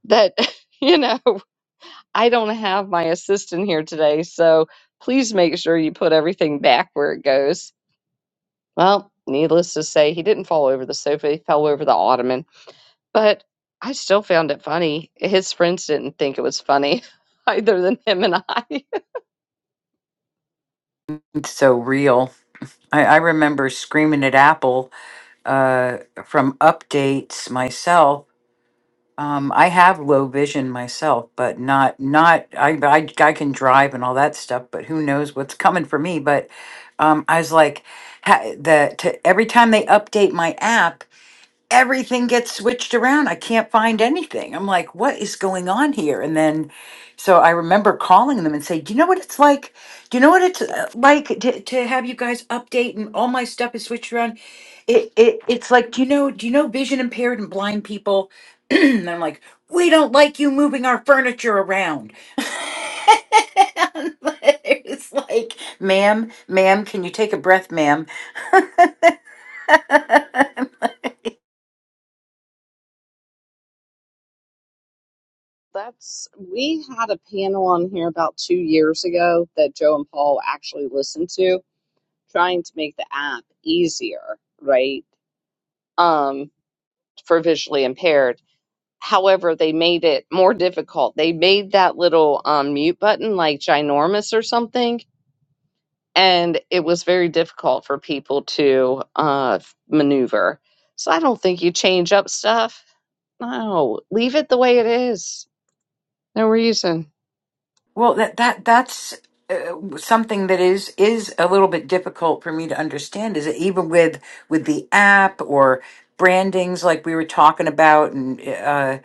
that, you know, I don't have my assistant here today. So please make sure you put everything back where it goes. Well, needless to say, he didn't fall over the sofa, he fell over the ottoman. But I still found it funny. His friends didn't think it was funny either than him and I. it's so real I, I remember screaming at apple uh, from updates myself Um, I have low vision myself, but not not I, I I can drive and all that stuff, but who knows what's coming for me? But um, I was like, ha, the to, every time they update my app everything gets switched around. I can't find anything. I'm like, what is going on here? And then, so I remember calling them and say, do you know what it's like? Do you know what it's uh, like to, to have you guys update and all my stuff is switched around? It, it it's like, do you know, do you know vision impaired and blind people? and I'm like, we don't like you moving our furniture around. it's like, ma'am, ma'am, can you take a breath, ma'am? That's we had a panel on here about two years ago that Joe and Paul actually listened to, trying to make the app easier, right? Um, for visually impaired. However, they made it more difficult. They made that little um, mute button like ginormous or something, and it was very difficult for people to uh, maneuver. So I don't think you change up stuff. No, leave it the way it is. No reason. Well, that that that's uh, something that is is a little bit difficult for me to understand. Is it even with with the app or brandings like we were talking about, and uh,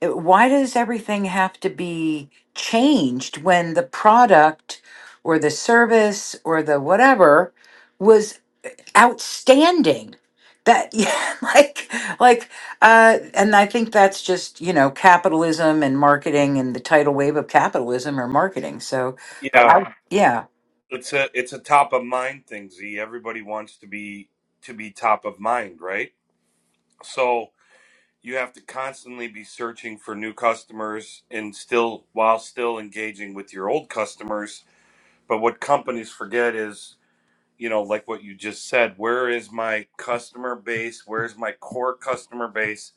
it- why does everything have to be changed when the product or the service or the whatever? outstanding that yeah like like uh and i think that's just you know capitalism and marketing and the tidal wave of capitalism or marketing so but Yeah, I, yeah it's a it's a top of mind thing, Z. Everybody wants to be to be top of mind, right? So you have to constantly be searching for new customers and still while still engaging with your old customers. But what companies forget is you know, like what you just said, where is my customer base? Where's my core customer base?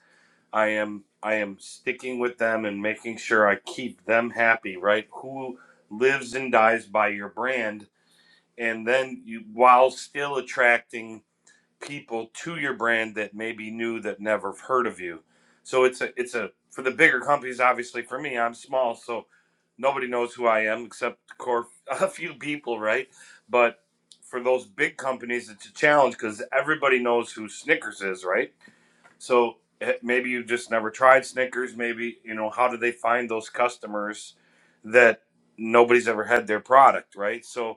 I am I am sticking with them and making sure I keep them happy, right? Who lives and dies by your brand and then you while still attracting people to your brand that maybe knew that never heard of you. So it's a it's a for the bigger companies. Obviously, for me, I'm small, so nobody knows who I am except core a few people, right? But for those big companies, it's a challenge because everybody knows who Snickers is, right? So eh, maybe you just never tried Snickers. Maybe you know how do they find those customers that nobody's ever had their product, right? So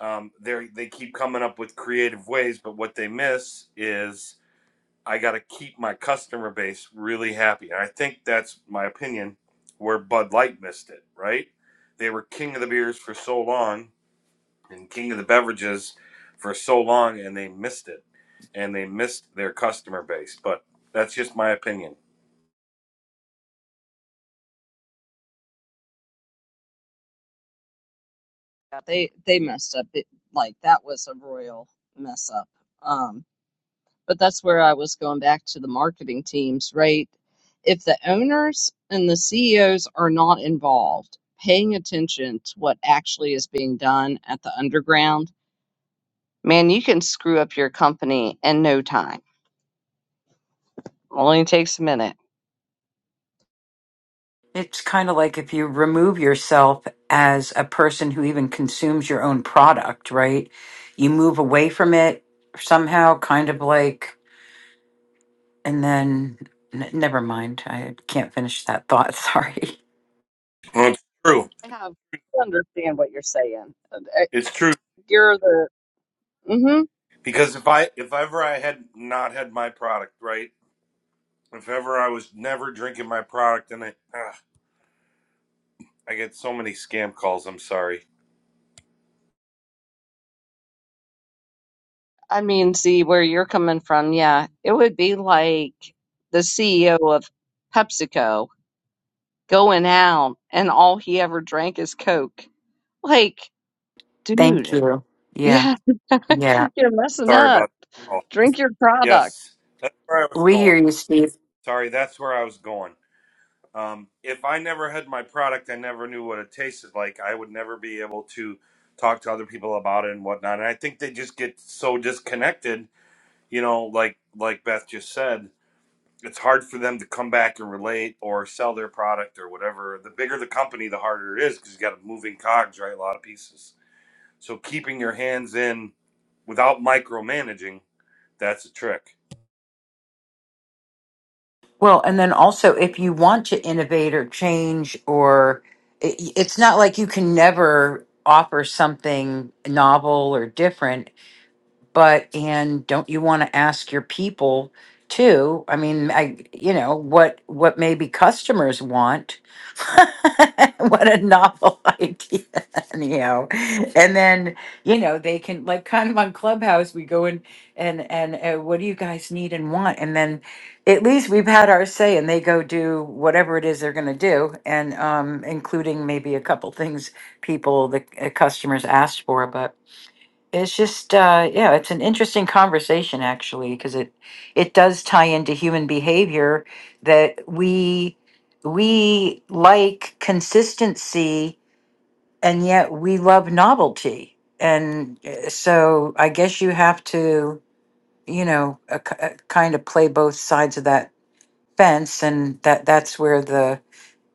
um, they they keep coming up with creative ways, but what they miss is I got to keep my customer base really happy, and I think that's my opinion where Bud Light missed it. Right? They were king of the beers for so long and king of the beverages for so long, and they missed it, and they missed their customer base. But that's just my opinion. Yeah, they they messed up. It, like that was a royal mess up. Um, but that's where I was going back to the marketing teams, right? If the owners and the CEOs are not involved, paying attention to what actually is being done at the underground, man, you can screw up your company in no time. Only takes a minute. it's kind of like if you remove yourself as a person who even consumes your own product right you move away from it somehow kind of like and then n- never mind i can't finish that thought sorry Well, it's true. I have I understand what you're saying. Uh, uh, It's true You're the hmm because if I if ever I had not had my product right, if ever I was never drinking my product and it. I get so many scam calls. I'm sorry. I mean, see where you're coming from. Yeah, it would be like the CEO of PepsiCo going out and all he ever drank is Coke. Like, thank dude, you yeah yeah, yeah you're messing Sorry up. about. that. Oh, Drink your product. yes. Where I was we going. hear you Sorry, that's where I was going. Um, if I never had my product, I never knew what it tasted like. I would never be able to talk to other people about it and whatnot. And I think they just get so disconnected. You know, like like Beth just said, it's hard for them to come back and relate or sell their product or whatever. The bigger the company, the harder it is because you got moving cogs, right? A lot of pieces. So keeping your hands in without micromanaging That's a trick. Well, and then also, if you want to innovate or change, or it, it's not like you can never offer something novel or different but and don't you want to ask your people too i mean i you know what what maybe customers want what a novel idea anyhow and then you know they can like kind of on clubhouse we go in and and uh, what do you guys need and want and then at least we've had our say and they go do whatever it is they're going to do and um including maybe a couple things people the uh, customers asked for but it's just uh yeah it's an interesting conversation actually because it it does tie into human behavior that we we like consistency and yet we love novelty and uh, so i guess you have to you know a, kind of play both sides of that fence and that that's where the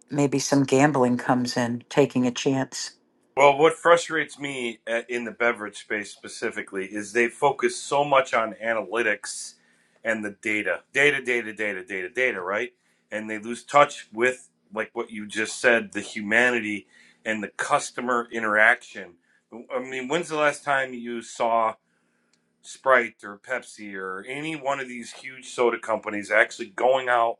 maybe some gambling comes in taking a chance Well, what frustrates me uh, in the beverage space specifically is they focus so much on analytics and the data, data, data, data, data, data, right? And they lose touch with, like what you just said, the humanity and the customer interaction. I mean, when's the last time you saw Sprite or Pepsi or any one of these huge soda companies actually going out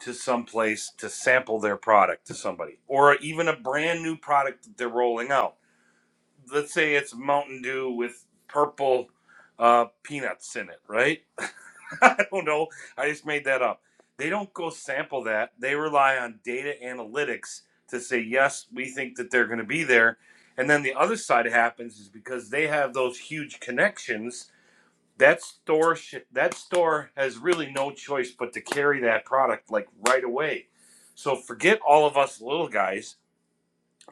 to some place to sample their product to somebody or even a brand new product that they're rolling out. Let's say it's Mountain Dew with purple uh, peanuts in it, right? I don't know. I just made that up. They don't go sample that. They rely on data analytics to say, yes, we think that they're going to be there. And then the other side happens is because they have those huge connections that store sh- that store has really no choice but to carry that product like right away. So forget all of us little guys.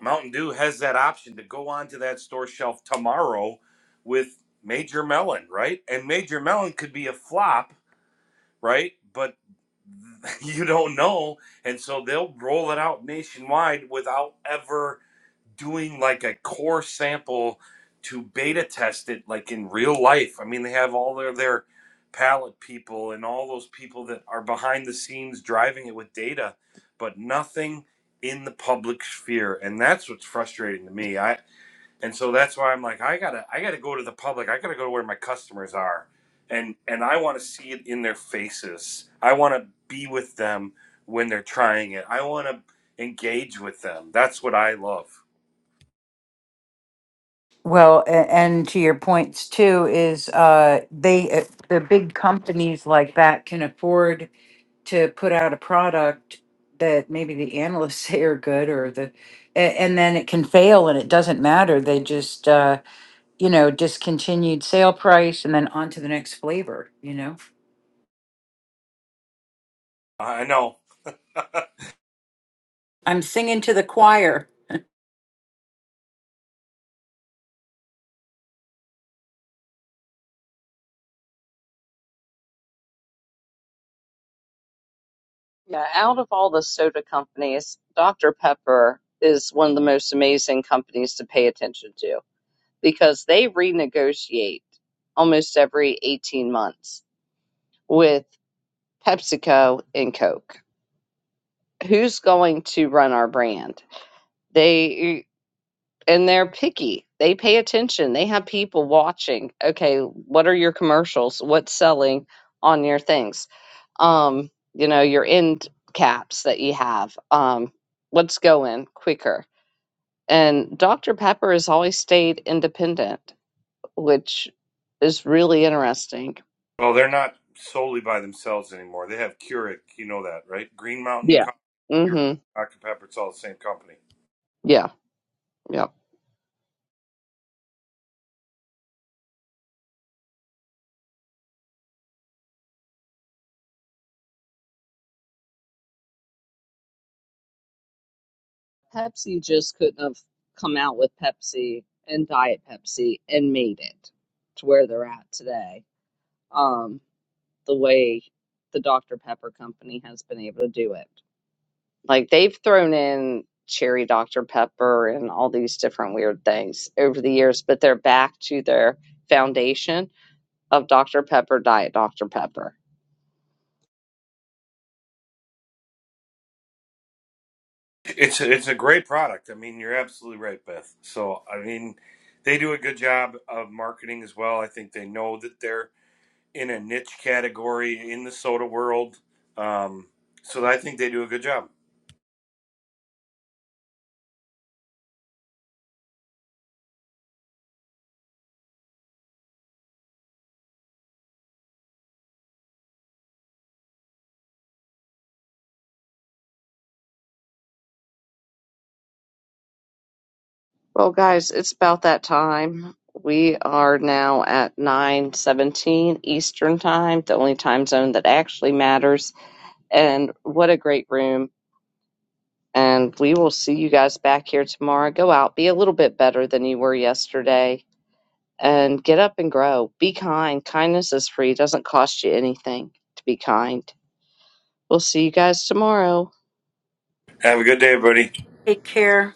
Mountain Dew has that option to go onto that store shelf tomorrow with Major Melon, right? And Major Melon could be a flop, right? But you don't know, and so they'll roll it out nationwide without ever doing like a core sample to beta test it like in real life. I mean, they have all their their palette people and all those people that are behind the scenes driving it with data, but nothing in the public sphere. And that's what's frustrating to me. I and so that's why I'm like I got to I got to go to the public. I got to go to where my customers are. And and I want to see it in their faces. I want to be with them when they're trying it. I want to engage with them. That's what I love. Well, a- and to your points too, is uh, they uh, the big companies like that can afford to put out a product that maybe the analysts say are good or the, a- and then it can fail and it doesn't matter. They just uh, you know discontinued sale price and then on to the next flavor. You know, I know. I'm singing to the choir. Yeah, out of all the soda companies, Dr. Pepper is one of the most amazing companies to pay attention to because they renegotiate almost every 18 months with PepsiCo and Coke. Who's going to run our brand? They and they're picky. They pay attention. They have people watching. Okay, what are your commercials? What's selling on your things? um, you know, your end caps that you have. Um, let's go in quicker. And Dr. Pepper has always stayed independent, which is really interesting. Well, they're not solely by themselves anymore. They have Keurig. You know that, right? Green Mountain, Yeah. Co- Keurig, hmm Dr Pepper. It's all the same company. Yeah. Yeah. Pepsi just couldn't have come out with Pepsi and Diet Pepsi and made it to where they're at today. Um, the way the Dr. Pepper company has been able to do it. Like they've thrown in cherry Dr. Pepper and all these different weird things over the years, but they're back to their foundation of Dr. Pepper, Diet Dr. Pepper. It's a, it's a great product. I mean, you're absolutely right, Beth. So I mean, they do a good job of marketing as well. I think they know that they're in a niche category in the soda world. Um, so I think they do a good job. Well, guys, it's about that time. We are now at 9:17 Eastern Time, the only time zone that actually matters. And what a great room. And we will see you guys back here tomorrow. Go out, be a little bit better than you were yesterday, and get up and grow. Be kind. Kindness is free. It doesn't cost you anything to be kind. We'll see you guys tomorrow. Have a good day, everybody. Take care.